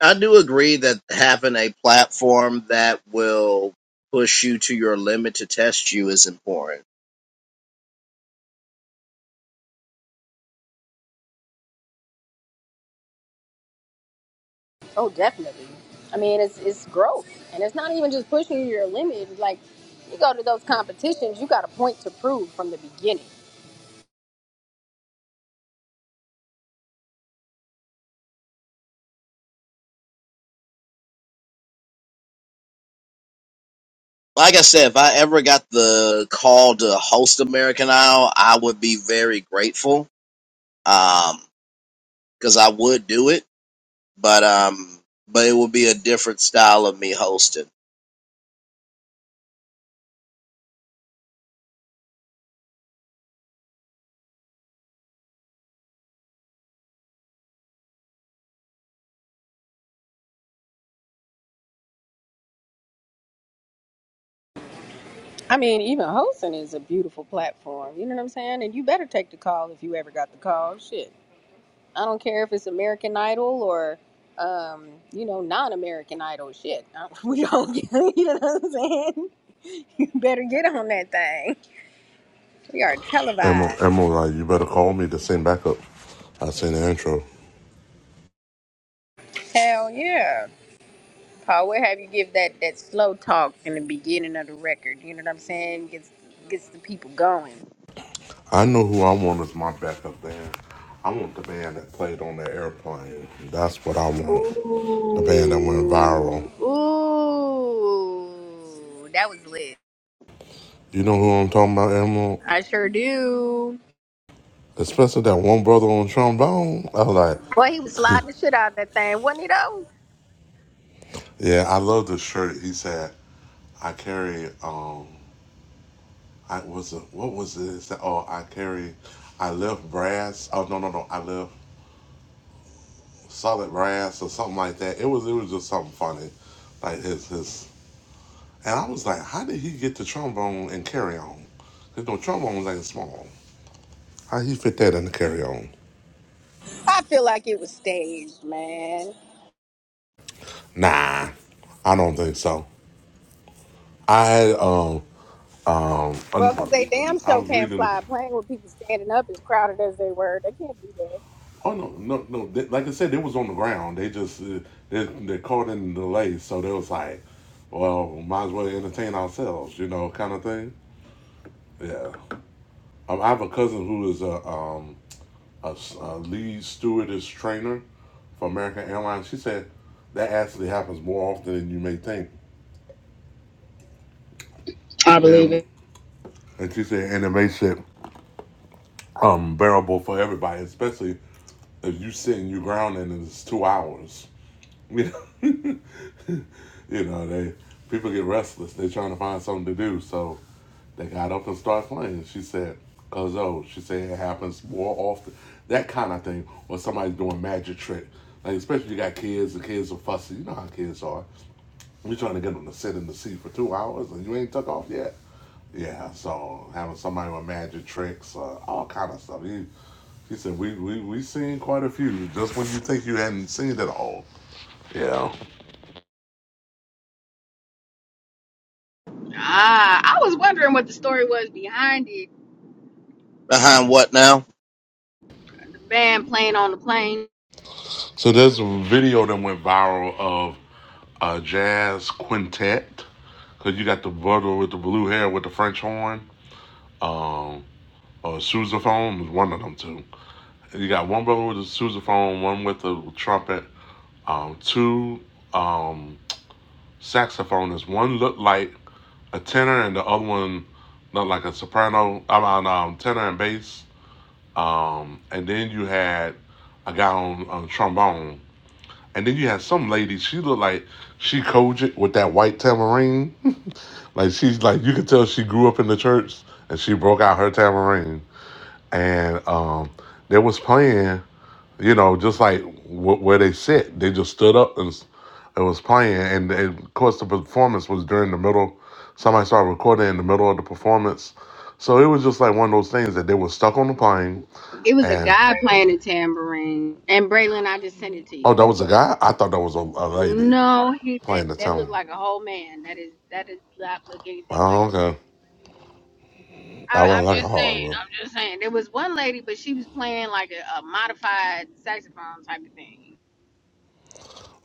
Speaker 1: I do agree that having a platform that will push you to your limit to test you is important
Speaker 8: Oh, definitely. I mean, it's, it's growth. And it's not even just pushing your limit. It's Like, you go to those competitions, you got a point to prove from the beginning.
Speaker 1: like I said, if I ever got the call to host American Idol, I would be very grateful. Um, cause I would do it, but, um, but it would be a different style of me hosting.
Speaker 8: I mean, even hosting is a beautiful platform. You know what I'm saying? And you better take the call if you ever got the call. Shit, I don't care if it's American Idol or, um, you know, non-American Idol. Shit, I- we don't. Get, you know what I'm saying? You better get on that thing. We are
Speaker 9: Emma,
Speaker 8: televised.
Speaker 9: Emma was like, you better call me to sing backup. I sing the intro.
Speaker 8: Hell yeah, Paul. Where have you give that that slow talk in the beginning of the record? You know what I'm saying? Gets gets the people going.
Speaker 9: I know who I want as my backup band. I want the band that played on the airplane. That's what I want. The
Speaker 8: Ooh,
Speaker 9: band that went viral.
Speaker 8: ooh, that was lit.
Speaker 9: You know who I'm talking about, Emerald?
Speaker 8: I sure do.
Speaker 9: Especially that one brother on trombone. I was like,
Speaker 8: Boy, he was sliding the shit out of that thing, wasn't he though?
Speaker 9: yeah, I love this shirt. He said, I carry, um, I was it, what was it? He said, oh, I carry, I left brass. Oh, no, no, no. I left solid brass or something like that. It was, it was just something funny. Like his, his And I was like, how did he get the trombone and carry on? Because no trombones ain't small. How he fit that in the carry on?
Speaker 8: I feel like it was staged, man.
Speaker 9: Nah, I don't think so. I had, um, um, an-
Speaker 8: Well, 'cause they damn
Speaker 9: I
Speaker 8: sure
Speaker 9: was
Speaker 8: can't
Speaker 9: reading the.
Speaker 8: fly a plane with people standing up as crowded as they were. They can't do that.
Speaker 9: Oh no, no, no! They, like I said, they was on the ground. They just uh, they they caught in the delay, so they was like, well, might as well entertain ourselves, you know, kind of thing. Yeah, um, I have a cousin who is a um, a, a lead stewardess trainer for American Airlines. She said that actually happens more often than you may think.
Speaker 8: I believe
Speaker 9: And,
Speaker 8: it.
Speaker 9: and she said, and it makes it um, bearable for everybody, especially if you sit and you ground and it's two hours. You know, You know, they people get restless. They're trying to find something to do, so they got up and started playing. She said, "Cause oh, she said it happens more often. That kind of thing, or somebody's doing magic trick. Like especially you got kids. The kids are fussy. You know how kids are. You're trying to get them to sit in the seat for two hours, and you ain't took off yet. Yeah, so having somebody with magic tricks, uh, all kind of stuff. He, he said, we, we we seen quite a few. Just when you think you hadn't seen it all, Yeah.
Speaker 8: Ah, I was wondering what the story was behind it.
Speaker 1: Behind what now?
Speaker 8: The band playing on the plane.
Speaker 9: So there's a video that went viral of a jazz quintet. Cause you got the brother with the blue hair with the French horn or sousaphone, was one of them two. And you got one brother with the sousaphone, one with the trumpet, um, two um, saxophonists. One looked like a tenor, and the other one looked like a soprano. I mean, um, tenor and bass. Um, and then you had a guy on, on trombone And then you had some lady, she looked like she Kojic with that white tambourine. like she's like you could tell she grew up in the church and she broke out her tambourine. And um they was playing, you know, just like wh- where they sit. They just stood up and s- it was playing. And, and of course the performance was during the middle. Somebody started recording in the middle of the performance. So it was just like one of those things that they were stuck on the plane
Speaker 8: It was a
Speaker 9: and
Speaker 8: guy playing the tambourine. And Braylon, I just sent it to you.
Speaker 9: oh that
Speaker 1: Okay.
Speaker 9: was a
Speaker 1: let me
Speaker 9: guy? I thought that was a, a lady
Speaker 8: No, he, that
Speaker 9: playing the
Speaker 8: that
Speaker 9: tone.
Speaker 8: looked like a whole man. That is that is not looking.
Speaker 9: Oh, okay.
Speaker 8: I,
Speaker 9: I
Speaker 8: I'm
Speaker 9: wasn't like a
Speaker 8: just
Speaker 9: hard
Speaker 8: saying.
Speaker 9: one.
Speaker 8: I'm just saying. There was one lady, but she was playing like a, a modified saxophone type of thing.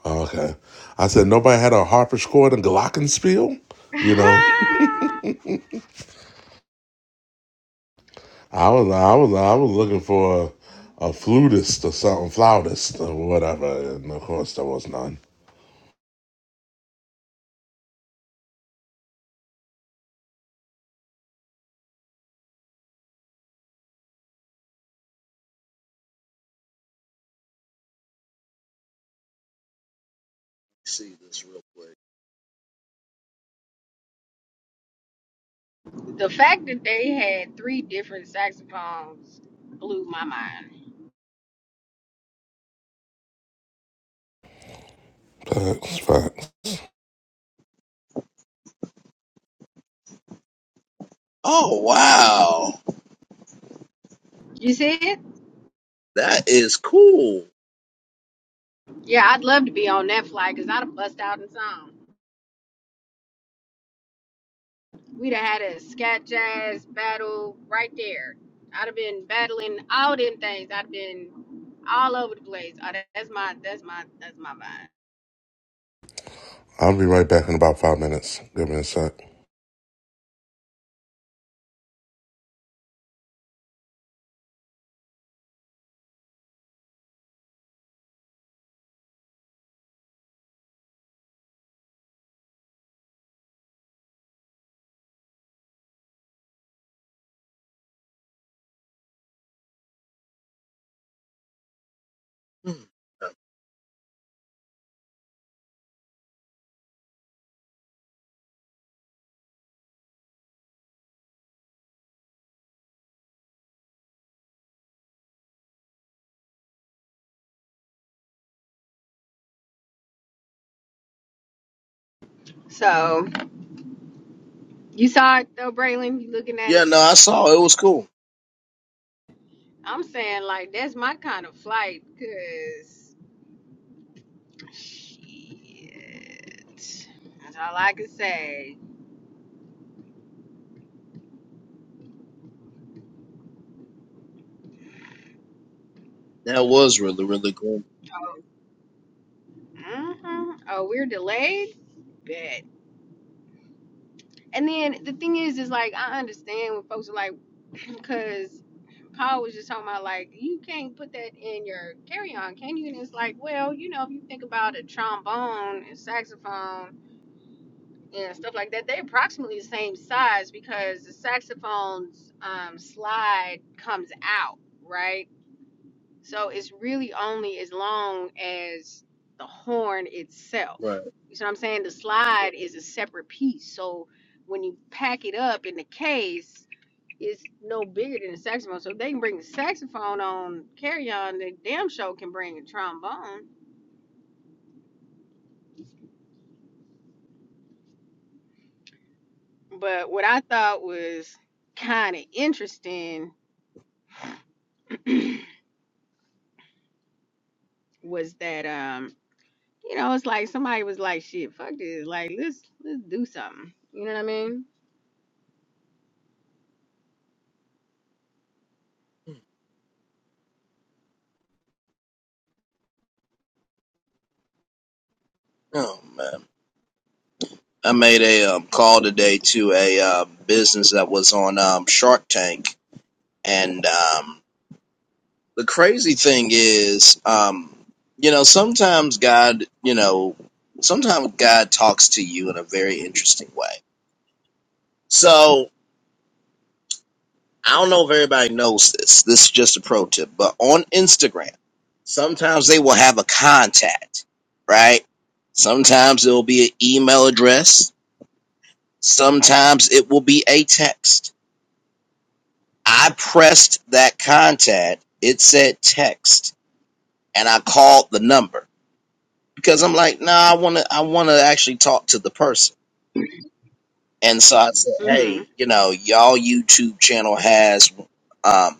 Speaker 9: Oh, okay. I said nobody had a harpsichord and glockenspiel. You know, I was I was I was looking for a, a flutist or something, flautist or whatever, and of course there was none.
Speaker 1: see this real quick.
Speaker 8: the fact that they had three different saxophones blew my mind.
Speaker 9: Facts, facts.
Speaker 1: Oh, wow.
Speaker 8: You see it?
Speaker 1: That is cool.
Speaker 8: Yeah, I'd love to be on that flight because I'd have bust out in song. We'd have had a scat jazz battle right there. I'd have been battling all them things. I'd have been all over the place. Oh, that- that's my that's my that's my vibe.
Speaker 9: I'll be right back in about five minutes. Give me a sec.
Speaker 1: Hmm.
Speaker 8: So you saw it though, Braylon. You looking at
Speaker 1: Yeah,
Speaker 8: it?
Speaker 1: no, I saw it. was cool.
Speaker 8: I'm saying like that's my kind of flight, cause shit. That's all I can say.
Speaker 1: That was really, really cool.
Speaker 8: hmm Oh, we're delayed. Bet. And then the thing is, is like I understand when folks are like, cause Paul was just talking about like you can't put that in your carry on, can you? And it's like, well, you know, if you think about a trombone and saxophone and stuff like that. They're approximately the same size because the saxophone's um, slide comes out, right? So it's really only as long as the horn itself.
Speaker 1: Right.
Speaker 8: You see what I'm saying? The slide is a separate piece. So when you pack it up in the case, it's no bigger than the saxophone. So if they can bring the saxophone on carry on, they damn show can bring a trombone. But what I thought was kind of interesting was that um you know it's like somebody was like shit fuck this like let's let's do something you know what i mean
Speaker 1: Oh, man. I made a um, call today to a um business that was on um, Shark Tank And um, the crazy thing is, um, you know, sometimes God, you know, sometimes God talks to you in a very interesting way. So I don't know if everybody knows this. This is just a pro tip, but on Instagram, sometimes they will have a contact, right? Sometimes it will be an email address. Sometimes it will be a text. I pressed that contact. It said text and I called the number because I'm like, nah, I want to, I want to actually talk to the person. And so I said,
Speaker 8: hmm
Speaker 1: hey, you know, y'all YouTube channel has um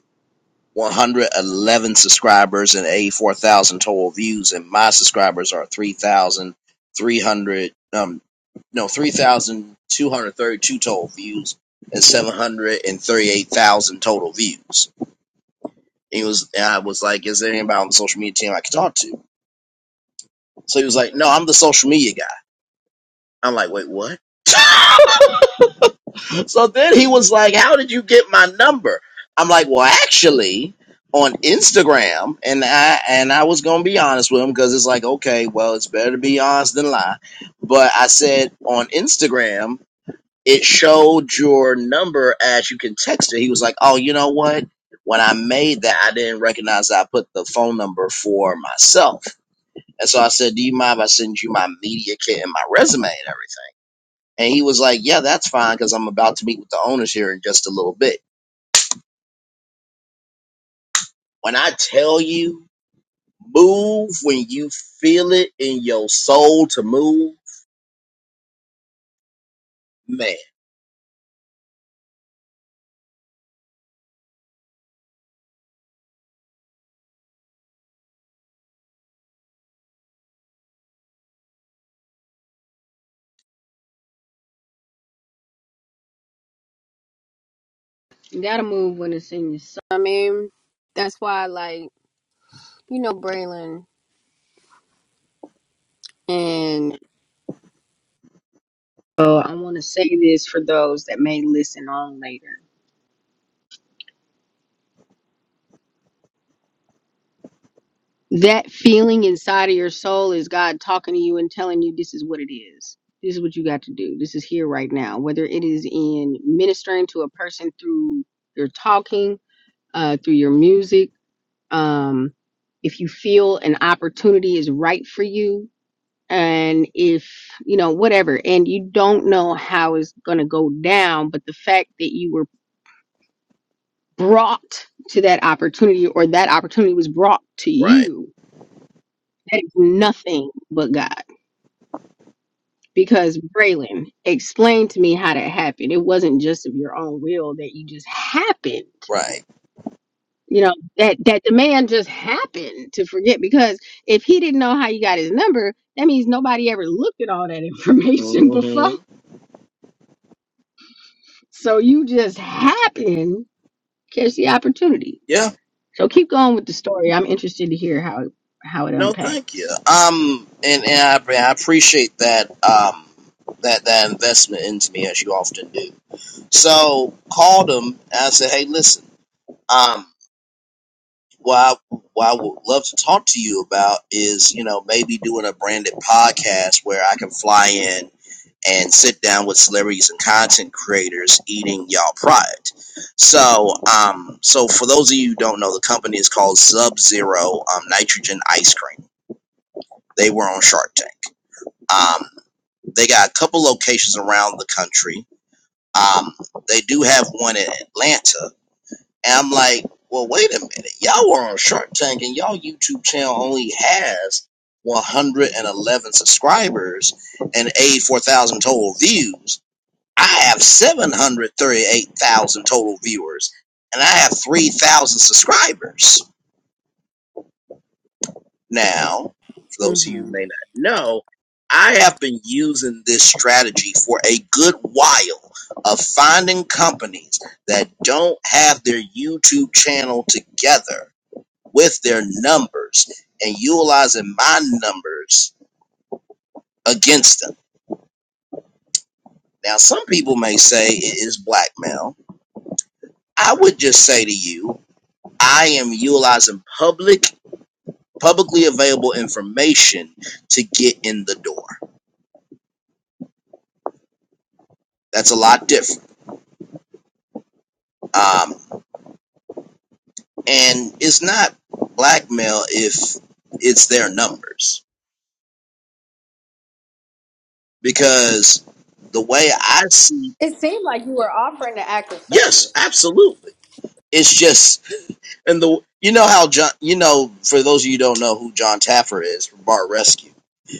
Speaker 1: 111 subscribers and 84,000 total views, and my subscribers are 3,300, um, no, 3,232 total views and 738,000 total views. he was, and I was like, is there anybody on the social media team I could talk to? So he was like, no, I'm the social media guy. I'm like, wait, what? so then he was like, how did you get my number? I'm like, well, actually, on Instagram, and I and I was gonna be honest with him because it's like, okay, well, it's better to be honest than lie. But I said on Instagram, it showed your number as you can text it. He was like, oh, you know what? When I made that, I didn't recognize that I put the phone number for myself. And so I said, Do you mind if I send you my media kit and my resume and everything? And he was like, Yeah, that's fine because I'm about to meet with the owners here in just a little bit. When I tell you, move when you feel it in your soul to move, man.
Speaker 8: you gotta move when it's in your soul i mean that's why like you know braylon and oh i want to say this for those that may listen on later that feeling inside of your soul is god talking to you and telling you this is what it is this is what you got to do this is here right now whether it is in ministering to a person through your talking uh, through your music um, if you feel an opportunity is right for you and if you know whatever and you don't know how it's going to go down but the fact that you were brought to that opportunity or that opportunity was brought to
Speaker 1: Right.
Speaker 8: you that is nothing but god because braylon explain to me how that happened it wasn't just of your own will that you just happened
Speaker 1: Right.
Speaker 8: you know that that the man just happened to forget because if he didn't know how you got his number that means nobody ever looked at all that information before
Speaker 1: hmm
Speaker 8: so you just happen to catch the opportunity
Speaker 1: Yeah.
Speaker 8: so keep going with the story i'm interested to hear how how it
Speaker 1: No, thank you.
Speaker 8: unpacks
Speaker 1: Um, and, and I, I appreciate that. Um, that that investment into me as you often do. So called him. And I said, Hey, listen. um." what I, what I would love to talk to you about is, you know, maybe doing a branded podcast where I can fly in and sit down with celebrities and content creators eating y'all product. So, um, so for those of you who don't know, the company is called Sub Zero um, Nitrogen Ice Cream. They were on Shark Tank. Um, they got a couple locations around the country. Um, they do have one in Atlanta and I'm like, well, wait a minute. Y'all were on Shark Tank and y'all YouTube channel only has 111 subscribers and 84,000 total views. I have 738,000 total viewers and I have 3,000 subscribers. Now, for those of you who may not know, I have been using this strategy for a good while of finding companies that don't have their YouTube channel together with their numbers and utilizing my numbers against them. Now, some people may say it is blackmail. I would just say to you, I am utilizing public, publicly available information to get in the door. That's a lot different. Um, and it's not blackmail if it's their numbers, because the way I see,
Speaker 8: It seemed like
Speaker 1: yes, absolutely. It's just And the you know how John you know for those of you who don't know who John Taffer is from Bart Rescue.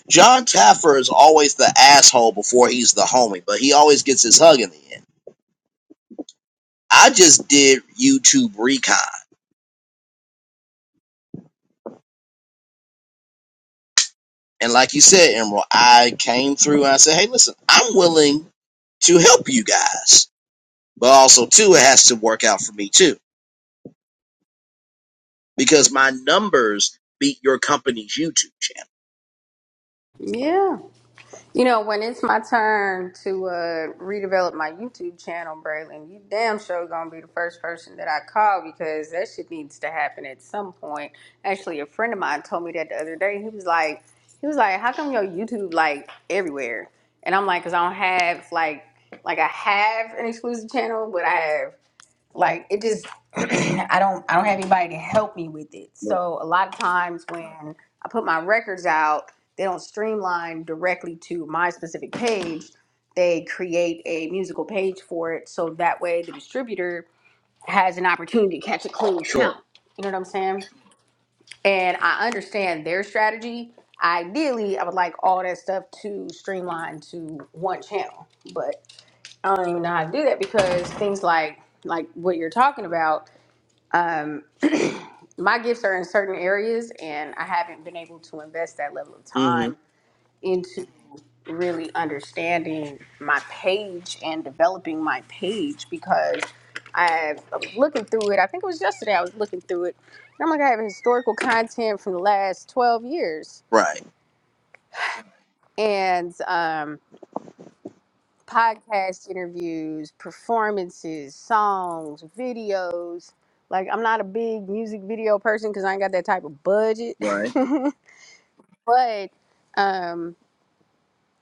Speaker 1: John Taffer is always the asshole before he's the homie, but he always gets his hug in the end. I just did YouTube recon, and like you said, Emerald, I came through and I said, "Hey, listen, I'm willing to help you guys, but also too, it has to work out for me too because my numbers beat your company's YouTube channel."
Speaker 8: Yeah. You know, when it's my turn to uh, redevelop my YouTube channel, Braylon, you damn sure gonna be the first person that I call because that shit needs to happen at some point. Actually, a friend of mine told me that the other day. He was like, he was like, how come your YouTube like everywhere? And I'm like, cause I don't have like, like I have an exclusive channel, but I have like it just i don't i don't have anybody to help me with it
Speaker 1: Right.
Speaker 8: so a lot of times when i put my records out they don't streamline directly to my specific page they create a musical page for it so that way the distributor has an opportunity to catch a clean
Speaker 1: Sure.
Speaker 8: count you know what i'm saying and i understand their strategy ideally i would like all that stuff to streamline to one channel but i don't even know how to do that because things like like what you're talking about um, my gifts are in certain areas, and I haven't been able to invest that level of
Speaker 1: hmm
Speaker 8: time into really understanding my page and developing my page because I, I was looking through it. I think it was yesterday I was looking through it. And I'm like, I have historical content from the last 12 years.
Speaker 1: Right.
Speaker 8: And um, podcast interviews, performances, songs, videos. Like I'm not a big music video person because I ain't got that type of budget.
Speaker 1: Right.
Speaker 8: but um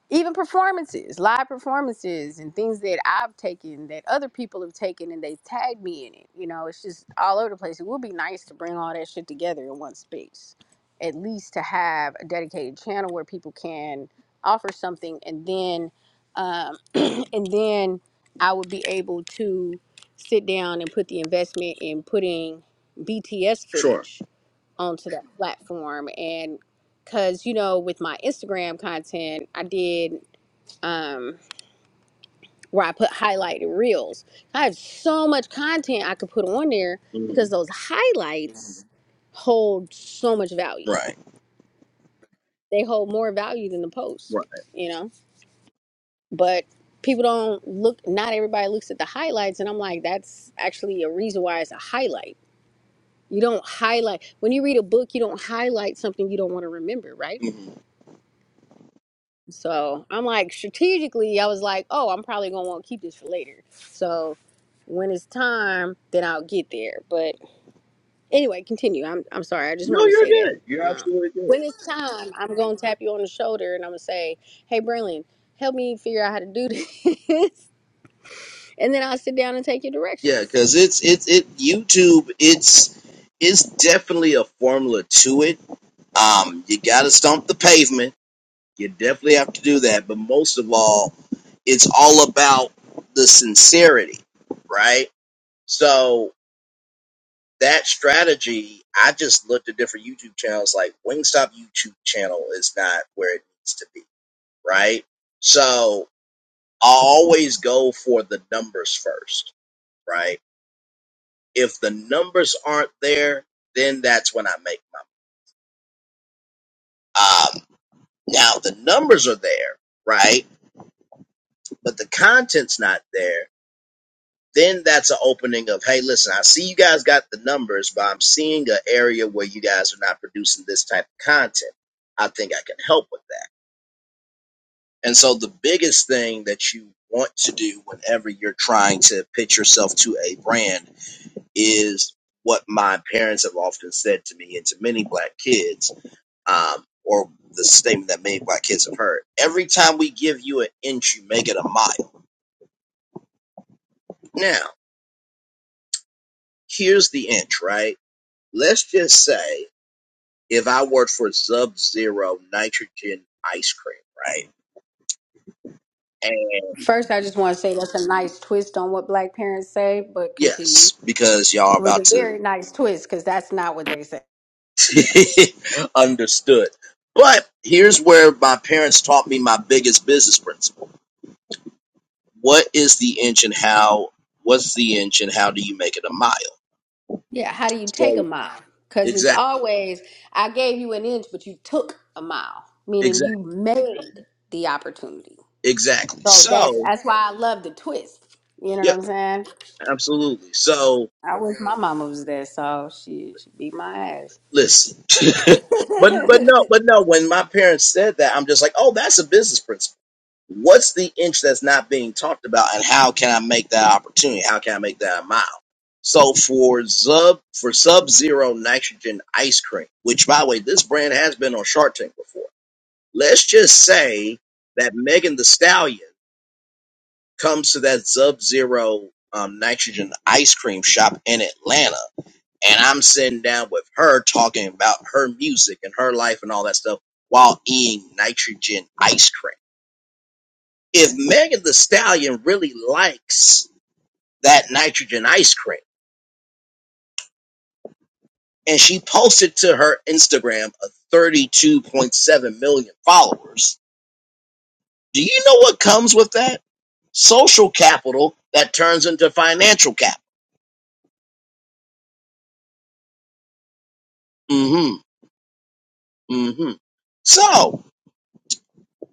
Speaker 8: even performances, live performances, and things that I've taken that other people have taken and they've tagged me in it. You know, it's just all over the place. It would be nice to bring all that shit together in one space, at least to have a dedicated channel where people can offer something, and then, um, and then I would be able to sit down and put the investment in putting BTS
Speaker 1: Sure.
Speaker 8: footage onto that platform and because you know with my instagram content i did um where I here
Speaker 1: hmm
Speaker 8: they
Speaker 1: Right.
Speaker 8: you know but people
Speaker 1: Mhm.
Speaker 8: so I'm like strategically I was like oh I'm probably gonna want to keep this for later so when it's time then I'll get there but anyway continue I'm I'm sorry I just
Speaker 1: No,
Speaker 8: wanted to
Speaker 1: you're
Speaker 8: say
Speaker 1: good.
Speaker 8: that
Speaker 1: You're
Speaker 8: um
Speaker 1: absolutely good.
Speaker 8: when it's time I'm gonna tap you on the shoulder and I'm gonna say hey Berlin help me figure out how to do this and then I'll sit down and take your
Speaker 1: Yeah,
Speaker 8: directions
Speaker 1: because it's it's it YouTube. It's it's definitely a formula to it. Um, you got to stomp the pavement. You definitely have to do that. But most of all, it's all about the sincerity, right? So that strategy, I just looked at different YouTube channels. Like Wingstop YouTube channel is not where it needs to be, right? So I always go for the numbers first, right? If the numbers aren't there, then that's when I make my. Um, now the numbers are there, right? But the content's not there. Then that's an opening of, hey, listen, I see you guys got the numbers, but I'm seeing an area where you guys are not producing this type of content. I think I can help with that. And so the biggest thing that you want to do whenever you're trying to pitch yourself to a brand is what my parents have often said to me and to many black kids um, or the statement that many black kids have heard. Every time we give you an inch, you make it a mile. Now, here's the inch, right? Let's just say if I worked for Sub Zero Nitrogen Ice Cream, right? And
Speaker 8: first I just want to say that's a nice twist on what black parents say but continue
Speaker 1: yes, because y'all are
Speaker 8: it was a
Speaker 1: about
Speaker 8: very
Speaker 1: to
Speaker 8: nice twist because that's not what they say
Speaker 1: understood. But here's where my parents taught me my biggest business principle. What is the inch and how, what's the inch and how do you make it a mile?
Speaker 8: Yeah, how do you take a
Speaker 1: So,
Speaker 8: mile? Because it's
Speaker 1: exactly.
Speaker 8: always, I gave you an inch, but you took a mile,
Speaker 1: Exactly.
Speaker 8: meaning you made the opportunity.
Speaker 1: Exactly.
Speaker 8: So that's
Speaker 1: So,
Speaker 8: that's why I love the twist. You know what
Speaker 1: yeah,
Speaker 8: I'm saying?
Speaker 1: absolutely. So,
Speaker 8: I wish my mama was there, so she.
Speaker 1: listen. but
Speaker 8: yeah,
Speaker 1: but no, but no, when my parents said that, I'm just like, "Oh, that's a business principle. What's the inch that's not being talked about and how can I make that opportunity? How can I make that a mile?" So for Zub for Sub Zero Nitrogen ice cream, which by the way, this brand has been on Shark Tank before. Let's just say that Megan the Stallion comes to that Sub Zero um, Nitrogen ice cream shop in Atlanta and I'm sitting down with her talking about her music and her life and all that stuff while eating nitrogen ice cream. If Megan the Stallion really likes that nitrogen ice cream, and she posted to her Instagram a 32.7 million followers, do you know what comes with that? Social capital that turns into financial capital. Mm-hmm. Mm-hmm. So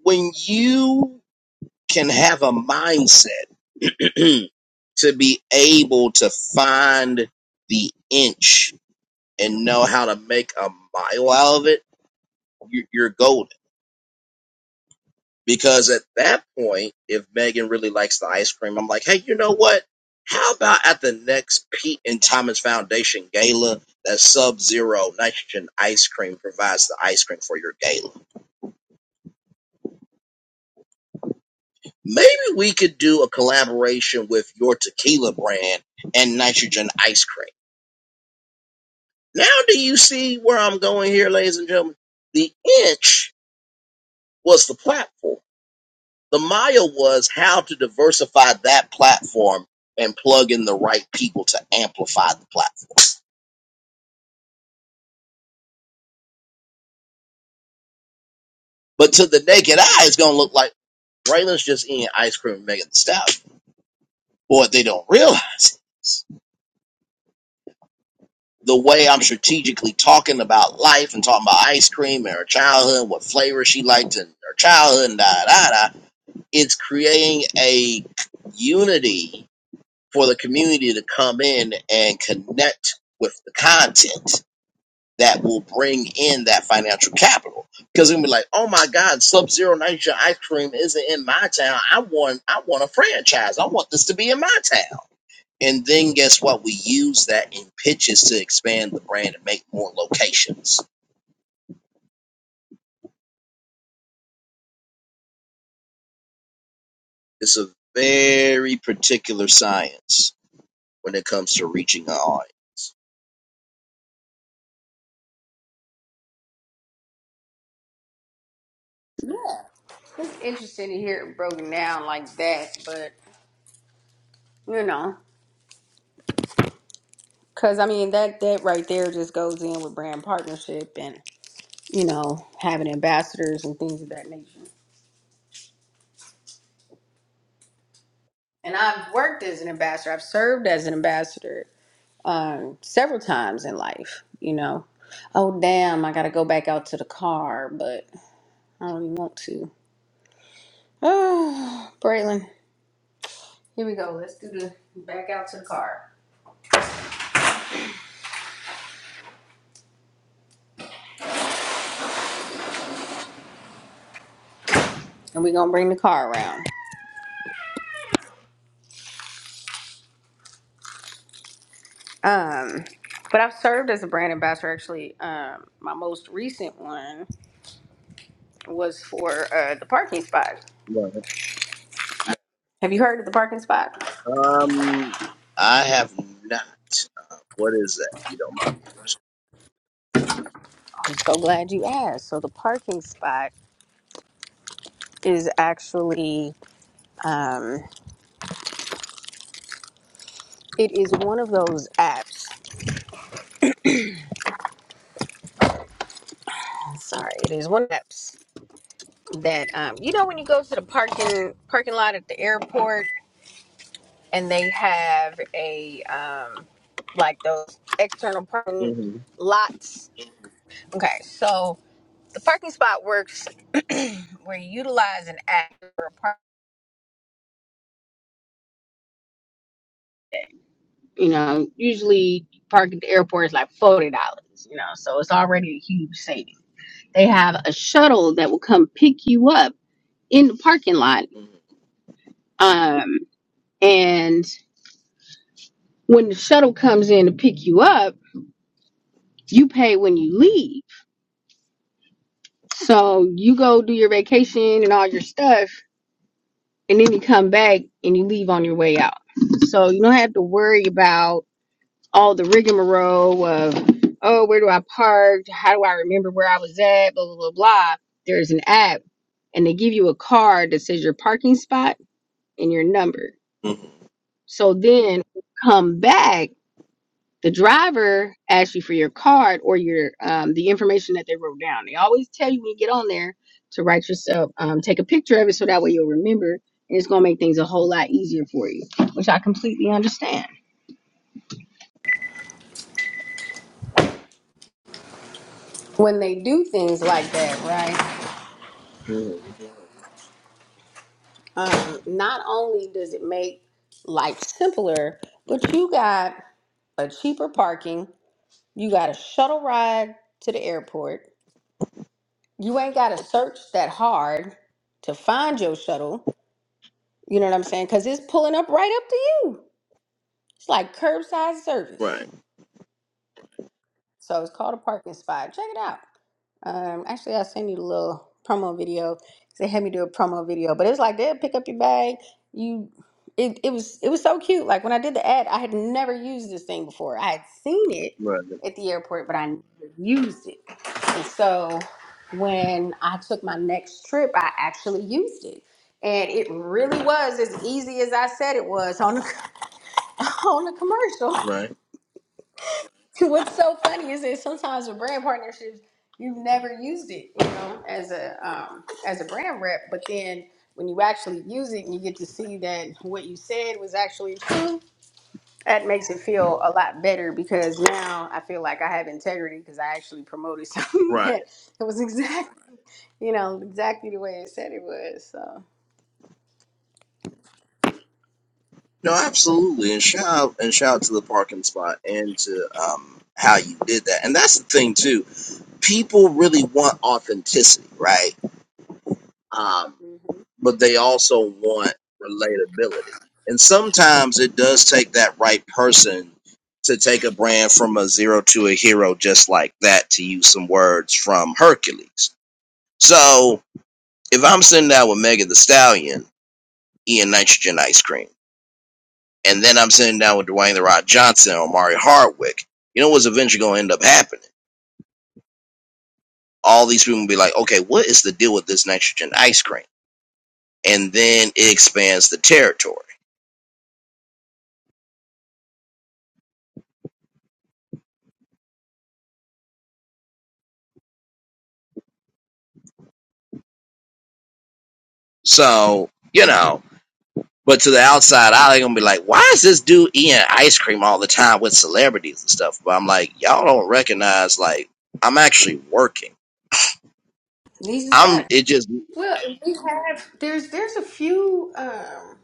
Speaker 1: when you can have a mindset to be able to find the inch and know how to make a mile out of it, you- you're golden. Because at that point, if Megan really likes the ice cream, I'm like, hey, you know what? How about at the next Pete and Thomas Foundation gala, that Sub Zero Nitrogen ice cream provides the ice cream for your gala? Maybe we could do a collaboration with your tequila brand and Nitrogen ice cream Now do you see where I'm going here, ladies and gentlemen? The inch was the platform. The mile was how to diversify that platform and plug in the right people to amplify the platform. But to the naked eye, it's going to look like Braylon's just eating ice cream and making the stout. But what they don't realize is the way I'm strategically talking about life and talking about ice cream and her childhood, what flavor she liked in her childhood, and da da da, it's creating a unity for the community to come in and connect with the content that will bring in that financial capital. Because it'll be like, oh my God, Sub Zero Nitrogen ice cream isn't in my town. I want I want a franchise. I want this to be in my town. And then guess what? We use that in pitches to expand the brand and make more locations. It's a very particular science when it comes to reaching an audience.
Speaker 8: it's interesting to hear it broken down like that, but you know, because I mean that that right there just goes in with brand partnership and you know having ambassadors and things of that nature. and I've worked as an ambassador. I've served as an ambassador um, several times in life. You know, oh damn, I got to go back out to the car, but I don't even want to. Oh, Braylon, here we go. Let's do the back out to the car, and we're gonna bring the car around.
Speaker 1: Right. Um, I have not. Uh, what is that? You don't mind me
Speaker 8: It is one of those apps. Sorry, it is one of the apps that um, you know when you go to the parking parking lot at the airport, and they have a um, like those external parking
Speaker 1: asking.
Speaker 8: lots Okay, so the parking spot works where you utilize an app for a park. You know, usually parking at the airport is like forty dollars. You know, so it's already a huge savings. They have a shuttle that will come pick you up in the parking lot.
Speaker 1: Mm-hmm. Mm-hmm.
Speaker 8: Um, and when the shuttle comes in to pick you up, you pay when you leave. So you go do your vacation and all your stuff, and then you come back and you leave on your way out. So you don't have to worry about all the rigmarole of, oh, where do I park? How do I remember where I was at? Blah, blah, blah, blah. There's an app and they give you a card that says your parking spot and your number.
Speaker 1: Mm-hmm.
Speaker 8: So then come back, the driver asks you for your card or your um, the information that they wrote down. They always tell you when you get on there to write yourself, um, take a picture of it so that way you'll remember. And it's going to make things a whole lot easier for you, which I completely understand. When they do things like that, right?
Speaker 1: Mm-hmm.
Speaker 8: um, not only does it make life simpler, but you got a cheaper parking, you got a shuttle ride to the airport. You ain't got to search that hard to find your shuttle. You know what I'm saying? Because it's like
Speaker 1: Right,
Speaker 8: parking spot. Check it out. Um, actually, promo. They had me do a promo video. It's like they'll pick up your bag. You, it, it was it was so cute. Like when I did the ad, I had never used this thing before. I had seen it
Speaker 1: right,
Speaker 8: at the airport, but I never used it. So when I took my next trip, I actually used it. And it really was as easy as I said it was on the, on the commercial.
Speaker 1: right,
Speaker 8: What's so funny is that sometimes with brand partnerships, you've never used it, you know, as a um, as a brand rep. But then when you actually,
Speaker 1: right.
Speaker 8: you
Speaker 1: No, absolutely. And shout out, and shout out to the parking spot and to um how you did that. And that's the thing too. People really want authenticity, right? Um,
Speaker 8: know,
Speaker 1: but they also want relatability. And sometimes it does take that right person to take a brand from a zero to a hero, just like that, to use some words from Hercules. So if I'm sitting down with Megan the Stallion, eating nitrogen ice cream, and then I'm sitting down with Dwayne the Rock Johnson or Mari Hardwick, you know what's eventually going to end up happening? All these people will be like, okay, what is the deal with this nitrogen ice cream? And then it expands the territory. So, you know, But to the outside eye, they're gonna be like, "Why is this dude eating ice cream all the time with celebrities and stuff?" But I'm like, y'all don't recognize like I'm actually working.
Speaker 8: these is
Speaker 1: I'm
Speaker 8: facts.
Speaker 1: it just
Speaker 8: Well, we have- there's there's a few um,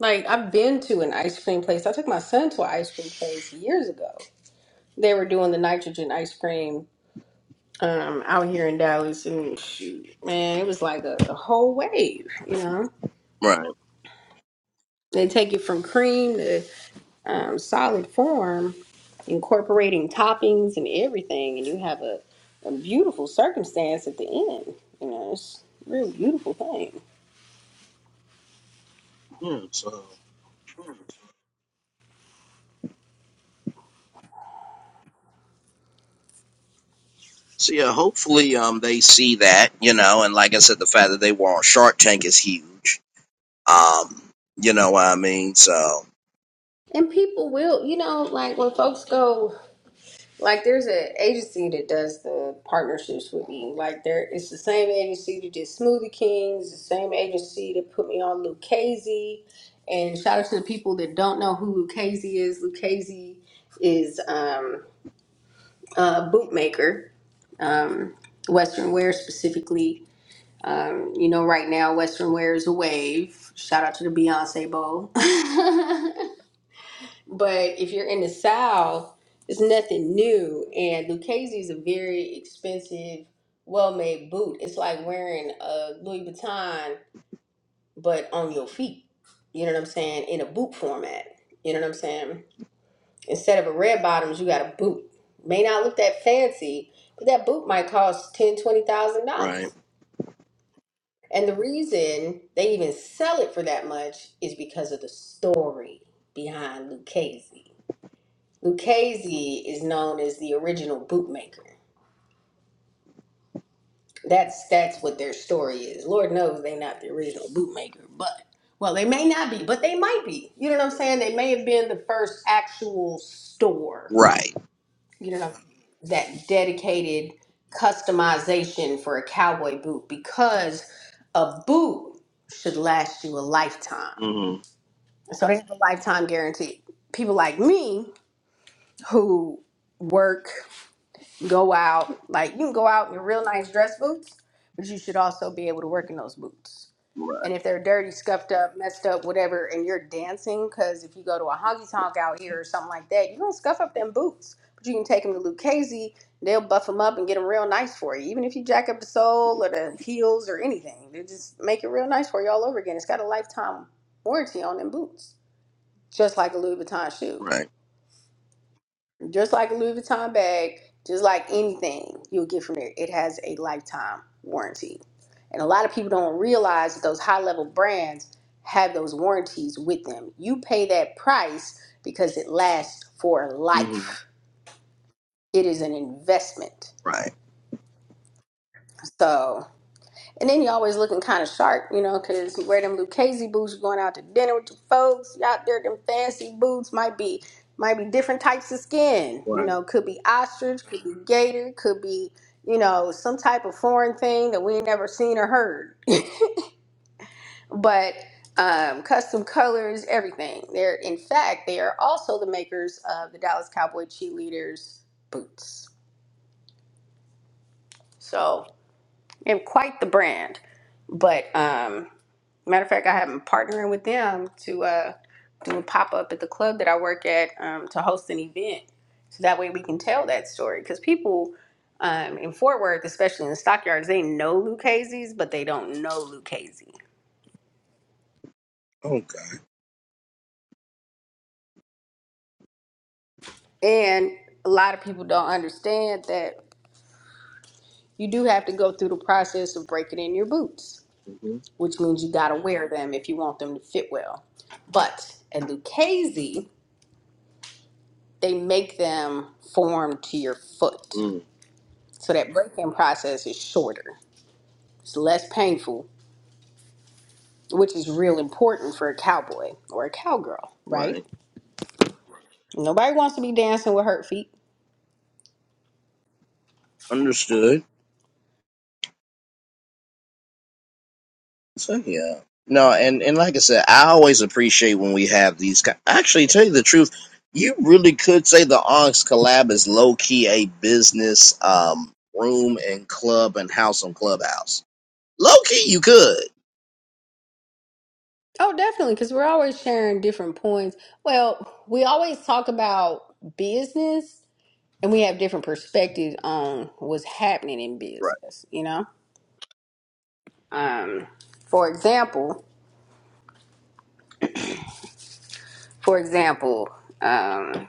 Speaker 8: like I've been to an ice cream place. I took my son to an ice cream place years ago. They were doing the nitrogen ice cream um, out here in Dallas, and shoot, man, it was like a, a whole wave. You know,
Speaker 1: right.
Speaker 8: they take it from cream to,
Speaker 1: Yeah, so so yeah, hopefully um they see that you know, and like I said, the fact that they were on Shark Tank is huge. Um, you know what I mean? So
Speaker 8: and people will, you know, like when folks go, like there's an agency that does the partnerships with me. Like there, it's the same agency that did Smoothie Kings, the same agency that put me on Lucchese. And shout out to the people that don't know who Lucchese is. Lucchese is um, a bootmaker, um, Western wear specifically Um, you know, right now, Western wear is a wave. Shout out to the Beyonce Bowl. but if you're in the South, it's nothing new. And Lucchese is a very expensive, well made boot. It's like wearing a Louis Vuitton, but on your feet. You know what I'm saying? In a boot format. You know what I'm saying? Instead of a red bottoms, you got a boot. May not look that fancy, but that boot might cost ten, twenty thousand dollars
Speaker 1: right,
Speaker 8: And the reason they even sell it for that much is because of the story behind Lucchese. Lucchese is known as the original bootmaker. That's that's what their story is. Lord knows they're not the original bootmaker, but well, they may not be, but they might be. You know what I'm saying? They may have been the first actual store.
Speaker 1: right,
Speaker 8: You know that dedicated customization for a cowboy boot because a boot should last you a lifetime
Speaker 1: mm-hmm.
Speaker 8: So they have a lifetime guarantee. People like me who work, go out, like you can go out in real nice dress boots, but you should also be able to work in those boots. And if they're dirty, scuffed up, messed up, whatever, and you're dancing, because if you go to a honky tonk out here or something like that, you're gonna scuff up them boots. But you can take them to Lucchese, they'll buff them up and get them real nice for you. Even if you jack up the sole or the heels or anything, they just make it real nice for you all over again. It's got a lifetime warranty on them boots, just like a Louis Vuitton shoe.
Speaker 1: right,
Speaker 8: just like a Louis Vuitton bag, just like anything you'll get from there, it has a lifetime warranty. And a lot of people don't realize that those high level brands have those warranties with them. You pay that price because it lasts for
Speaker 1: mm-hmm.
Speaker 8: life, it is an investment.
Speaker 1: right,
Speaker 8: So, And then you always looking kind of sharp, you know, 'cause you wear them Lucchese boots, you are going out to dinner with your folks, you out there, them fancy boots might be might be different types of skin, you
Speaker 1: right.
Speaker 8: know, could be ostrich, could be gator, could be, you know, some type of foreign thing that we ain't never seen or heard. But um, custom colors, everything. They're in fact they are also the makers of the Dallas Cowboy cheerleaders boots. So and quite the brand. But um Matter of fact, I am partnering with them to uh, do a pop up at the club that I work at um, to host an event. So that way we can tell that story. Because people um, in Fort Worth, especially in the stockyards, they know Lucchese's, but they don't know Lucchese.
Speaker 1: Okay,
Speaker 8: And a lot of people don't understand that you do have to go through the process of breaking in your boots,
Speaker 1: mm-hmm.
Speaker 8: which means you got to wear them if you want them to fit well. But a Lucchese
Speaker 1: mm,
Speaker 8: order is less painful is for a cowboy girl, right?
Speaker 1: right.
Speaker 8: Nobody wants to be dancing with hurt feet.
Speaker 1: Understood. So yeah, no, and and like I said, I always appreciate when we have these. ki- Actually, tell you the truth, you really could say the Onyx collab is low key a business um room and club and house on Clubhouse. Low key, you could.
Speaker 8: Oh, definitely, because we're always sharing different points. Well, we always talk about business and we have different perspectives on what's happening in
Speaker 1: Right.
Speaker 8: business, you know? Um, for example, for example, um,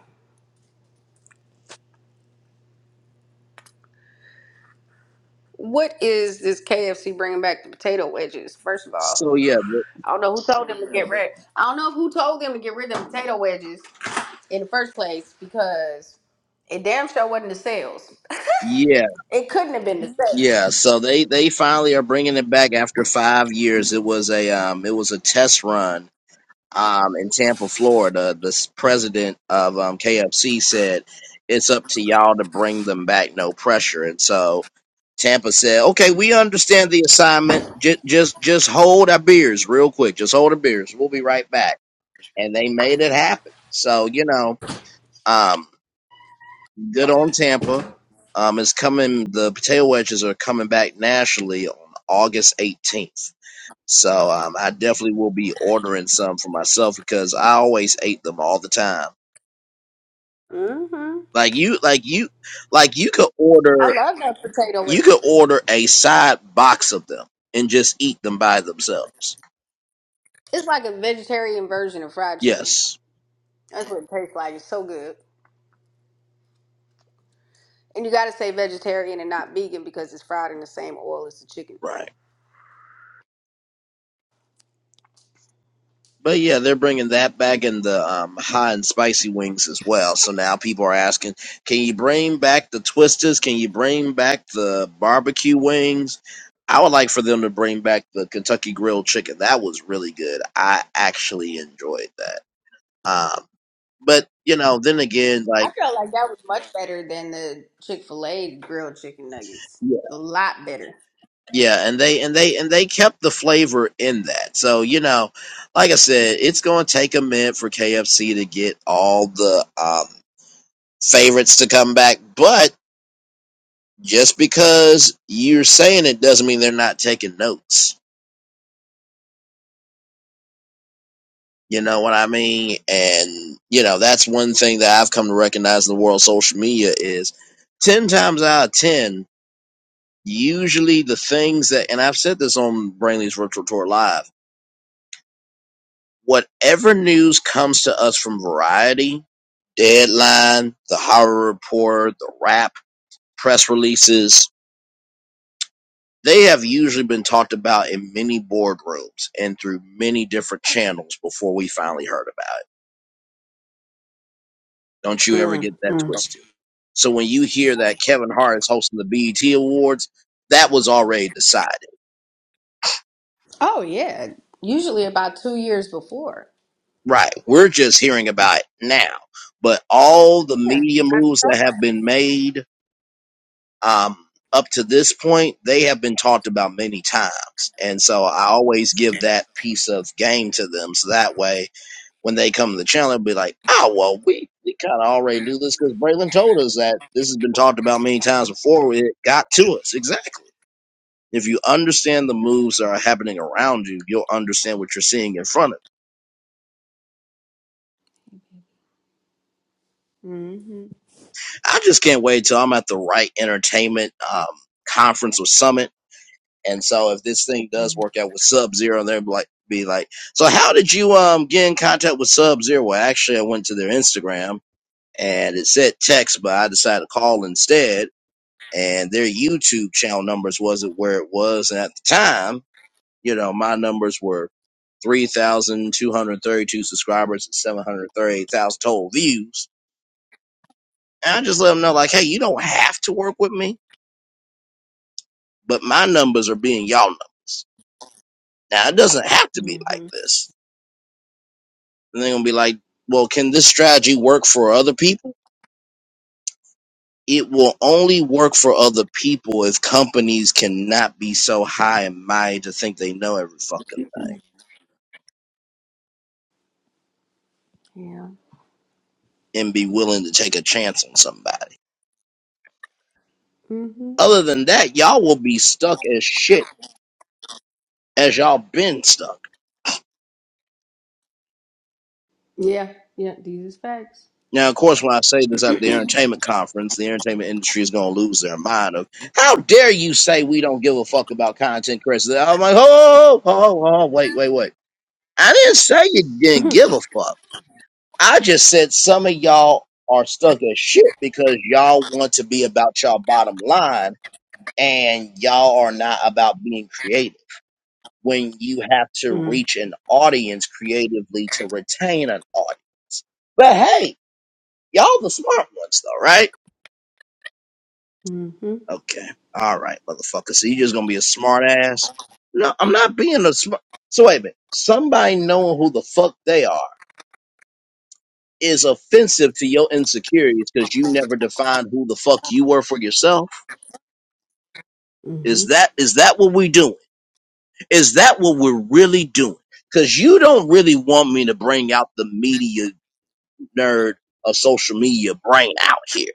Speaker 8: what is this KFC bringing back the potato wedges? First of all,
Speaker 1: So yeah, th-
Speaker 8: I don't know who told them to get rid. I don't know who told them to get rid of the potato wedges in the first place because it damn sure wasn't the sales.
Speaker 1: yeah,
Speaker 8: It couldn't have been the sales.
Speaker 1: yeah. So they they finally are bringing it back after five years. It was a um it was a test run um, in Tampa, Florida, the s- president of um, KFC said, "It's up to y'all to bring them back, no pressure." And so Tampa said, "Okay, we understand the assignment. Just just just hold our beers, real quick. Just hold our beers. We'll be right back." And they made it happen. So you know, um, good on Tampa. Um, it's coming. The potato wedges are coming back nationally on August 18th. So um, I definitely will be ordering some for myself because I always ate them all the time. Like you, like you, like you could
Speaker 8: I
Speaker 1: order,
Speaker 8: love that potato
Speaker 1: you
Speaker 8: wedge.
Speaker 1: could order a side box of them and just eat them by themselves.
Speaker 8: It's like a vegetarian version of fried chicken.
Speaker 1: Yes,
Speaker 8: That's what it tastes like. It's so good. And you gotta say vegetarian and not vegan because it's fried in the same oil as the chicken.
Speaker 1: right. But yeah, they're bringing that back in the um, hot and spicy wings as well. So now people are asking, can you bring back the twisters? Can you bring back the barbecue wings? I would like for them to bring back the Kentucky grilled chicken. That was really good. I actually enjoyed that. Um, but you know, then again,
Speaker 8: I
Speaker 1: like
Speaker 8: felt like that was much better than the Chick fil A grilled chicken nuggets.
Speaker 1: yeah,
Speaker 8: A lot better.
Speaker 1: yeah, and they and they and they kept the flavor in that. So you know, like I said, it's going to take a minute for KFC to get all the um favorites to come back, but just because you're saying it doesn't mean they're not taking notes. You know what I mean? And you know, that's one thing that I've come to recognize in the world of social media is 10 times out of 10, usually the things that and I've said this on Brainley's Virtual Tour Live, whatever news comes to us from variety, deadline, the horror report, the Wrap, press releases, They have usually been talked about in many boardrooms and through many different channels before we finally heard about it. Don't you
Speaker 8: Mm.
Speaker 1: ever get that twisted. So when you hear that Kevin Hart is hosting the BET Awards, that was already decided.
Speaker 8: Oh, yeah. Usually about two years before.
Speaker 1: Right. We're just hearing about it now. But all the
Speaker 8: Yeah.
Speaker 1: media moves that have been made um, up to this point, they have been talked about many times. And so I always give that piece of game to them. So that way when they come to the channel, they'll be like, oh, well, we, we kind of already knew this because Braylon told us that this has been talked about many times before. It got to us. Exactly. If you understand the moves that are happening around you, you'll understand what you're seeing in front of you. I just can't wait till I'm at the right entertainment um, conference or summit. And so if this thing does work out with Sub Zero, they'll be like, be like, so how did you um, get in contact with Sub Zero? Well, actually, I went to their Instagram and it said text, but I decided to call instead and their YouTube channel numbers wasn't where it was. And at the time, you know, my numbers were 3,232 subscribers and 738,000 total views. And I just let them know, like, hey, you don't have to work with me, but my numbers are being y'all numbers. Now, it doesn't have to be like
Speaker 8: Mm-hmm.
Speaker 1: this. And they're going to be like, well, can this strategy work for other people? It will only work for other people if companies cannot be so high and mighty to think they know every fucking and be willing to take a chance on somebody. Other than that, y'all will be stuck as shit as y'all been stuck.
Speaker 8: Yeah, these is facts.
Speaker 1: Now, of course, when I say this at the entertainment conference, the entertainment industry is going to lose their mind of how dare you say we don't give a fuck about content creators. I'm like, oh, oh, oh, oh, wait, wait, wait. I didn't say you didn't give a fuck. I just said some of y'all are stuck as shit because y'all want to be about y'all bottom line and y'all are not about being creative when you have to reach an audience creatively to retain an audience. But hey, y'all the smart ones though, right?
Speaker 8: hmm
Speaker 1: Okay. All right, motherfucker. So you just gonna be a smart ass? No, I'm not being a smart. So wait a minute. Somebody knowing who the fuck they are is offensive to your insecurities because you never defined who the fuck you were for yourself. Is that is that what we doing? Is that what we're really doing? Because you don't really want me to bring out the media nerd of social media brain out here.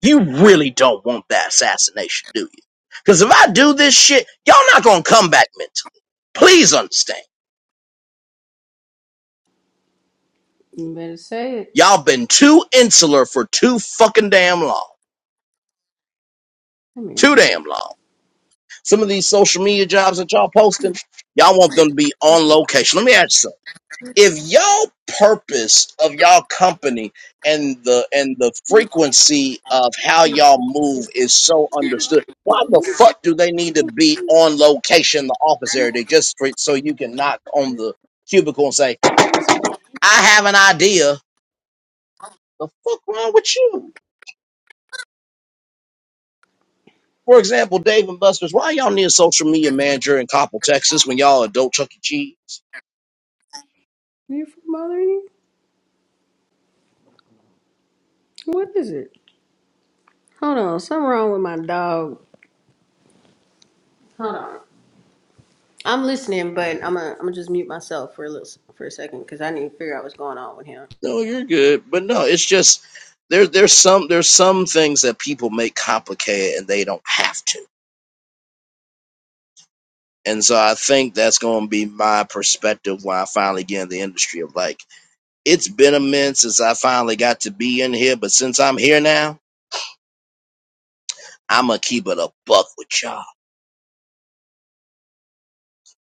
Speaker 1: You really don't want that assassination, do you? Because if I do this shit, y'all not gonna come back mentally. Please understand. Y'all been too insular for too fucking damn long. Too damn long. Some of these social media jobs that y'all posting, y'all want them to be on location. Let me ask you something. if y'all purpose of y'all company and the and the frequency of how y'all move is so understood why the fuck do they need to be on location in the office area they just for- so you can knock on the cubicle and say i have an idea the fuck wrong with you for example dave and buster's why y'all need a social media manager in coppell texas when y'all adult chuck e cheese No, you're good. But no, it's just there there's some there's some things that people make complicated and they don't have to. And so I think that's gonna be my perspective when I finally get in the industry of like, it's been a minute since I finally got to be in here, but since I'm here now, I'ma keep it a buck with y'all.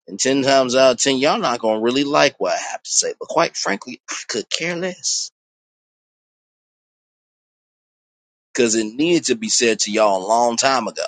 Speaker 1: And ten times out of ten, y'all not gonna really like what I have to say. But quite frankly, I could care less. Cause it needed to be said to y'all a long time ago.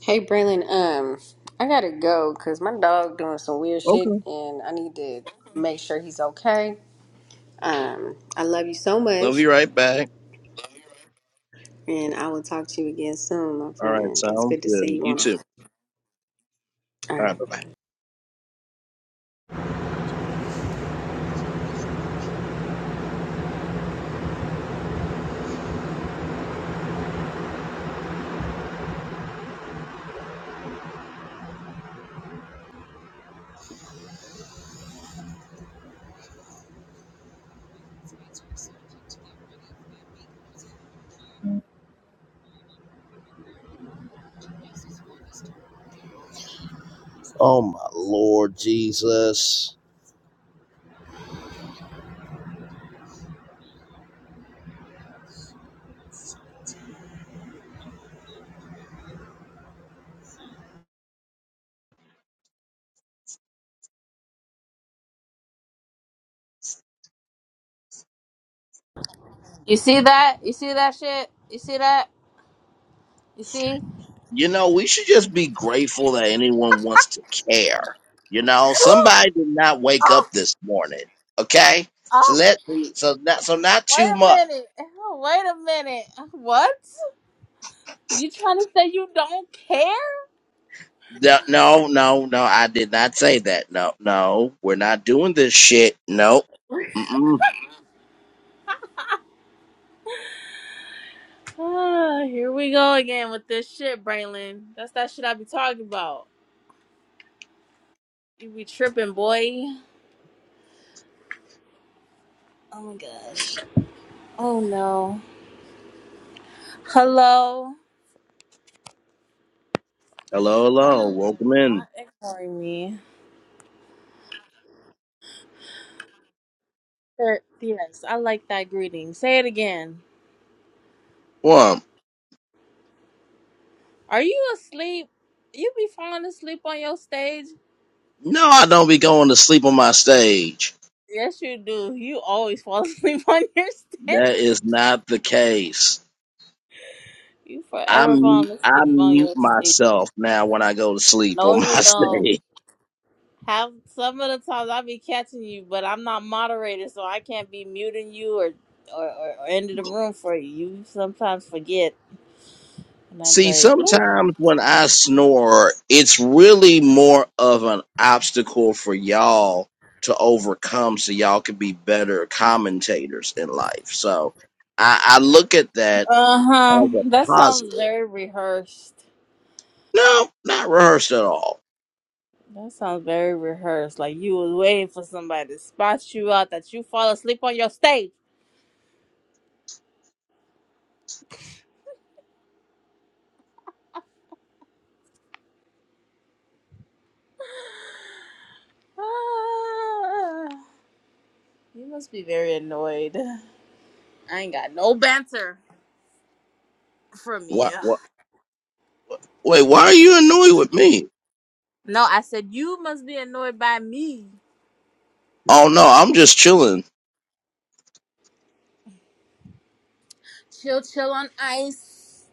Speaker 8: Hey, Braylon, um, I gotta go because my dog doing some weird shit
Speaker 1: Okay.
Speaker 8: and I need to make sure he's okay. Um, I love you so
Speaker 1: Love
Speaker 8: much,
Speaker 1: you right back.
Speaker 8: and I will talk to you again soon, my
Speaker 1: All right,
Speaker 8: friend. It's
Speaker 1: sounds
Speaker 8: good to see
Speaker 1: good.
Speaker 8: you
Speaker 1: You
Speaker 8: on.
Speaker 1: too.
Speaker 8: All
Speaker 1: All
Speaker 8: right.
Speaker 1: right, bye bye. Oh my Lord Jesus.
Speaker 10: You see that? You see that shit? You see that? You see?
Speaker 1: You know, we should just be grateful that anyone wants to care. You know, somebody did not wake
Speaker 10: Oh,
Speaker 1: up this morning. Okay, so
Speaker 10: oh,
Speaker 1: let so not so not
Speaker 10: wait
Speaker 1: too
Speaker 10: a
Speaker 1: much.
Speaker 10: minute. Oh, Wait a minute. What? You trying to say you don't care?
Speaker 1: No, no, no, no. I did not say that. No, no, we're not doing this shit. No. Mm-mm.
Speaker 10: Ah, here we go again with this shit, Braylon. That's that shit I be talking about. You be tripping, boy. Oh my gosh. Oh no. Hello.
Speaker 1: Hello,
Speaker 10: I
Speaker 1: hello.
Speaker 10: know you
Speaker 1: Welcome
Speaker 10: are
Speaker 1: in.
Speaker 10: not ignoring me. Er, Yes, I like that greeting. Say it again.
Speaker 1: Well,
Speaker 10: Are you asleep? You be falling asleep on your stage.
Speaker 1: no, I don't be going to sleep on my stage.
Speaker 10: Yes, you do. You always fall asleep on your stand.
Speaker 1: That is not the case.
Speaker 10: You
Speaker 1: I
Speaker 10: forever
Speaker 1: mute,
Speaker 10: falling
Speaker 1: I
Speaker 10: asleep on
Speaker 1: mute
Speaker 10: your stand.
Speaker 1: myself now when I go to sleep
Speaker 10: No,
Speaker 1: on my
Speaker 10: you don't.
Speaker 1: stage.
Speaker 10: Have some of the times I be catching you, but I'm not moderator, so I can't be muting you or or, or, or ending the room for you. You sometimes forget, and I'm
Speaker 1: See,
Speaker 10: like,
Speaker 1: sometimes when I snore, it's really more of an obstacle for y'all to overcome so y'all could be better commentators in life. So I, I look at that
Speaker 10: uh huh.
Speaker 1: as a
Speaker 10: That
Speaker 1: positive.
Speaker 10: sounds very rehearsed.
Speaker 1: No, not rehearsed at all.
Speaker 10: That sounds very rehearsed. Like you was waiting for somebody to spot you out that you fall asleep on your stage. Ah, you must be very annoyed. I ain't got no banter from you.
Speaker 1: What, what, wait, why are you annoyed with me?
Speaker 10: No, I said you must be annoyed by me.
Speaker 1: Oh no, I'm just chilling.
Speaker 10: Chill, chill on ice.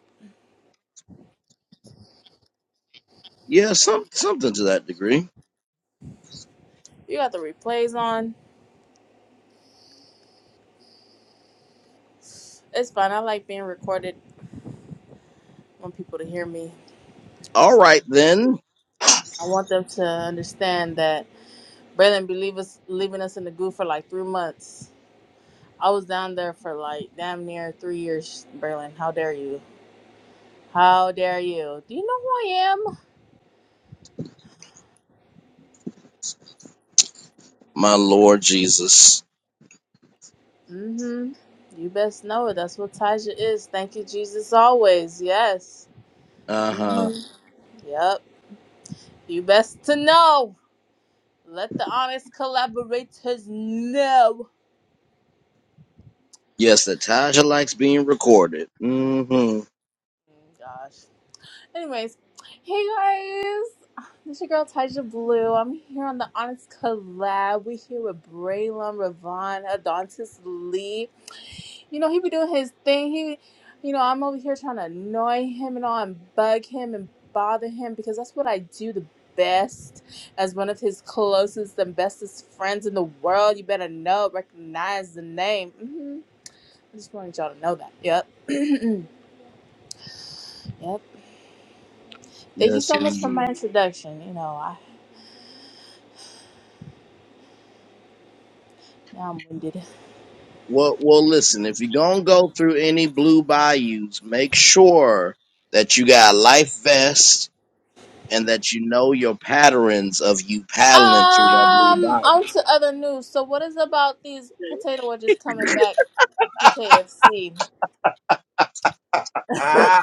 Speaker 1: Yeah, some, something to that degree.
Speaker 10: You got the replays on. It's fine. I like being recorded. I want people to hear me.
Speaker 1: All right then.
Speaker 10: I want them to understand that Braylon be leave us, leaving us in the goo for like three months. I was down there for like damn near three years, Braylon. How dare you? How dare you? Do you know who I am?
Speaker 1: My Lord Jesus.
Speaker 10: Mm-hmm. You best know it. That's what Taja is. Thank you, Jesus, always. Yes.
Speaker 1: Uh huh.
Speaker 10: hmm Yep. You best to know. Let the honest collaborators know.
Speaker 1: Yes, Natasha likes being recorded. Mm hmm.
Speaker 10: Mm, Gosh. Anyways, hey guys. This your girl Taja Blue. I'm here on the Honest Collab. We're here with Braylon, Ravon, Adontis Lee. You know, he be doing his thing. He, you know, I'm over here trying to annoy him and all and bug him and bother him because that's what I do the best as one of his closest and bestest friends in the world. You better know, recognize the name. hmm I just wanted y'all to know that. Yep. yep. Thank you so
Speaker 1: Yes,
Speaker 10: much for
Speaker 1: indeed.
Speaker 10: my introduction. You know, I now I'm winded.
Speaker 1: Well, well, listen, if you're going to go through any blue bayous, make sure that you got a life vest and that you know your patterns of you paddling through that blue
Speaker 10: Um,
Speaker 1: bayou.
Speaker 10: on to other news. So what is about these potato wedges coming back to KFC?
Speaker 1: Ah,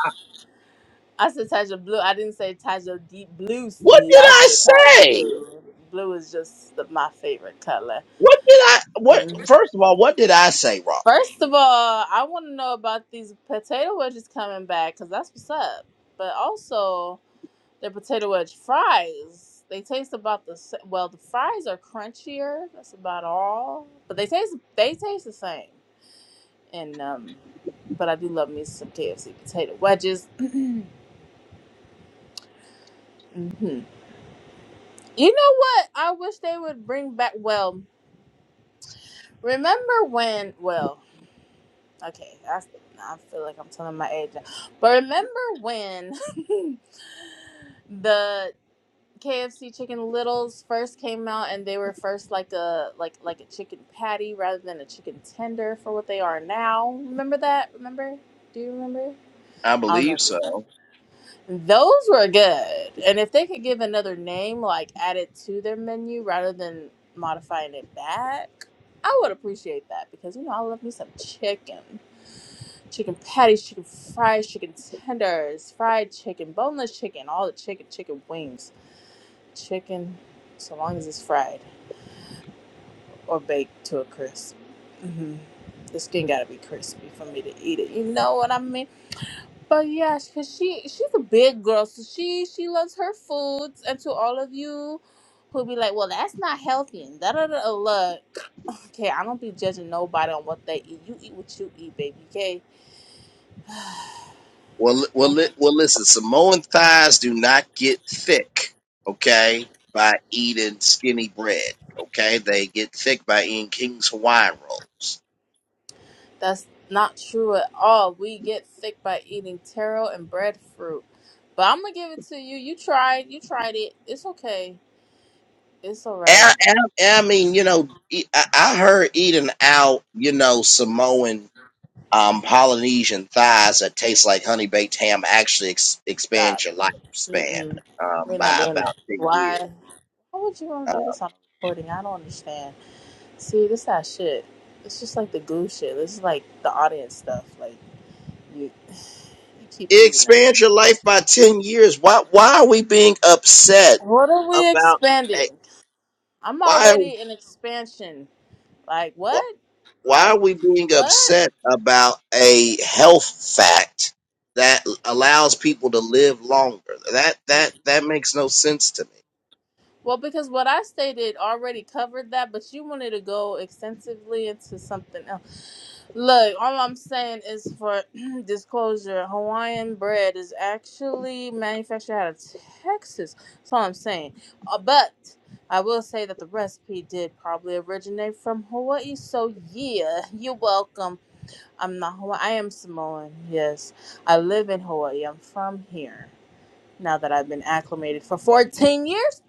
Speaker 10: I said Taja Blue. I didn't say Taja Deep Blue
Speaker 1: what
Speaker 10: Sea.
Speaker 1: did
Speaker 10: I
Speaker 1: I
Speaker 10: said Taja
Speaker 1: say?
Speaker 10: Blue. Blue is just the, my favorite color.
Speaker 1: What did I, what,
Speaker 10: Mhm.
Speaker 1: first of all, what did I say wrong?
Speaker 10: First of all, I want to know about these potato wedges coming back because that's what's up. But also, the potato wedge fries. They taste about the sa- well. The fries are crunchier. That's about all. But they taste they taste the same. And um, but I do love me some KFC potato wedges. hmm You know what? I wish they would bring back. Well. Remember when? Well, okay, that's. I feel like I'm telling my age, now. but remember when the KFC Chicken Littles first came out, and they were first like a like like a chicken patty rather than a chicken tender for what they are now. Remember that? Remember? Do you remember?
Speaker 1: I
Speaker 10: I don't know.
Speaker 1: believe
Speaker 10: If you remember.
Speaker 1: so.
Speaker 10: Those were good, and if they could give another name, like add it to their menu rather than modifying it back. I would appreciate that because you know I love me some chicken, chicken patties, chicken fries, chicken tenders, fried chicken, boneless chicken, all the chicken, chicken wings, chicken, so long as it's fried or baked to a crisp. hmm The skin gotta be crispy for me to eat it. You know what I mean? But yeah, cause she she's a big girl, so she she loves her foods. And to all of you who be like, well, that's not healthy and da da da, look. Okay, I don't be judging nobody on what they eat. You eat what you eat, baby. Okay,
Speaker 1: Well, well,
Speaker 10: I'm,
Speaker 1: li- well. Listen, Samoan thighs do not get thick, okay, by eating skinny bread. Okay, they get thick by eating King's Hawaiian rolls.
Speaker 10: that's not true at all. We get sick by eating taro and breadfruit, but I'm gonna give it to you. You tried. You tried it. It's okay. It's all right.
Speaker 1: And, and, and I mean, you know, e- I, I heard eating out, you know, Samoan um, Polynesian thighs that taste like honey baked ham actually ex-
Speaker 10: Stop.
Speaker 1: expands your lifespan
Speaker 10: Mm-mm.
Speaker 1: um,
Speaker 10: We're not
Speaker 1: by
Speaker 10: doing
Speaker 1: about
Speaker 10: it.
Speaker 1: ten years.
Speaker 10: Why? Why would you want
Speaker 1: Uh,
Speaker 10: to do this on recording? I don't understand. See, this that shit. It's just like the goo shit. This is like the audience stuff. Like you, you keep
Speaker 1: it
Speaker 10: leaving us.
Speaker 1: expands your life by ten years. Why? Why are we being upset
Speaker 10: What are we
Speaker 1: about?
Speaker 10: expanding? I'm
Speaker 1: why
Speaker 10: already in expansion. Like what?
Speaker 1: why
Speaker 10: Like
Speaker 1: are we being
Speaker 10: what?
Speaker 1: upset about a health fact that allows people to live longer that that
Speaker 10: Mm.
Speaker 1: that makes no sense to me
Speaker 10: Well, because what I stated already covered that, but you wanted to go extensively into something else. Look, all I'm saying is for disclosure, Hawaiian bread is actually manufactured out of Texas. That's all I'm saying. Uh, but I will say that the recipe did probably originate from Hawaii. So yeah, you're welcome. I'm not Hawaiian. I am Samoan. Yes, I live in Hawaii. I'm from here. Now that I've been acclimated for 14 years,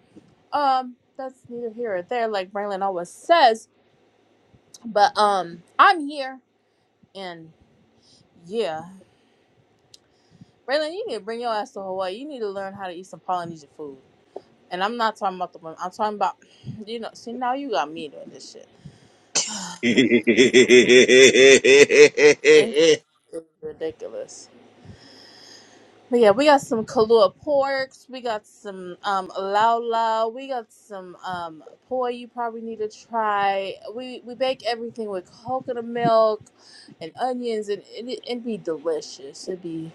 Speaker 10: um, that's neither here or there, like Braylon always says. But um, I'm here, and yeah, Braylon, you need to bring your ass to Hawaii. You need to learn how to eat some Polynesian food. And I'm not talking about the women. I'm talking about, you know. See, now you got me doing this shit. this is ridiculous. But yeah, we got some Kahlua porks. We got some um lao lao. We got some um poi you probably need to try. We we bake everything with coconut milk and onions, and it it'd be delicious. It'd be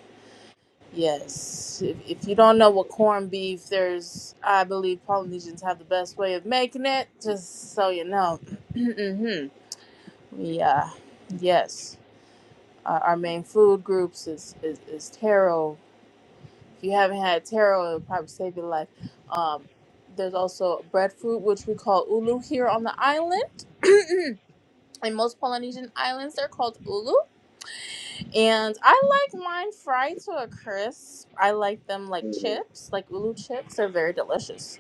Speaker 10: yes. If if you don't know what corned beef, there's I believe Polynesians have the best way of making it. Just so you know, mm hmm yeah, yes. Our, our main food groups is is, is taro. If you haven't had taro, it'll probably save your life. Um, there's also breadfruit, which we call ulu here on the island. In most Polynesian islands, they're called ulu. And I like mine fried to a crisp. I like them like chips, like ulu chips. They're very delicious.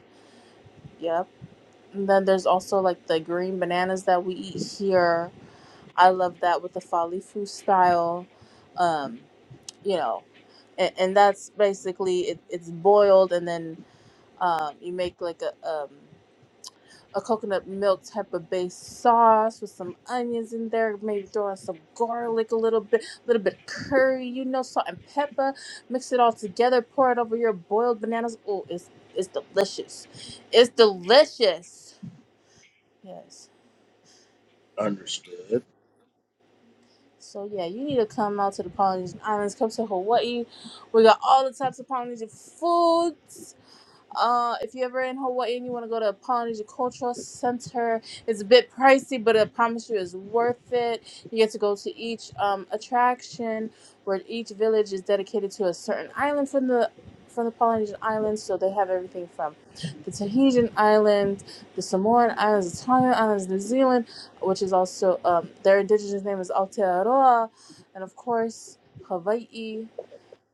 Speaker 10: Yep. And then there's also like the green bananas that we eat here. I love that with the falifu style. Um, you know, and, and that's basically it, it's boiled and then Um, you make like a um, a coconut milk type of base sauce with some onions in there. Maybe throw in some garlic, a little bit, a little bit of curry, you know, salt and pepper. Mix it all together. Pour it over your boiled bananas. Oh, it's it's delicious. It's delicious. Yes.
Speaker 1: understood
Speaker 10: So yeah, you need to come out to the Polynesian Islands. Come to Hawaii. We got all the types of Polynesian foods. Uh, if you're ever in Hawaii and you want to go to Polynesian Cultural Center, it's a bit pricey, but I promise you it's worth it. You get to go to each um, attraction where each village is dedicated to a certain island from the from the Polynesian Islands. So they have everything from the Tahitian Islands, the Samoan Islands, the Tongan Islands, New Zealand, which is also um, their indigenous name is Aotearoa, and of course Hawaii,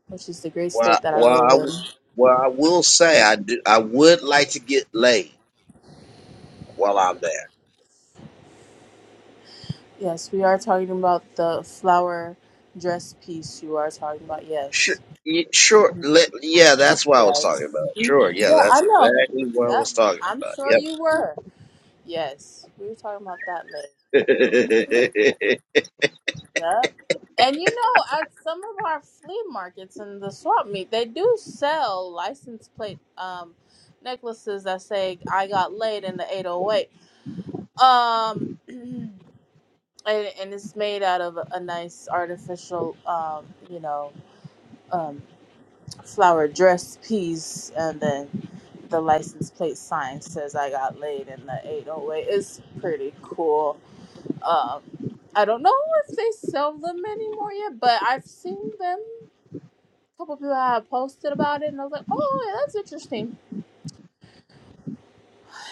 Speaker 10: which is the great
Speaker 1: well
Speaker 10: state that I
Speaker 1: well
Speaker 10: live
Speaker 1: I,
Speaker 10: in.
Speaker 1: well I will say I do I would like to get laid while I'm there
Speaker 10: Yes, we are talking about the flower dress piece you are talking about.
Speaker 1: sure
Speaker 10: Yes.
Speaker 1: y- sure let, yeah that's what I was
Speaker 10: Yes.
Speaker 1: talking about
Speaker 10: Mhm.
Speaker 1: sure yeah
Speaker 10: Yeah, I
Speaker 1: that's
Speaker 10: know.
Speaker 1: exactly what I
Speaker 10: Yep.
Speaker 1: was talking
Speaker 10: I'm
Speaker 1: about
Speaker 10: sure
Speaker 1: yep
Speaker 10: you were. Yes. We were talking about that later. Yep. And you know, at some of our flea markets and the swap meet, they do sell license plate um necklaces that say I got laid in the 808. Um and, and it's made out of a nice artificial um, you know, um flower dress piece and then the license plate sign says I got laid in the 808. It's pretty cool. Um, I don't know if they sell them anymore yet, but I've seen them. A couple people have posted about it, and I was like, oh, yeah, that's interesting.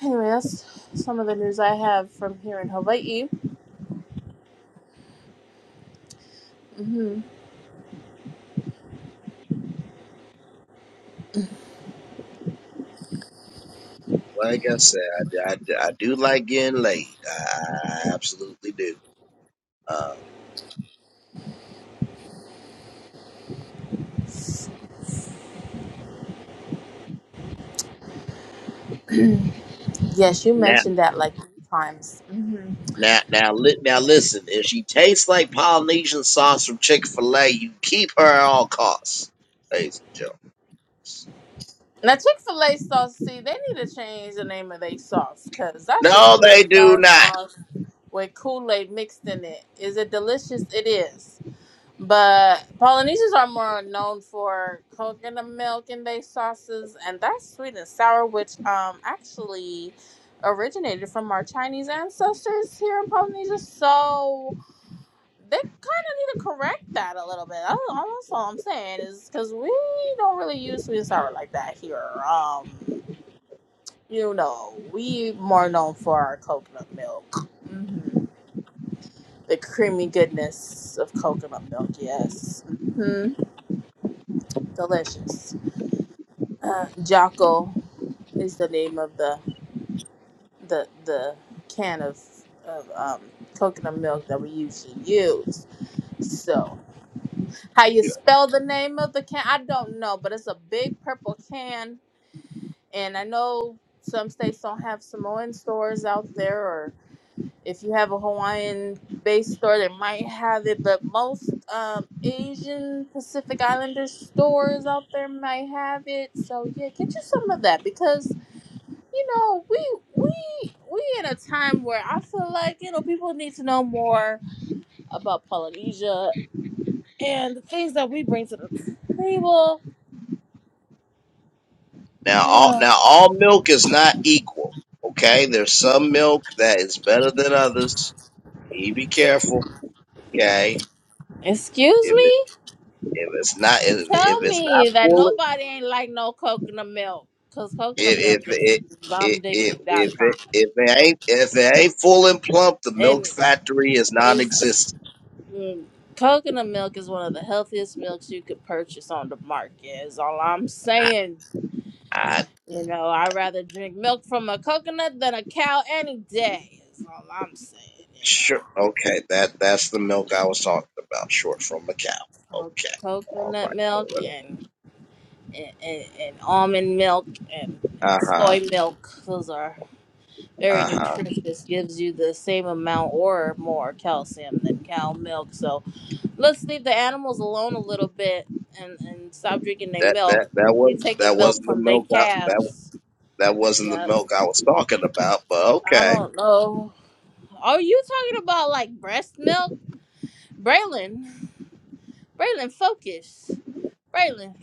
Speaker 10: Anyway, that's some of the news I have from here in Hawaii. hmm
Speaker 1: Like I said, I, I, I do like getting laid. I, I absolutely do. Uh,
Speaker 10: Yes, you
Speaker 1: now,
Speaker 10: mentioned that like three times.
Speaker 1: now, now, li- now, listen. If she tastes like Polynesian sauce from Chick Fil A, you keep her at all costs, ladies and gentlemen.
Speaker 10: Now Chick Fil A sauce, see, they need to change the name of their sauce because that's just
Speaker 1: No,
Speaker 10: sweet
Speaker 1: they
Speaker 10: and
Speaker 1: do
Speaker 10: sour
Speaker 1: not.
Speaker 10: sauce with Kool Aid mixed in it. Is it delicious? It is. But Polynesians are more known for coconut milk in their sauces, and that's sweet and sour, which um actually originated from our Chinese ancestors here in Polynesia. So they kind of need to correct that a little bit. That's, all that's all I'm saying is because we don't really use sweet sour like that here. Um, you know, we more known for our coconut milk, hmm the creamy goodness of coconut milk. Yes, hmm delicious. Uh, Jocko is the name of the the the can of of um, coconut milk that we usually use. So. How you spell the name of the can? I don't know, but it's a big purple can, and I know some states don't have Samoan stores out there, or if you have a Hawaiian-based store, they might have it, but most um, Asian Pacific Islander stores out there might have it. So yeah, get you some of that because you know we we we in a time where I feel like you know people need to know more about Polynesia and the things that we bring to the table
Speaker 1: Now, all
Speaker 10: Uh,
Speaker 1: now, all milk is not equal. Okay, there's some milk that is better than others. You be careful. Okay,
Speaker 10: Excuse
Speaker 1: if it,
Speaker 10: me?
Speaker 1: if it's not if, if
Speaker 10: Tell
Speaker 1: it's not
Speaker 10: me that
Speaker 1: full.
Speaker 10: nobody ain't like no coconut milk. Because coconut
Speaker 1: If
Speaker 10: milk is
Speaker 1: if it if
Speaker 10: bomb diggity
Speaker 1: if
Speaker 10: dot
Speaker 1: if
Speaker 10: com,
Speaker 1: it, if it ain't if it ain't full and plump, the milk
Speaker 10: And
Speaker 1: factory is
Speaker 10: it's,
Speaker 1: non-existent.
Speaker 10: mm, coconut milk is one of the healthiest milks you could purchase on the market, is all I'm saying.
Speaker 1: I
Speaker 10: You know, I'd rather drink milk from a coconut than a cow any day, is all I'm saying, you know.
Speaker 1: sure okay. That that's the milk I was talking about, short from a cow.
Speaker 10: Co-
Speaker 1: Okay, all
Speaker 10: Coconut milk
Speaker 1: right.
Speaker 10: and, and, and, and almond milk and,
Speaker 1: Uh
Speaker 10: and
Speaker 1: huh.
Speaker 10: soy milk. Those are very
Speaker 1: Uh huh.
Speaker 10: nutritious, gives you the same amount or more calcium than cow milk. So let's leave the animals alone a little bit and, and stop drinking their
Speaker 1: That
Speaker 10: milk.
Speaker 1: that that
Speaker 10: You're
Speaker 1: was
Speaker 10: taking
Speaker 1: that
Speaker 10: milk
Speaker 1: wasn't the
Speaker 10: from their
Speaker 1: milk. I, that
Speaker 10: calves.
Speaker 1: that wasn't the
Speaker 10: Yep.
Speaker 1: milk I was talking about. But
Speaker 10: I
Speaker 1: okay.
Speaker 10: don't know. Are you talking about like breast milk? Braylon, Braylon, focus. Braylon,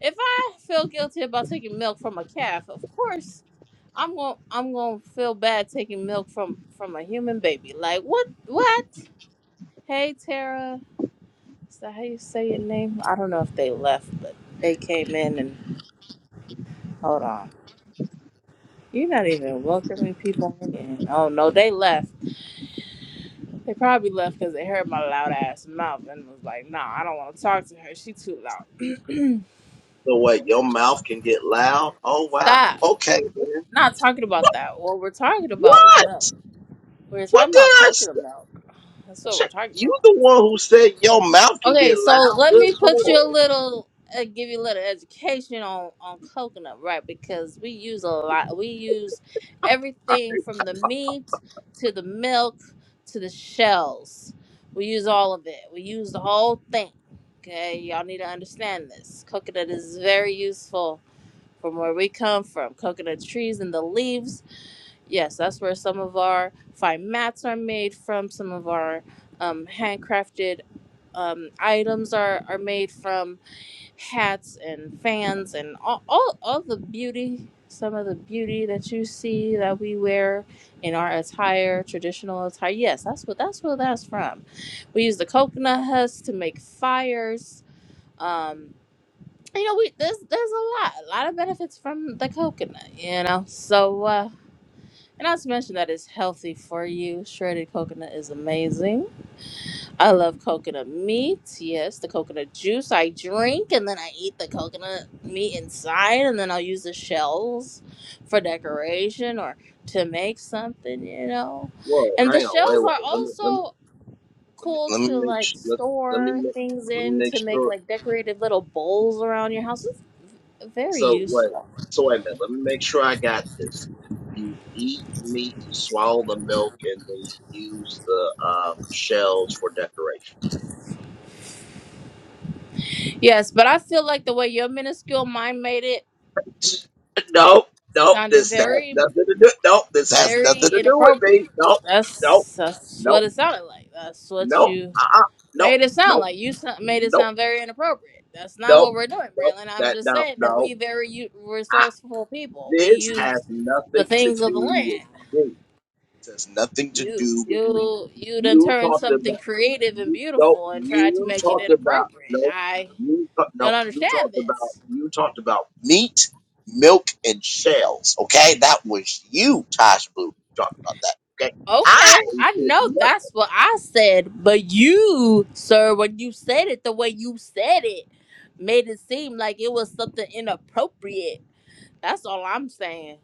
Speaker 10: if I feel guilty about taking milk from a calf, of course I'm gonna I'm gonna feel bad taking milk from from a human baby. Like what? What? Hey Tara. Is that how you say your name? I don't know if they left, but they came in and hold on. You're not even welcoming people in. Oh no, they left. They probably left because they heard my loud ass mouth and was like, "No, I don't want to talk to her. She too loud."
Speaker 1: So what? Your mouth can get loud. Oh wow.
Speaker 10: Stop.
Speaker 1: Okay.
Speaker 10: We're
Speaker 1: Man.
Speaker 10: not talking about that. What we're talking about is
Speaker 1: What?
Speaker 10: milk. We're
Speaker 1: What
Speaker 10: talking
Speaker 1: did
Speaker 10: about
Speaker 1: I?
Speaker 10: coconut milk. That's what we're
Speaker 1: Check.
Speaker 10: talking
Speaker 1: You
Speaker 10: about.
Speaker 1: the one who said your mouth can
Speaker 10: Okay,
Speaker 1: get loud.
Speaker 10: so let
Speaker 1: Good
Speaker 10: me put you
Speaker 1: lord.
Speaker 10: a little, uh, give you a little education on on coconut, right? Because we use a lot. We use everything from the meat to the milk to the shells. We use all of it. We use the whole thing. Okay, y'all need to understand this. Coconut is very useful from where we come from. Coconut trees and the leaves. Yes, that's where some of our fine mats are made from. Some of our um, handcrafted um, items are, are made from hats and fans and all, all, all the beauty, some of the beauty that you see that we wear in our attire, traditional attire. Yes, that's what that's where that's from. We use the coconut husk to make fires. Um, you know, we there's there's a lot, a lot of benefits from the coconut. You know, so uh, and not to mention that it's healthy for you. Shredded coconut is amazing I love coconut meat. Yes, the coconut juice I drink, and then I eat the coconut meat inside, and then I'll use the shells for decoration or to make something, you know.
Speaker 1: Whoa,
Speaker 10: And the
Speaker 1: hang on, wait,
Speaker 10: shells are
Speaker 1: wait. Let me let me
Speaker 10: also
Speaker 1: let me
Speaker 10: cool
Speaker 1: let me
Speaker 10: to
Speaker 1: make
Speaker 10: like
Speaker 1: sure let, let me
Speaker 10: store
Speaker 1: make
Speaker 10: things
Speaker 1: let me
Speaker 10: in
Speaker 1: make
Speaker 10: to make
Speaker 1: sure
Speaker 10: like decorative little bowls around your house. It's very
Speaker 1: so wait.
Speaker 10: useful.
Speaker 1: So wait a minute, let me make sure I got this. You eat meat, you swallow the milk, and then you use the um, shells for decorations.
Speaker 10: Yes, but I feel like the way your minuscule mind made it
Speaker 1: Nope, nope,
Speaker 10: sounded
Speaker 1: this has
Speaker 10: very
Speaker 1: nothing to do nope, this has
Speaker 10: very
Speaker 1: nothing to do with
Speaker 10: inappropriate.
Speaker 1: me. Nope, nope,
Speaker 10: That's that's what
Speaker 1: nope,
Speaker 10: it sounded like. That's what
Speaker 1: nope,
Speaker 10: you
Speaker 1: uh uh, nope,
Speaker 10: made it sound
Speaker 1: nope,
Speaker 10: like. You so- made it
Speaker 1: nope.
Speaker 10: sound very inappropriate. That's not
Speaker 1: Nope,
Speaker 10: what we're doing,
Speaker 1: nope,
Speaker 10: Braylon. I'm
Speaker 1: that
Speaker 10: just
Speaker 1: no,
Speaker 10: saying that
Speaker 1: no.
Speaker 10: we very u-
Speaker 1: I,
Speaker 10: resourceful people. We
Speaker 1: this
Speaker 10: use
Speaker 1: has
Speaker 10: the
Speaker 1: nothing to
Speaker 10: things of the
Speaker 1: do with
Speaker 10: land.
Speaker 1: me. This has nothing to
Speaker 10: You
Speaker 1: do with me.
Speaker 10: you you done
Speaker 1: You
Speaker 10: turned
Speaker 1: talked
Speaker 10: something
Speaker 1: about
Speaker 10: creative and
Speaker 1: you nope,
Speaker 10: beautiful and tried to
Speaker 1: you
Speaker 10: make it
Speaker 1: talked about
Speaker 10: inappropriate.
Speaker 1: nope,
Speaker 10: I
Speaker 1: you ta-
Speaker 10: don't
Speaker 1: no, you
Speaker 10: understand
Speaker 1: talked about
Speaker 10: this.
Speaker 1: you talked about meat, milk, and shells. Okay, that was you, Tosh Blue, who talked about that. Okay,
Speaker 10: Okay,
Speaker 1: I
Speaker 10: I
Speaker 1: did
Speaker 10: know that's what I said, but you, sir, when you said it the way you said it, made it seem like it was something inappropriate. That's all I'm saying.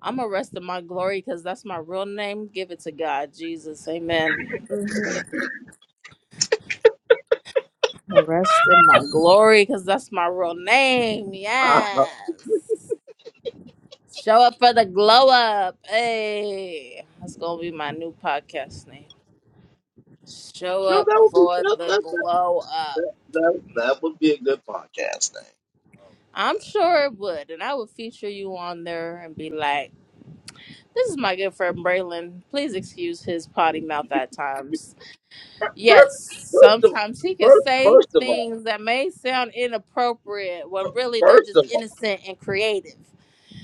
Speaker 10: I'm arresting my glory because that's my real name. Give it to God, Jesus. Amen. hmm Arresting my glory because that's my real name.
Speaker 1: nothing.
Speaker 10: Yes. Show up for the glow up. Hey, that's going to be my new podcast name. Show
Speaker 1: no,
Speaker 10: up
Speaker 1: that would be
Speaker 10: for
Speaker 1: that
Speaker 10: the
Speaker 1: that that
Speaker 10: glow up.
Speaker 1: that that, that would be a good podcast name.
Speaker 10: I'm
Speaker 1: Uh,
Speaker 10: sure it would, and I would feature you on there and be like, "This is my good friend Braylon. Please excuse his potty mouth at times.
Speaker 1: Fir- fir-
Speaker 10: Yes,
Speaker 1: First of
Speaker 10: sometimes he can
Speaker 1: first,
Speaker 10: say
Speaker 1: first of all,
Speaker 10: things that may sound inappropriate when
Speaker 1: fir-
Speaker 10: really they're
Speaker 1: first of
Speaker 10: just
Speaker 1: all,
Speaker 10: innocent and creative.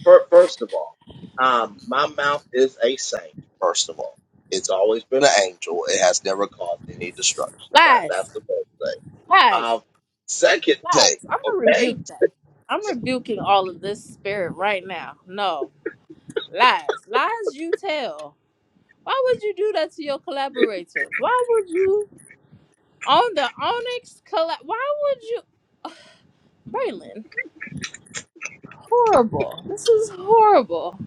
Speaker 1: fir- first of all, um, my mouth is a saint. First of all, it's always been an angel. It has never caused any destruction. That that's
Speaker 10: Lies,
Speaker 1: the first thing. Um,
Speaker 10: lies,
Speaker 1: second thing,
Speaker 10: lies. I'm gonna
Speaker 1: okay.
Speaker 10: rebuke that. I'm rebuking all of this spirit right now. No lies, lies you tell. Why would you do that to your collaborator? Why would you on the Onyx collab? Why would you, Braylon? Horrible. This is horrible.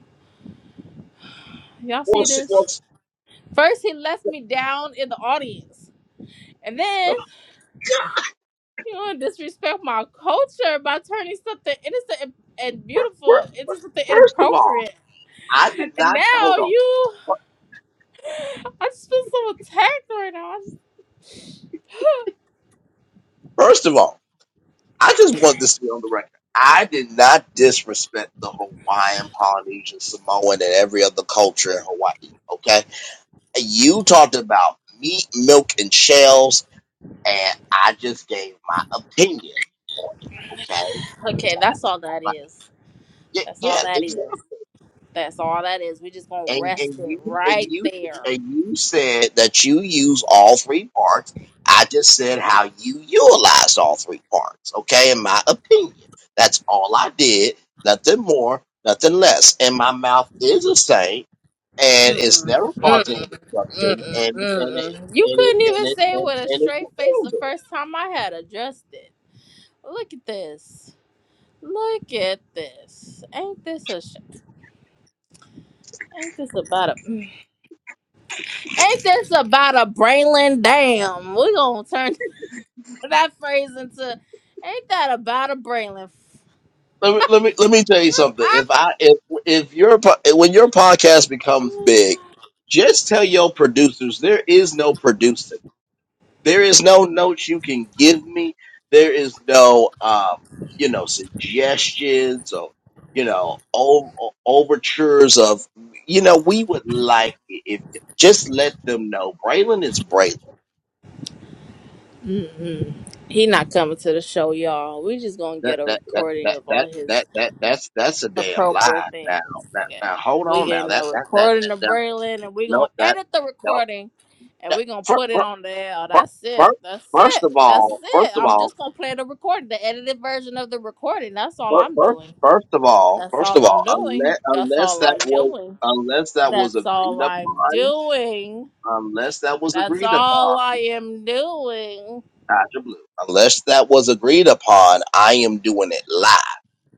Speaker 10: Y'all see
Speaker 1: Well, see, well,
Speaker 10: this?
Speaker 1: s-
Speaker 10: First, he left me down in the audience, and then you want to disrespect my culture by turning something innocent and, and beautiful
Speaker 1: fir-
Speaker 10: into something
Speaker 1: first of all,
Speaker 10: inappropriate.
Speaker 1: I did
Speaker 10: And
Speaker 1: not
Speaker 10: now
Speaker 1: hold on.
Speaker 10: you,
Speaker 1: Fir-
Speaker 10: I just feel so attacked right now. I just,
Speaker 1: First of all, I just want this to be on the record. I did not disrespect the Hawaiian, Polynesian, Samoan, and every other culture in Hawaii. Okay you talked about meat, milk, and shells, and I just gave my opinion on it. Okay,
Speaker 10: okay,
Speaker 1: so
Speaker 10: that's all
Speaker 1: that's
Speaker 10: that
Speaker 1: like,
Speaker 10: is.
Speaker 1: yeah,
Speaker 10: That's all
Speaker 1: yeah,
Speaker 10: that is.
Speaker 1: exactly.
Speaker 10: That's all that is. We just gonna
Speaker 1: And
Speaker 10: rest
Speaker 1: and
Speaker 10: it
Speaker 1: you and
Speaker 10: right
Speaker 1: you
Speaker 10: there.
Speaker 1: and you said that you use all three parts. I just said how you utilized all three parts. Okay, in my opinion, that's all I did. Nothing more, nothing less. And my mouth is a saint and it's
Speaker 10: Mm-mm,
Speaker 1: never causing any
Speaker 10: mm-mm,
Speaker 1: disruption,
Speaker 10: mm-mm,
Speaker 1: and and it
Speaker 10: mm-mm. You
Speaker 1: and it
Speaker 10: couldn't
Speaker 1: and
Speaker 10: even
Speaker 1: it
Speaker 10: say it
Speaker 1: and,
Speaker 10: with a
Speaker 1: and it
Speaker 10: straight face the
Speaker 1: contains
Speaker 10: first time I had addressed it. Look at this. Look at this. Ain't this a sh- ain't this about a ain't this about a Braylon damn? We gonna turn that phrase into ain't that about a Braylon?
Speaker 1: Let me let me let me tell you something. If I if if your po- when your podcast becomes big, just tell your producers there is no producing. There is no notes you can give me. There is no um you know suggestions or you know o- o- overtures of you know we would like it if just let them know Braylon is Braylon
Speaker 10: Mm-mm. He not coming to the show, y'all. We just gonna
Speaker 1: that
Speaker 10: get a
Speaker 1: that that
Speaker 10: recording
Speaker 1: that
Speaker 10: of
Speaker 1: that
Speaker 10: all his
Speaker 1: that that that's that's a damn lie.
Speaker 10: appropriate
Speaker 1: Now,
Speaker 10: things.
Speaker 1: now,
Speaker 10: Yeah.
Speaker 1: now hold
Speaker 10: We
Speaker 1: on. Now
Speaker 10: getting
Speaker 1: that
Speaker 10: the
Speaker 1: that that,
Speaker 10: recording
Speaker 1: that,
Speaker 10: of
Speaker 1: that
Speaker 10: Braylon and we're
Speaker 1: no
Speaker 10: gonna
Speaker 1: that
Speaker 10: edit the
Speaker 1: no.
Speaker 10: recording and
Speaker 1: That,
Speaker 10: we're gonna
Speaker 1: first,
Speaker 10: put it on the air. Oh, That's it.
Speaker 1: first,
Speaker 10: That's
Speaker 1: first
Speaker 10: it.
Speaker 1: of
Speaker 10: That's
Speaker 1: all,
Speaker 10: it.
Speaker 1: first of
Speaker 10: I'm
Speaker 1: all,
Speaker 10: just gonna play the recording, the edited version of the recording. That's all
Speaker 1: first,
Speaker 10: I'm
Speaker 1: first,
Speaker 10: doing.
Speaker 1: first of all,
Speaker 10: That's
Speaker 1: first
Speaker 10: all
Speaker 1: of
Speaker 10: I'm
Speaker 1: all,
Speaker 10: doing.
Speaker 1: unless
Speaker 10: That's
Speaker 1: unless
Speaker 10: all
Speaker 1: that
Speaker 10: I'm
Speaker 1: was
Speaker 10: doing.
Speaker 1: unless that was
Speaker 10: That's
Speaker 1: agreed
Speaker 10: all I'm
Speaker 1: upon,
Speaker 10: doing.
Speaker 1: unless that was
Speaker 10: That's
Speaker 1: agreed upon,
Speaker 10: all I am doing.
Speaker 1: Dr. Blue, unless that was agreed upon, I am doing it live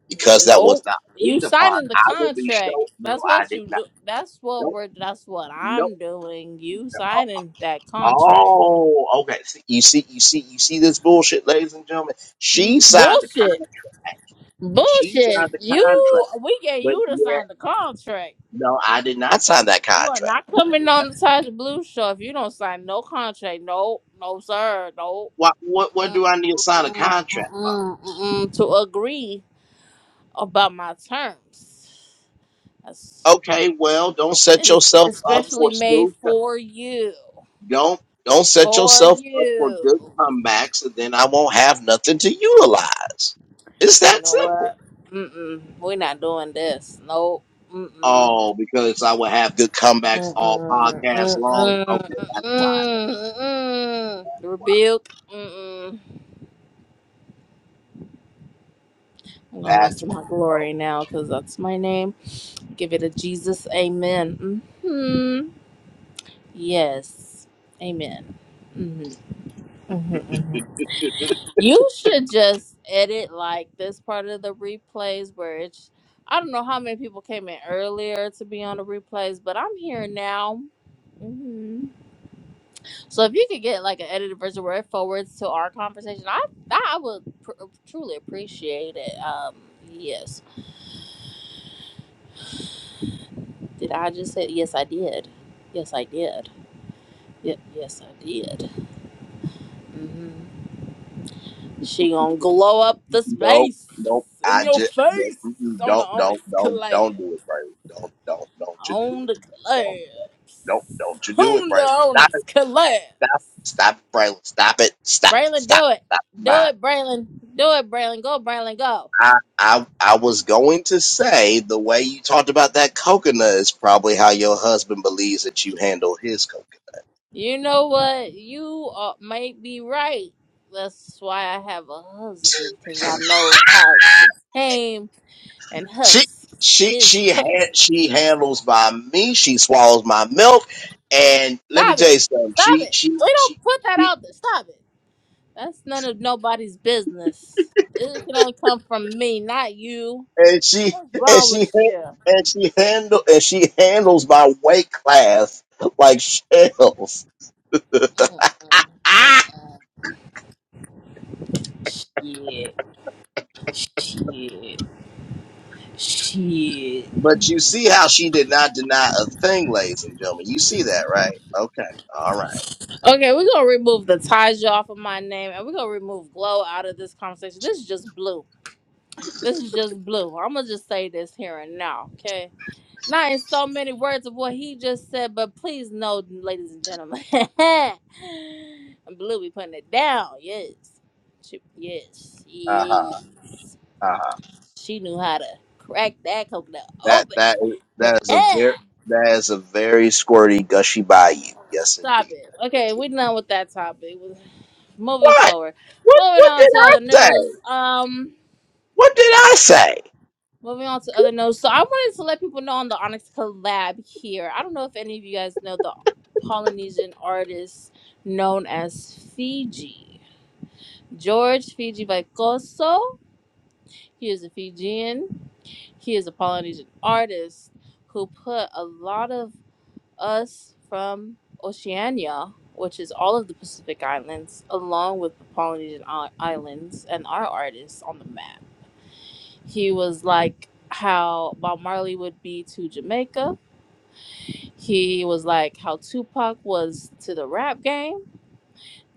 Speaker 1: because that was
Speaker 10: Nope.
Speaker 1: not
Speaker 10: You
Speaker 1: agreed upon.
Speaker 10: signing the
Speaker 1: I will be shown.
Speaker 10: contract.
Speaker 1: No,
Speaker 10: That's
Speaker 1: I
Speaker 10: what
Speaker 1: did
Speaker 10: you
Speaker 1: not.
Speaker 10: do. That's what
Speaker 1: Nope,
Speaker 10: we're. That's what
Speaker 1: nope.
Speaker 10: I'm doing. You signing that contract.
Speaker 1: Oh, okay. See- You see, you see, you see this bullshit, ladies and gentlemen. She signed the
Speaker 10: Bullshit.
Speaker 1: contract. She
Speaker 10: Bullshit.
Speaker 1: signed the
Speaker 10: You.
Speaker 1: contract,
Speaker 10: We get
Speaker 1: but
Speaker 10: you to
Speaker 1: yet,
Speaker 10: sign the contract.
Speaker 1: no, I did not sign that
Speaker 10: You are
Speaker 1: contract.
Speaker 10: not coming on the Taj blue show if you don't sign no contract. No. No, sir. No.
Speaker 1: What, what, what
Speaker 10: Mm-mm,
Speaker 1: do I need to sign a
Speaker 10: mm-mm,
Speaker 1: contract for?
Speaker 10: mm-mm, mm-mm, to agree about my terms. That's,
Speaker 1: Okay, well, don't
Speaker 10: and
Speaker 1: set
Speaker 10: it's
Speaker 1: yourself up
Speaker 10: especially
Speaker 1: for
Speaker 10: made
Speaker 1: smooth. co-
Speaker 10: for you.
Speaker 1: Don't, don't set
Speaker 10: for
Speaker 1: yourself up for
Speaker 10: you.
Speaker 1: good comebacks, and then I won't have nothing to utilize. It's
Speaker 10: You
Speaker 1: that
Speaker 10: know
Speaker 1: simple.
Speaker 10: what? Mm-mm. We're not doing this. Nope. Mm-mm.
Speaker 1: Oh, because I will have good comebacks all
Speaker 10: Mm-mm.
Speaker 1: podcast long. Okay,
Speaker 10: Mm-mm.
Speaker 1: that's why.
Speaker 10: Mm-mm. Mm-mm. Rebuke. Mm-mm. I'm gonna rest
Speaker 1: That's
Speaker 10: in my
Speaker 1: why.
Speaker 10: glory now because that's my name. Give it a Jesus. Amen. hmm Yes. Amen. Mm-hmm. Mm-hmm. Mm-hmm. You should just edit like this part of the replays where it's. I don't know how many people came in earlier to be on the replays, but I'm here now. hmm So if you could get like an edited version where it forwards to our conversation, I I would pr- uh, truly appreciate it. Um, yes. Did I just say yes? I did. Yes, I did. Yep. Yes, I did. hmm She gonna glow up the
Speaker 1: Nope,
Speaker 10: space
Speaker 1: nope.
Speaker 10: in
Speaker 1: I
Speaker 10: your
Speaker 1: just nope,
Speaker 10: face
Speaker 1: mm-mm,
Speaker 10: on the
Speaker 1: don't,
Speaker 10: Onyx
Speaker 1: don't, don't,
Speaker 10: collab.
Speaker 1: don't do it, Braylon. Don't, don't, don't you do
Speaker 10: on
Speaker 1: it.
Speaker 10: the
Speaker 1: Don't,
Speaker 10: collapse.
Speaker 1: nope, don't you do it,
Speaker 10: On the
Speaker 1: Braylon. Stop it,
Speaker 10: Onyx collapse.
Speaker 1: stop, stop it, Braylon. Stop it, stop,
Speaker 10: Braylon,
Speaker 1: stop,
Speaker 10: do it.
Speaker 1: stop.
Speaker 10: Do
Speaker 1: Mine.
Speaker 10: it, Braylon. Do it, Braylon. Go, Braylon, go.
Speaker 1: I, I, I was going to say the way you talked about that coconut is probably how your husband believes that you handle his coconut.
Speaker 10: You know what? You are, might be right. That's why I have a husband, because I know how to tame and
Speaker 1: She,
Speaker 10: husks
Speaker 1: she,
Speaker 10: his
Speaker 1: she,
Speaker 10: puppies.
Speaker 1: ha- she handles my me. She swallows my milk, and let me
Speaker 10: Stop
Speaker 1: tell
Speaker 10: it.
Speaker 1: you something.
Speaker 10: Stop
Speaker 1: She,
Speaker 10: it.
Speaker 1: she,
Speaker 10: We
Speaker 1: she.
Speaker 10: don't put that out there. Stop it. That's none of nobody's business. It can only come from me, not you.
Speaker 1: and she
Speaker 10: What's
Speaker 1: and
Speaker 10: wrong
Speaker 1: she
Speaker 10: with you?
Speaker 1: and she handle and she handles my weight class like shells.
Speaker 10: Mm-hmm.
Speaker 1: Ah!
Speaker 10: Mm-hmm. Mm-hmm. Shit. Shit. Shit.
Speaker 1: But you see how she did not deny a thing, ladies and gentlemen. You see that, right? Okay. All right.
Speaker 10: Okay, we're gonna remove the Taja off of my name and we're gonna remove Glow out of this conversation. This is just blue. This is just blue. I'm gonna just say this here and now, okay? Not in so many words of what he just said, but please know, ladies and gentlemen. blue be putting it down, yes. She, yes,
Speaker 1: Uh huh.
Speaker 10: yes.
Speaker 1: Uh huh.
Speaker 10: She knew how to crack that coconut
Speaker 1: That
Speaker 10: open.
Speaker 1: that is- that is a very that is a very squirty gushy bayou. Yes,
Speaker 10: Stop
Speaker 1: indeed.
Speaker 10: it. Okay, we're done with that topic. Moving
Speaker 1: What?
Speaker 10: forward.
Speaker 1: What?
Speaker 10: Moving
Speaker 1: What
Speaker 10: on
Speaker 1: did
Speaker 10: to
Speaker 1: I
Speaker 10: other
Speaker 1: say?
Speaker 10: news. Um,
Speaker 1: What did I say?
Speaker 10: moving on to other news. So I wanted to let people know on the Onyx collab here. I don't know if any of you guys know the Polynesian artist known as Fiji. George Fiji Vaikoso. He is a Fijian. He is a Polynesian artist who put a lot of us from Oceania, which is all of the Pacific Islands, along with the Polynesian I- Islands and our artists on the map. He was like how Bob Marley would be to Jamaica. He was like how Tupac was to the rap game.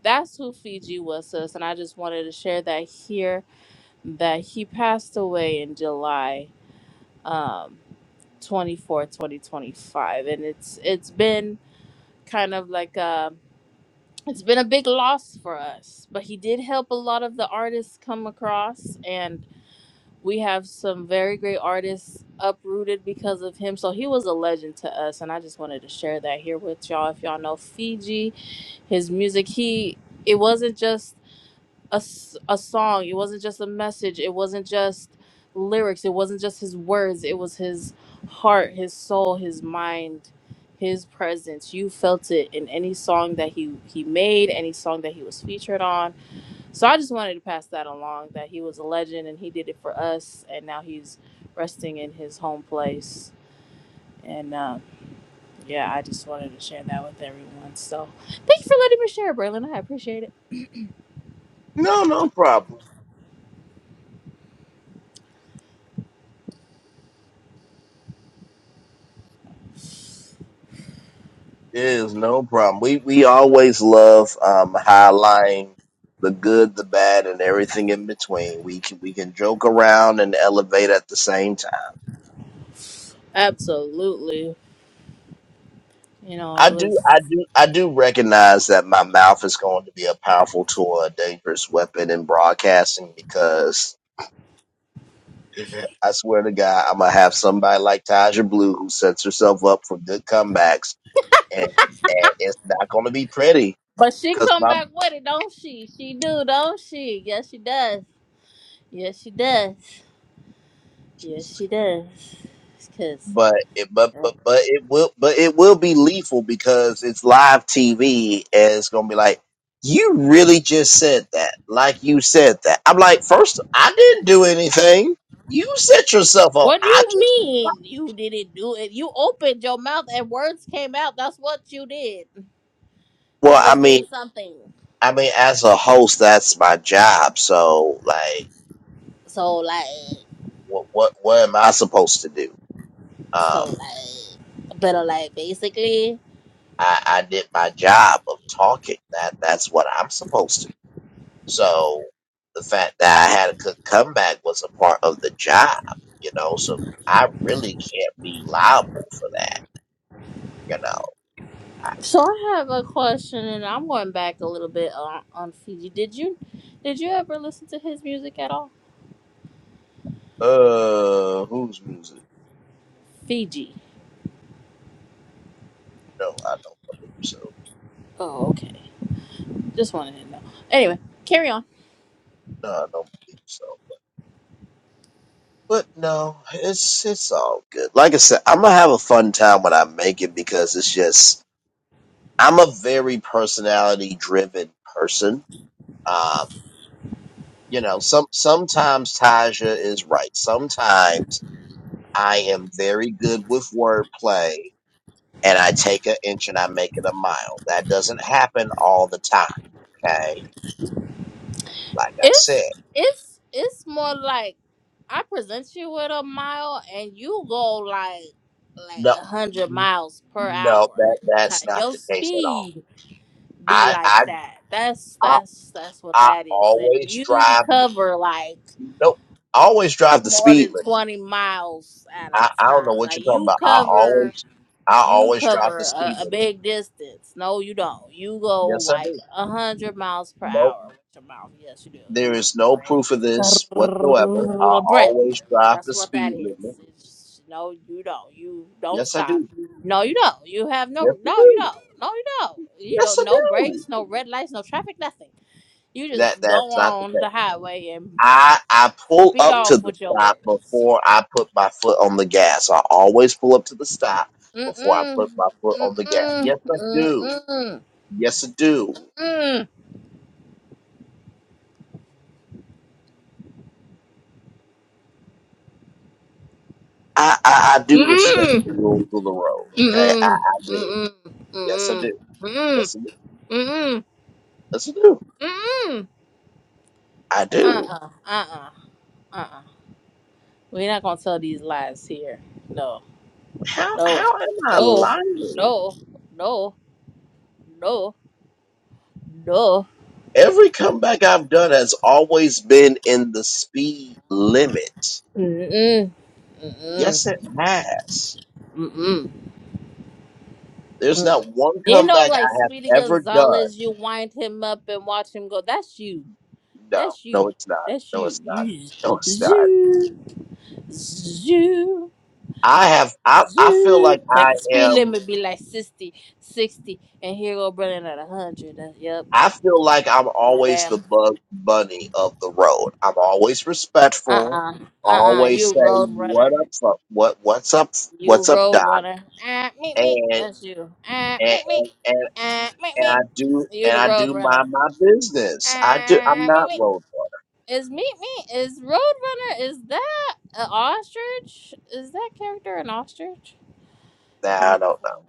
Speaker 10: That's who Fiji was to us, and I just wanted to share that here that he passed away in July um 24, 2025. And it's it's been kind of like a. it's been a big loss for us, but he did help a lot of the artists come across, and we have some very great artists uprooted because of him. So he was a legend to us, and I just wanted to share that here with y'all. If y'all know Fiji, his music, he it wasn't just a, s- a song it wasn't just a message it wasn't just lyrics it wasn't just his words it was his heart his soul his mind his presence you felt it in any song that he he made any song that he was featured on so i just wanted to pass that along that he was a legend and he did it for us and now he's resting in his home place and um yeah, I just wanted to share that with everyone. So, thank you for letting me share, Braylon. I appreciate it.
Speaker 1: No, no problem. Is no problem. We we always love um, highlighting the good, the bad, and everything in between. We can we can joke around and elevate at the same time.
Speaker 10: Absolutely. You
Speaker 1: I
Speaker 10: know, it
Speaker 1: do
Speaker 10: was.
Speaker 1: I do I do recognize that my mouth is going to be a powerful tool, a dangerous weapon in broadcasting because I swear to God, I'm gonna have somebody like Taja Blue who sets herself up for good comebacks, and and it's not gonna be pretty.
Speaker 10: But she
Speaker 1: because
Speaker 10: come back with it, don't she? She do, don't she? Yes, she does. Yes, she does. Yes, she does. Cause
Speaker 1: but it, but
Speaker 10: yeah.
Speaker 1: but but it will but it will be lethal because it's live TV and it's gonna be like you really just said that like you said that I'm like first I didn't do anything you set yourself up
Speaker 10: what do
Speaker 1: I
Speaker 10: you
Speaker 1: just
Speaker 10: mean you didn't do it? You opened your mouth and words came out. That's what you did.
Speaker 1: well
Speaker 10: That
Speaker 1: I
Speaker 10: is doing
Speaker 1: mean
Speaker 10: something.
Speaker 1: I mean as a host that's my job so like
Speaker 10: So like,
Speaker 1: what what what am I supposed to do um
Speaker 10: so like, better like basically.
Speaker 1: I I did my job of talking that that's what I'm supposed to do So the fact that I had a good comeback was a part of the job, you know. So I really can't be liable for that, you know.
Speaker 10: So I have a question, and I'm going back a little bit on, on Fiji. Did you, did you ever listen to his music at all?
Speaker 1: Uh, whose music?
Speaker 10: Fiji.
Speaker 1: No, I don't believe so.
Speaker 10: Oh, okay. Just wanted to know. Anyway, carry on.
Speaker 1: No, I don't believe so. But no, it's it's all good. Like I said, I'm gonna have a fun time when I make it because it's just I'm a very personality driven person. Um, you know, some sometimes Taja is right. Sometimes I am very good with wordplay and I take an inch and I make it a mile. That doesn't happen all the time, okay? Like I said,
Speaker 10: It's it's it's more like I present you with a mile and you go like like
Speaker 1: no,
Speaker 10: a hundred miles per
Speaker 1: no,
Speaker 10: hour.
Speaker 1: that, that's
Speaker 10: Ti-
Speaker 1: not
Speaker 10: Your
Speaker 1: the case at all.
Speaker 10: speed be
Speaker 1: I,
Speaker 10: like
Speaker 1: I,
Speaker 10: that. That's
Speaker 1: I,
Speaker 10: that's that's what
Speaker 1: I
Speaker 10: that is. And
Speaker 1: always
Speaker 10: you
Speaker 1: drive,
Speaker 10: cover like
Speaker 1: nope, I always drive the
Speaker 10: more
Speaker 1: speed
Speaker 10: than
Speaker 1: limit.
Speaker 10: twenty miles at a
Speaker 1: I, I don't know
Speaker 10: time.
Speaker 1: what you're
Speaker 10: Like
Speaker 1: talking
Speaker 10: you
Speaker 1: about. I
Speaker 10: cover.
Speaker 1: always, I
Speaker 10: You
Speaker 1: always drive
Speaker 10: cover
Speaker 1: the
Speaker 10: a,
Speaker 1: speed
Speaker 10: a
Speaker 1: limit.
Speaker 10: big distance. No, you don't. You go
Speaker 1: Yes, I
Speaker 10: like
Speaker 1: do.
Speaker 10: a hundred miles per
Speaker 1: Nope.
Speaker 10: hour with your mouth. Yes, you do.
Speaker 1: There
Speaker 10: You just
Speaker 1: is no
Speaker 10: like
Speaker 1: proof of this whatsoever. I
Speaker 10: Braylon.
Speaker 1: always drive
Speaker 10: That's
Speaker 1: the
Speaker 10: what that
Speaker 1: speed limit.
Speaker 10: is. It's, no, you don't. You don't
Speaker 1: Yes, I
Speaker 10: stop.
Speaker 1: do.
Speaker 10: No, you don't. You have
Speaker 1: Yes,
Speaker 10: no.
Speaker 1: I
Speaker 10: No, you
Speaker 1: do.
Speaker 10: don't. No, you don't. You
Speaker 1: Yes,
Speaker 10: don't.
Speaker 1: I
Speaker 10: No
Speaker 1: do.
Speaker 10: brakes. No red lights. No traffic. Nothing. You
Speaker 1: That
Speaker 10: just go
Speaker 1: that's not the
Speaker 10: on the
Speaker 1: case.
Speaker 10: highway and
Speaker 1: I I pull
Speaker 10: speed
Speaker 1: up to
Speaker 10: off
Speaker 1: the
Speaker 10: with your
Speaker 1: stop
Speaker 10: words.
Speaker 1: before I put my foot on the gas. I always pull up to the stop
Speaker 10: Mm
Speaker 1: before I put
Speaker 10: mm.
Speaker 1: my foot on the
Speaker 10: Mm
Speaker 1: gas.
Speaker 10: mm.
Speaker 1: Yes, I do.
Speaker 10: Mm
Speaker 1: Yes, I do.
Speaker 10: mm.
Speaker 1: I I, I do respect the
Speaker 10: Mm-mm.
Speaker 1: rules of the road. Okay, I,
Speaker 10: Mm-mm.
Speaker 1: I do.
Speaker 10: Mm-mm.
Speaker 1: Yes, I
Speaker 10: Mm-mm.
Speaker 1: do.
Speaker 10: Mm-mm.
Speaker 1: Yes, I do.
Speaker 10: Mm-mm.
Speaker 1: Yes, I do.
Speaker 10: Mm-mm.
Speaker 1: I do.
Speaker 10: Uh-uh. Uh-uh. Uh-uh. We're not gonna tell these lies here. No.
Speaker 1: How
Speaker 10: No.
Speaker 1: how am I
Speaker 10: No.
Speaker 1: lying?
Speaker 10: No. No. No. No.
Speaker 1: Every comeback I've done has always been in the speed limit
Speaker 10: Mm-mm. Mm-mm.
Speaker 1: Yes, it has.
Speaker 10: Mm-mm.
Speaker 1: There's
Speaker 10: Mm-mm.
Speaker 1: not one
Speaker 10: You know,
Speaker 1: comeback
Speaker 10: like
Speaker 1: I
Speaker 10: Speedy
Speaker 1: have ever done.
Speaker 10: Gonzalez, you wind him up and watch him go. That's you.
Speaker 1: No,
Speaker 10: That's
Speaker 1: no,
Speaker 10: you.
Speaker 1: it's not.
Speaker 10: That's
Speaker 1: No,
Speaker 10: you.
Speaker 1: it's not.
Speaker 10: You
Speaker 1: No, it's not.
Speaker 10: zoo. Zoo.
Speaker 1: I have. I I feel
Speaker 10: Zoo.
Speaker 1: like
Speaker 10: Like
Speaker 1: I
Speaker 10: the speed
Speaker 1: am.
Speaker 10: limit be like 60, 60, and here go running at 100. That's, yep.
Speaker 1: I feel like I'm
Speaker 10: Like,
Speaker 1: always
Speaker 10: damn.
Speaker 1: the bug bunny of the road. I'm always
Speaker 10: Uh
Speaker 1: respectful.
Speaker 10: uh. Uh uh.
Speaker 1: Always
Speaker 10: You
Speaker 1: say
Speaker 10: road
Speaker 1: what
Speaker 10: runner.
Speaker 1: up, fuck- what what's up,
Speaker 10: You
Speaker 1: what's up,
Speaker 10: road
Speaker 1: doc,
Speaker 10: runner. Uh, meet
Speaker 1: and
Speaker 10: me. That's you. Uh,
Speaker 1: and
Speaker 10: meet me.
Speaker 1: and and,
Speaker 10: Uh, meet
Speaker 1: and
Speaker 10: me.
Speaker 1: I do
Speaker 10: You
Speaker 1: and
Speaker 10: the
Speaker 1: I
Speaker 10: road
Speaker 1: do
Speaker 10: runner.
Speaker 1: my my business. I do. I'm
Speaker 10: Uh, meet
Speaker 1: not
Speaker 10: me.
Speaker 1: road
Speaker 10: Is meet me? Is road runner? Is that an ostrich? Is that character an ostrich?
Speaker 1: runner. Nah, I
Speaker 10: Wh-
Speaker 1: don't know.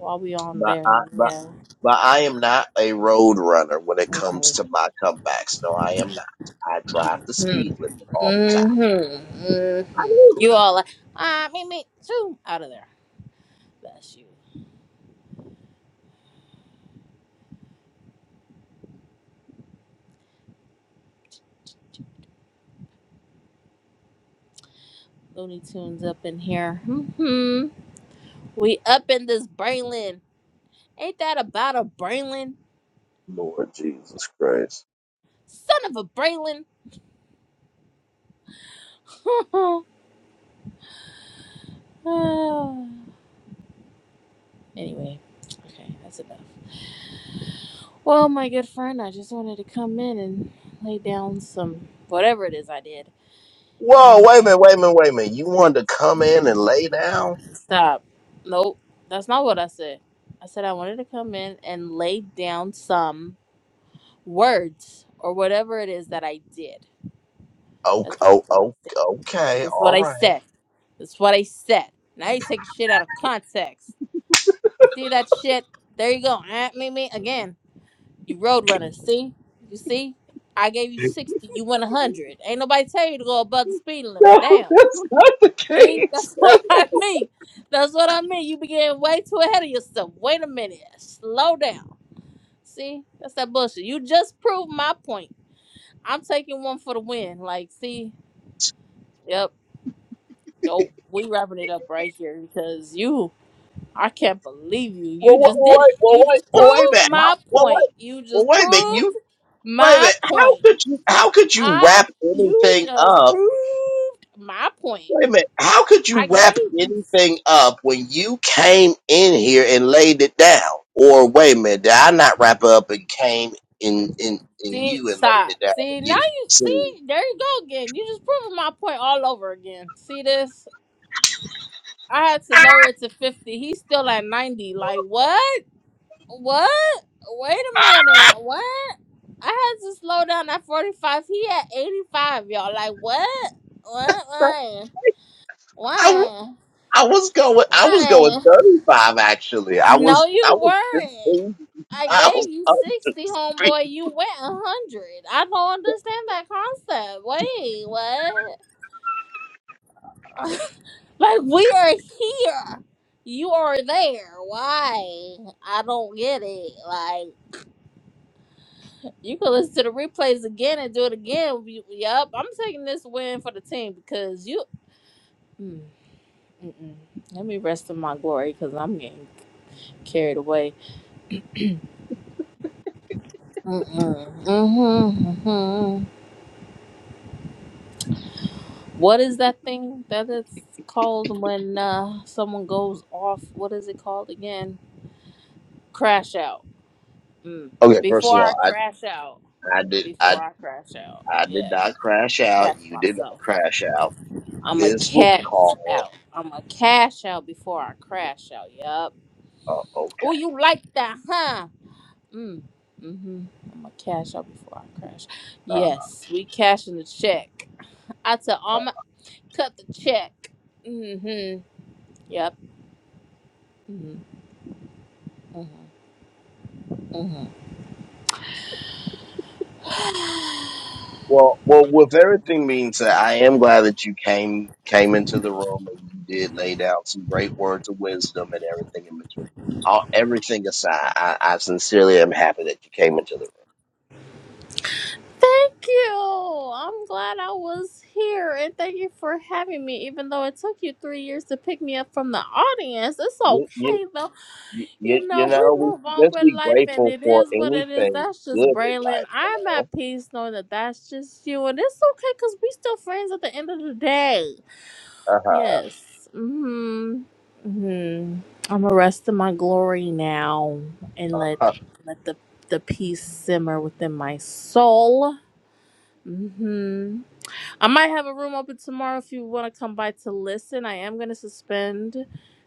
Speaker 10: While we
Speaker 1: But
Speaker 10: on
Speaker 1: but.
Speaker 10: there,
Speaker 1: I but
Speaker 10: yeah.
Speaker 1: But I am not a road runner when it
Speaker 10: Okay.
Speaker 1: comes to my comebacks. No, I am not. I drive the speed
Speaker 10: Mm-hmm.
Speaker 1: limit all the time.
Speaker 10: Mm-hmm.
Speaker 1: I
Speaker 10: Mm-hmm.
Speaker 1: do.
Speaker 10: You all like, ah, me, me, too. Out of there. Bless you. Looney Tunes up in here. hmm We up in this Braylon. Ain't that about a Braylon?
Speaker 1: Lord Jesus Christ.
Speaker 10: Son of a Braylon. anyway, okay, that's enough. Well, my good friend, I just wanted to come in and lay down some whatever it is I did.
Speaker 1: Whoa,
Speaker 10: And
Speaker 1: wait a
Speaker 10: uh,
Speaker 1: minute, wait a minute, wait a minute. You wanted to come in and lay down?
Speaker 10: Stop. Nope. That's not what I said. I said I wanted to come in and lay down some words or whatever it is that I did.
Speaker 1: Oh,
Speaker 10: That's just
Speaker 1: oh,
Speaker 10: what I
Speaker 1: oh,
Speaker 10: said.
Speaker 1: okay,
Speaker 10: That's what
Speaker 1: all
Speaker 10: I
Speaker 1: right.
Speaker 10: said. That's what I said. Now you take shit out of context. You see that shit? There you go. At me, me again. You road runner. See? You see? I gave you sixty. You went one hundred. Ain't nobody tell you to go above the speed limit. Damn. See, that's what I mean. That's what I mean. You be getting way too ahead of yourself. Wait a minute. Slow down. See, that's that bullshit. You just proved my point. I'm taking one for the win. Like, see, yep. Nope. We wrapping it up right here because you, I can't believe you.
Speaker 1: Well,
Speaker 10: You
Speaker 1: wait,
Speaker 10: just
Speaker 1: well,
Speaker 10: did it.
Speaker 1: wait, well,
Speaker 10: You
Speaker 1: wait,
Speaker 10: just
Speaker 1: well, wait a
Speaker 10: proved
Speaker 1: minute. How,
Speaker 10: my
Speaker 1: well,
Speaker 10: point.
Speaker 1: wait,
Speaker 10: You
Speaker 1: well,
Speaker 10: just
Speaker 1: wait a minute.
Speaker 10: proved
Speaker 1: You, wait a
Speaker 10: my
Speaker 1: minute. How
Speaker 10: point.
Speaker 1: could you, how could you
Speaker 10: I,
Speaker 1: wrap
Speaker 10: you
Speaker 1: anything
Speaker 10: just
Speaker 1: up?
Speaker 10: proved my point.
Speaker 1: Wait a minute. How could you
Speaker 10: I gave
Speaker 1: wrap
Speaker 10: you.
Speaker 1: anything up when you came in here and laid it down? Or wait a minute, did I not wrap up and came in in in
Speaker 10: See,
Speaker 1: you and laid
Speaker 10: stop.
Speaker 1: it down for
Speaker 10: See, now
Speaker 1: you?
Speaker 10: you
Speaker 1: See,
Speaker 10: see, there you go again. You just proving my point all over again. See this? I had to lower it to 50. He's still at 90. Like, what? What? Wait a minute. What? I had to slow down at 45. He at 85, y'all. Like, what? What? Why?
Speaker 1: I, w-
Speaker 10: Why?
Speaker 1: I was going I was
Speaker 10: Why?
Speaker 1: going thirty five actually. I
Speaker 10: No,
Speaker 1: was I
Speaker 10: you
Speaker 1: was
Speaker 10: weren't.
Speaker 1: fifteen
Speaker 10: I gave
Speaker 1: miles
Speaker 10: you
Speaker 1: under
Speaker 10: 60,
Speaker 1: speed.
Speaker 10: homeboy. You went 100. I don't understand that concept. Wait, what? Like we are here. You are there. Why? I don't get it. Like you can listen to the replays again and do it again. You- Yup. I'm taking this win for the team because you. Mm, mm-mm. Let me rest in my glory because I'm getting carried away. Mm-mm. Mm-hmm, mm-hmm. What is that thing that it's called when uh, someone goes off? What is it called again? Crash out. Mm.
Speaker 1: Okay, first
Speaker 10: Before
Speaker 1: of
Speaker 10: I
Speaker 1: all, I
Speaker 10: crash out.
Speaker 1: I did
Speaker 10: before
Speaker 1: I
Speaker 10: I crash out.
Speaker 1: I did
Speaker 10: Yeah,
Speaker 1: not crash
Speaker 10: catch
Speaker 1: out. You did not
Speaker 10: myself.
Speaker 1: crash out.
Speaker 10: I'm a
Speaker 1: This was
Speaker 10: cash
Speaker 1: called.
Speaker 10: out. I'm a cash out before I crash out. Yup.
Speaker 1: Uh, okay.
Speaker 10: Oh, you like that, huh? Mm. Mhm. I'm a cash out before I crash.
Speaker 1: Uh,
Speaker 10: Yes, we cashing the check. I tell all my cut the check. Mhm. Yep. Mhm. Mhm. Mhm.
Speaker 1: Well, well, with everything being said, I am glad that you came came into the room and you did lay down some great words of wisdom and everything in between. All everything aside, I, I sincerely am happy that you came into the
Speaker 10: Thank you. I'm glad I was here and thank you for having me. Even though it took you three years to pick me up from the audience, it's
Speaker 1: room. You, you,
Speaker 10: okay though.
Speaker 1: you, you
Speaker 10: You know,
Speaker 1: you
Speaker 10: we
Speaker 1: know, we
Speaker 10: move
Speaker 1: should
Speaker 10: on
Speaker 1: just
Speaker 10: with
Speaker 1: be
Speaker 10: life and
Speaker 1: grateful
Speaker 10: it
Speaker 1: for
Speaker 10: is what it is.
Speaker 1: anything
Speaker 10: That's
Speaker 1: good
Speaker 10: just
Speaker 1: in
Speaker 10: Braylon.
Speaker 1: life. You
Speaker 10: I'm
Speaker 1: know.
Speaker 10: at peace knowing that that's just you and it's okay because we still friends at the end of the day.
Speaker 1: Uh huh.
Speaker 10: Yes. Mm hmm. Mm hmm. I'm arresting my glory now and let let the the peace simmer within my soul hmm I might have a room open tomorrow if you want to come by to listen. I am going to suspend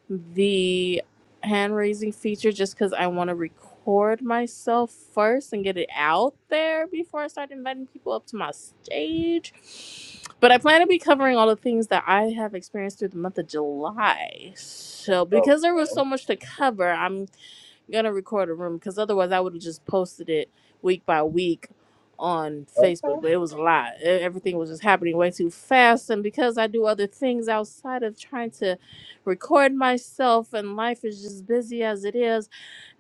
Speaker 10: the hand raising feature just because I want to record myself first and get it out there before I start inviting people up to my stage. But I plan to be covering all the things that I have experienced through the month of July. So,
Speaker 1: Okay.
Speaker 10: because there was so much to cover, I'm gonna record a room because otherwise I would have just posted it week by week on Facebook. But it was a lot. E- Everything was just happening way too fast, and because I do other things outside of trying to record myself, and life is just busy as it is,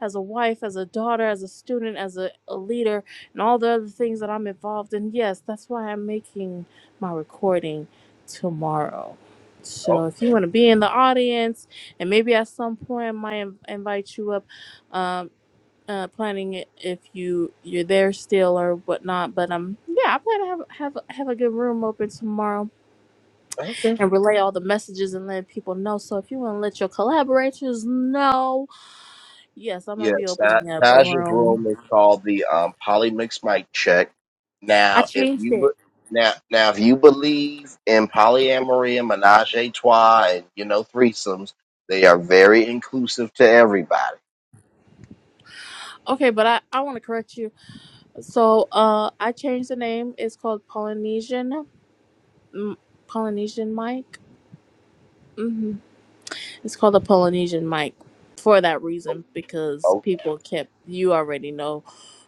Speaker 10: as a wife, as a daughter, as a student, as a, a leader, and all the other things that I'm involved in. Yes, that's why I'm making my recording tomorrow.
Speaker 1: Okay.
Speaker 10: So if you want to be in the audience. And maybe at some point I might in- invite you up um uh planning it if you you're there still or whatnot but um yeah i plan to have have have a good room open tomorrow
Speaker 1: Okay.
Speaker 10: and relay all the messages and let people know so if you want to let your collaborators know yes i might be
Speaker 1: Yes, that
Speaker 10: opening up a
Speaker 1: Taj's
Speaker 10: room
Speaker 1: room is called the um, polymix mic check.
Speaker 10: i
Speaker 1: Now, if
Speaker 10: changed
Speaker 1: you be-
Speaker 10: it
Speaker 1: now now if you believe in polyamory and menage a trois and you know threesomes, they are very inclusive to everybody.
Speaker 10: okay but i i want to correct you so uh i changed the name it's called polynesian mm, polynesian Mike. hmm it's called the polynesian Mike for that
Speaker 1: O-
Speaker 10: reason because
Speaker 1: Okay.
Speaker 10: people kept you already know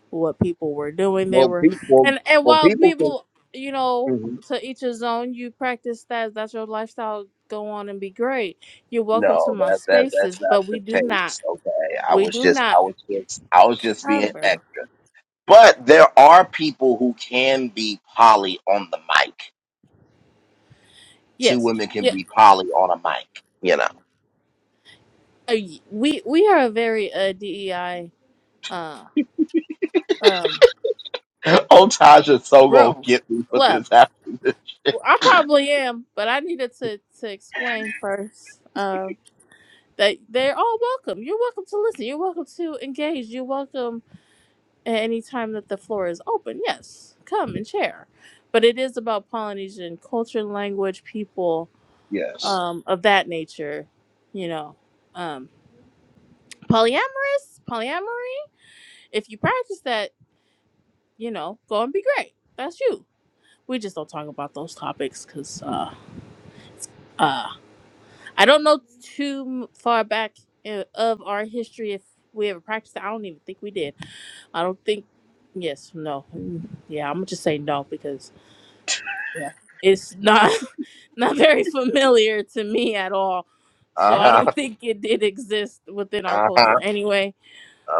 Speaker 10: what people were doing. They
Speaker 1: Well,
Speaker 10: were,
Speaker 1: people, well,
Speaker 10: and and
Speaker 1: well,
Speaker 10: while
Speaker 1: people can.
Speaker 10: people, you know,
Speaker 1: mhm.
Speaker 10: to each his own. You practice that. That's your lifestyle. Go on and be great. You're welcome to
Speaker 1: No,
Speaker 10: my
Speaker 1: that that
Speaker 10: spaces,
Speaker 1: that's not
Speaker 10: but we
Speaker 1: the
Speaker 10: do not.
Speaker 1: case. Okay, I
Speaker 10: We
Speaker 1: was
Speaker 10: do
Speaker 1: just,
Speaker 10: not.
Speaker 1: I was just, I was just being extra. But there are people who can be poly on the mic. two
Speaker 10: Yes.
Speaker 1: women can
Speaker 10: Yeah.
Speaker 1: be poly on a mic, you know.
Speaker 10: uh, y- We we are a very uh, DEI uh um
Speaker 1: Oh, Tasha's so gonna
Speaker 10: room
Speaker 1: get me for
Speaker 10: club.
Speaker 1: this after this.
Speaker 10: Well, I probably am, but I needed to to explain first. Um. That they're all welcome. You're welcome to listen. You're welcome to engage. You're welcome at any time that the floor is open, yes, come and share. But it is about Polynesian culture, language, people
Speaker 1: Yes.
Speaker 10: um, of that nature. You know, um, polyamorous, polyamory. If you practice that, you know, go and be great. That's you. We just don't talk about those topics because uh, uh, I don't know too far back i- of our history if we ever practiced. it. I don't even think we did. I don't think. Yes, no, Mm, yeah. I'm gonna just say no because Yeah. It's not not very familiar to me at all.
Speaker 1: Uh
Speaker 10: So I
Speaker 1: huh.
Speaker 10: don't think it did exist within our
Speaker 1: Uh
Speaker 10: culture
Speaker 1: huh.
Speaker 10: anyway.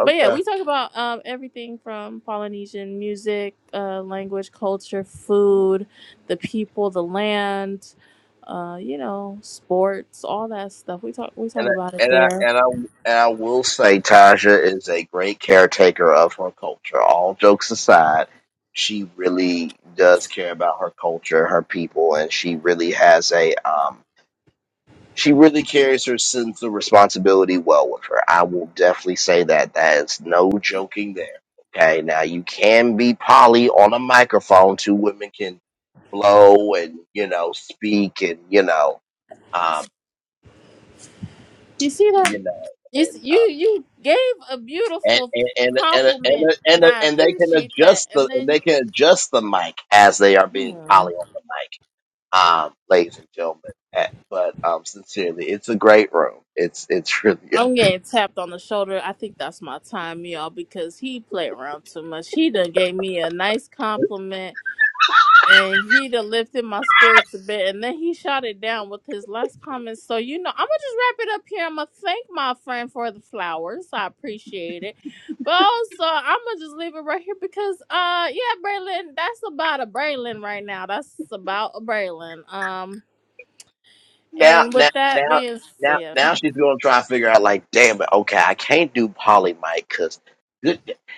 Speaker 10: But yeah, we talk about um, everything from Polynesian music, uh, language, culture, food, the people, the land, uh, you know, sports, all that stuff. We talk we talk
Speaker 1: And
Speaker 10: about
Speaker 1: I,
Speaker 10: it
Speaker 1: and I
Speaker 10: there.
Speaker 1: and I and I will say Tasha is a great caretaker of her culture. All jokes aside, she really does care about her culture, her people, and she really has a um She really carries her sense of responsibility well with her. I will definitely say that. That is no joking there. Okay, now you can be Polly on a microphone. Two women can blow and you know speak and you know um,
Speaker 10: You see that?
Speaker 1: you know
Speaker 10: You s-
Speaker 1: and.
Speaker 10: you
Speaker 1: Uh,
Speaker 10: you gave a
Speaker 1: and
Speaker 10: beautiful
Speaker 1: and and and and,
Speaker 10: compliment, and
Speaker 1: and,
Speaker 10: I
Speaker 1: and they can
Speaker 10: appreciate that.
Speaker 1: adjust the
Speaker 10: And
Speaker 1: and they can adjust the mic as they are being
Speaker 10: then.
Speaker 1: poly on the mic, um, ladies and gentlemen. Eh, But um, sincerely, it's a great room. It's it's really
Speaker 10: I'm getting tapped on the shoulder. I think that's my time, y'all, because he played around too much. He done gave me a nice compliment and he done lifted my spirits a bit and then he shot it down with his last comment. So, you know, I'm gonna just wrap it up here. I'm gonna thank my friend for the flowers. I appreciate it. But also I'm gonna just leave it right here because uh yeah, Braylon, that's about a Braylon right now. That's about a Braylon. Um
Speaker 1: now,
Speaker 10: and with
Speaker 1: now,
Speaker 10: that
Speaker 1: now,
Speaker 10: being
Speaker 1: now,
Speaker 10: said,
Speaker 1: now she's gonna try to figure out like, damn it, okay, I can't do Polly Mike because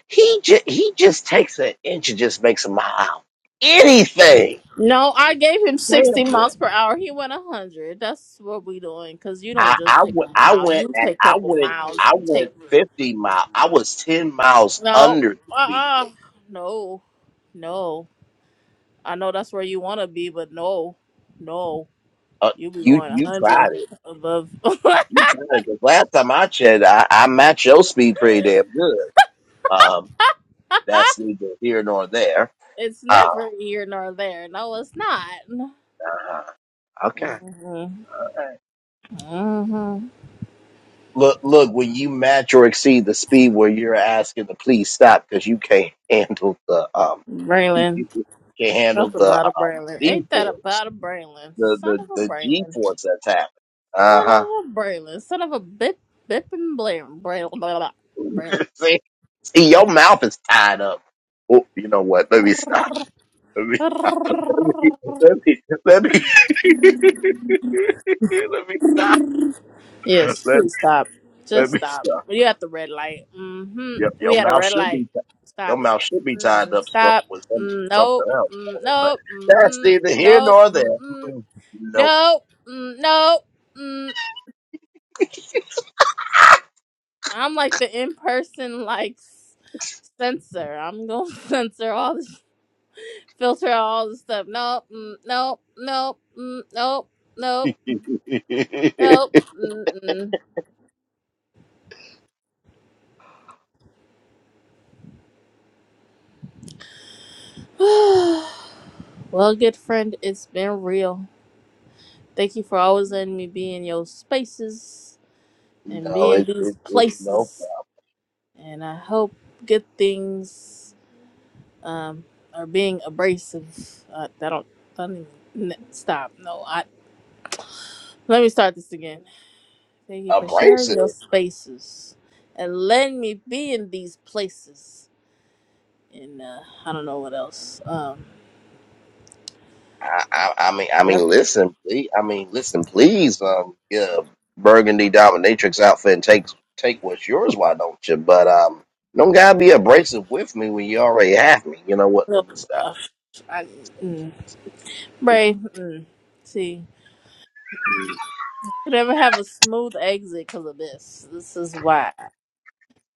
Speaker 1: he just he just takes an inch and just makes a mile anything.
Speaker 10: No, I
Speaker 1: Just
Speaker 10: gave him
Speaker 1: damn
Speaker 10: 60
Speaker 1: it.
Speaker 10: miles per hour. He went 100. That's what we doing. Because you don't
Speaker 1: I
Speaker 10: just
Speaker 1: I
Speaker 10: take a
Speaker 1: went I
Speaker 10: mile.
Speaker 1: went
Speaker 10: You
Speaker 1: at,
Speaker 10: take a
Speaker 1: I
Speaker 10: couple
Speaker 1: went
Speaker 10: miles.
Speaker 1: I
Speaker 10: You take...
Speaker 1: went fifty miles. I was ten miles
Speaker 10: No.
Speaker 1: under the speed
Speaker 10: Uh-uh.
Speaker 1: limit.
Speaker 10: No. No. I know that's where you want to be, but no. No.
Speaker 1: Uh,
Speaker 10: You be
Speaker 1: you
Speaker 10: going
Speaker 1: you
Speaker 10: 100
Speaker 1: tried it.
Speaker 10: above...
Speaker 1: You tried it because last time I checked, I, I matched your speed pretty damn good. Um, that's neither here nor there.
Speaker 10: it's
Speaker 1: Uh,
Speaker 10: never here nor there. No, it's not.
Speaker 1: uh, okay.
Speaker 10: hmm hmm
Speaker 1: Look, look, when you match or exceed the speed where you're asking to please stop because you can't handle the um
Speaker 10: Braylon.
Speaker 1: you can't handle
Speaker 10: That's
Speaker 1: the
Speaker 10: about
Speaker 1: uh,
Speaker 10: a Braylon.
Speaker 1: G
Speaker 10: Ain't that
Speaker 1: force,
Speaker 10: about a Braylon?
Speaker 1: the
Speaker 10: Son
Speaker 1: the
Speaker 10: of a
Speaker 1: the G
Speaker 10: Braylon.
Speaker 1: force that's happening. Uh
Speaker 10: Son of a Braylon. Son of a bit bip and blam. Braylon. Blah, blah,
Speaker 1: huh. see, see, your mouth is tied up. Oh, you know what? Let me stop.
Speaker 10: Braylon.
Speaker 1: Let me stop. Let me let me let me, let me stop.
Speaker 10: Yes,
Speaker 1: Let,
Speaker 10: please stop.
Speaker 1: let
Speaker 10: Just
Speaker 1: me
Speaker 10: stop.
Speaker 1: stop.
Speaker 10: You at the red light. Mm-hmm.
Speaker 1: Your, your
Speaker 10: We at a
Speaker 1: mouth
Speaker 10: red
Speaker 1: should
Speaker 10: light.
Speaker 1: be your
Speaker 10: Stop it.
Speaker 1: mouth should be tied
Speaker 10: Mm,
Speaker 1: up some-
Speaker 10: stop.
Speaker 1: with some,
Speaker 10: Mm,
Speaker 1: something
Speaker 10: nope.
Speaker 1: else.
Speaker 10: Mm,
Speaker 1: on it, But
Speaker 10: nope.
Speaker 1: that's
Speaker 10: Mm-mm.
Speaker 1: neither here
Speaker 10: Nope.
Speaker 1: nor there.
Speaker 10: Mm-mm.
Speaker 1: Mm-mm. Nope.
Speaker 10: Nope. Mm, nope. Mm. I'm like the in-person like s- censor. I'm gonna censor all this. filter out all the stuff. Nope, mm, nope, nope, mm, nope,
Speaker 1: no,
Speaker 10: nope,
Speaker 1: it's
Speaker 10: nope. Mm-mm. well, good friend, it's been real. Thank you for always letting me be in your spaces and be in these
Speaker 1: it's it's no
Speaker 10: places. And I hope good things um, are being abrasive. Uh, I don't, I don't even, n- stop. No, I. Let me start this again. Thank you for sharing
Speaker 1: abrasive.
Speaker 10: your spaces and letting me be in these places and uh, I don't know what else. Um,
Speaker 1: I, I I mean I
Speaker 10: yep.
Speaker 1: mean listen please I mean listen please um get a burgundy dominatrix outfit and take take what's yours why don't you but um don't gotta be abrasive with me when you already have me you know what let
Speaker 10: Well,
Speaker 1: me stop
Speaker 10: uh, I, mm, Bray, mm, see, you never have a smooth exit because of this. This is why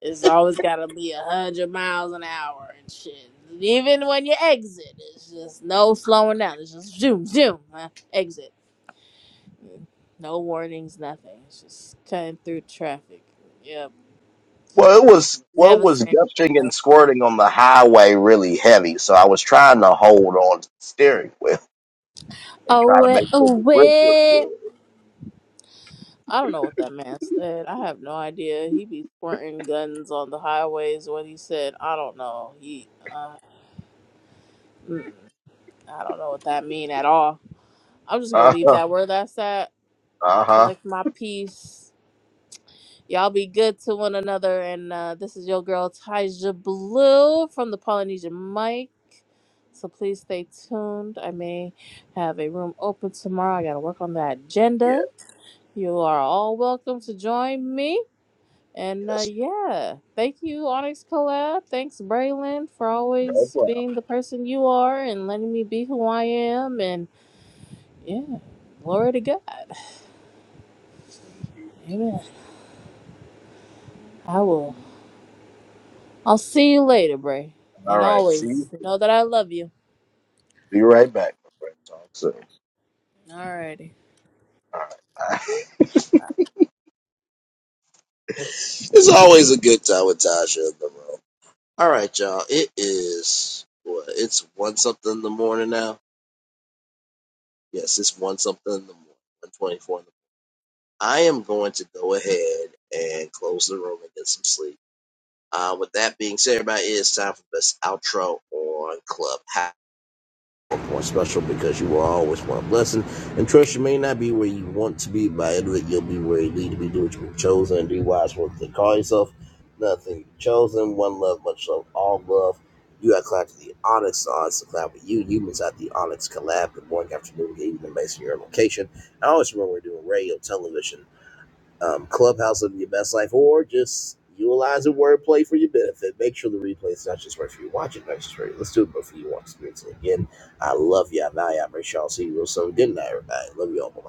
Speaker 10: it's always got to be a hundred miles an hour and shit. Even when you exit, it's just no slowing down. It's just zoom, zoom, uh, exit. Mm, No warnings, nothing. It's just cutting through traffic. Yep.
Speaker 1: Well, it was well, it
Speaker 10: Never
Speaker 1: was
Speaker 10: stand. in
Speaker 1: gushing
Speaker 10: the lane.
Speaker 1: and squirting on the highway really heavy, so I was trying to hold on to the steering wheel and
Speaker 10: Oh
Speaker 1: try to
Speaker 10: wait,
Speaker 1: make sure
Speaker 10: oh
Speaker 1: the grip was
Speaker 10: wait.
Speaker 1: good.
Speaker 10: I don't know what that man said. I have no idea. He be squirting guns on the highways. What he said, I don't know. He, uh, mm, I don't know what that mean at all. I'm just gonna
Speaker 1: Uh
Speaker 10: leave
Speaker 1: huh.
Speaker 10: that where that's at.
Speaker 1: Uh huh.
Speaker 10: Collect my piece. Y'all be good to one another. And uh, this is your girl Taija Blue from the Polynesian Mic. So please stay tuned. I may have a room open tomorrow. I gotta work on the
Speaker 1: Yeah.
Speaker 10: agenda. You are all welcome to join me. And uh,
Speaker 1: Yes.
Speaker 10: yeah, thank you, Onyx Collab. Thanks, Braylon, for
Speaker 1: No
Speaker 10: always
Speaker 1: problem.
Speaker 10: being the person you are and letting me be who I am. And yeah, glory to God. Amen. I will. I'll see you later, Bray.
Speaker 1: All
Speaker 10: And
Speaker 1: right. See.
Speaker 10: always know that I love you.
Speaker 1: Be right back, my friend. Talk soon.
Speaker 10: Alrighty.
Speaker 1: Bye. it's always a good time with Tasha in the room. All right, y'all. It is what? It's one something in the morning now. Yes, it's one something in the morning. One twenty-four in the I am going to go ahead and close the room and get some sleep. Uh, with that being said, everybody, it's time for this outro on Clubhouse. More special because you will always want a blessing. And trust you may not be where you want to be, but it, you'll be where you need to be. Do what you've chosen and do wise what they call yourself. Nothing chosen. One love, much love, all love. You got clapped to the Onyx. The Onyx to clap with you. You miss out the Onyx collab. Good morning, afternoon, good evening, based on your location. I always remember we're doing radio, television, um, Clubhouse of your best life, or just utilizing wordplay for your benefit. Make sure the replay is not just right for you. Watch it, not just for you. Let's do it before you watch it. Again, I love you. I value you. I appreciate y'all. See you real soon. Good night, everybody. Love you all. Bye Bye.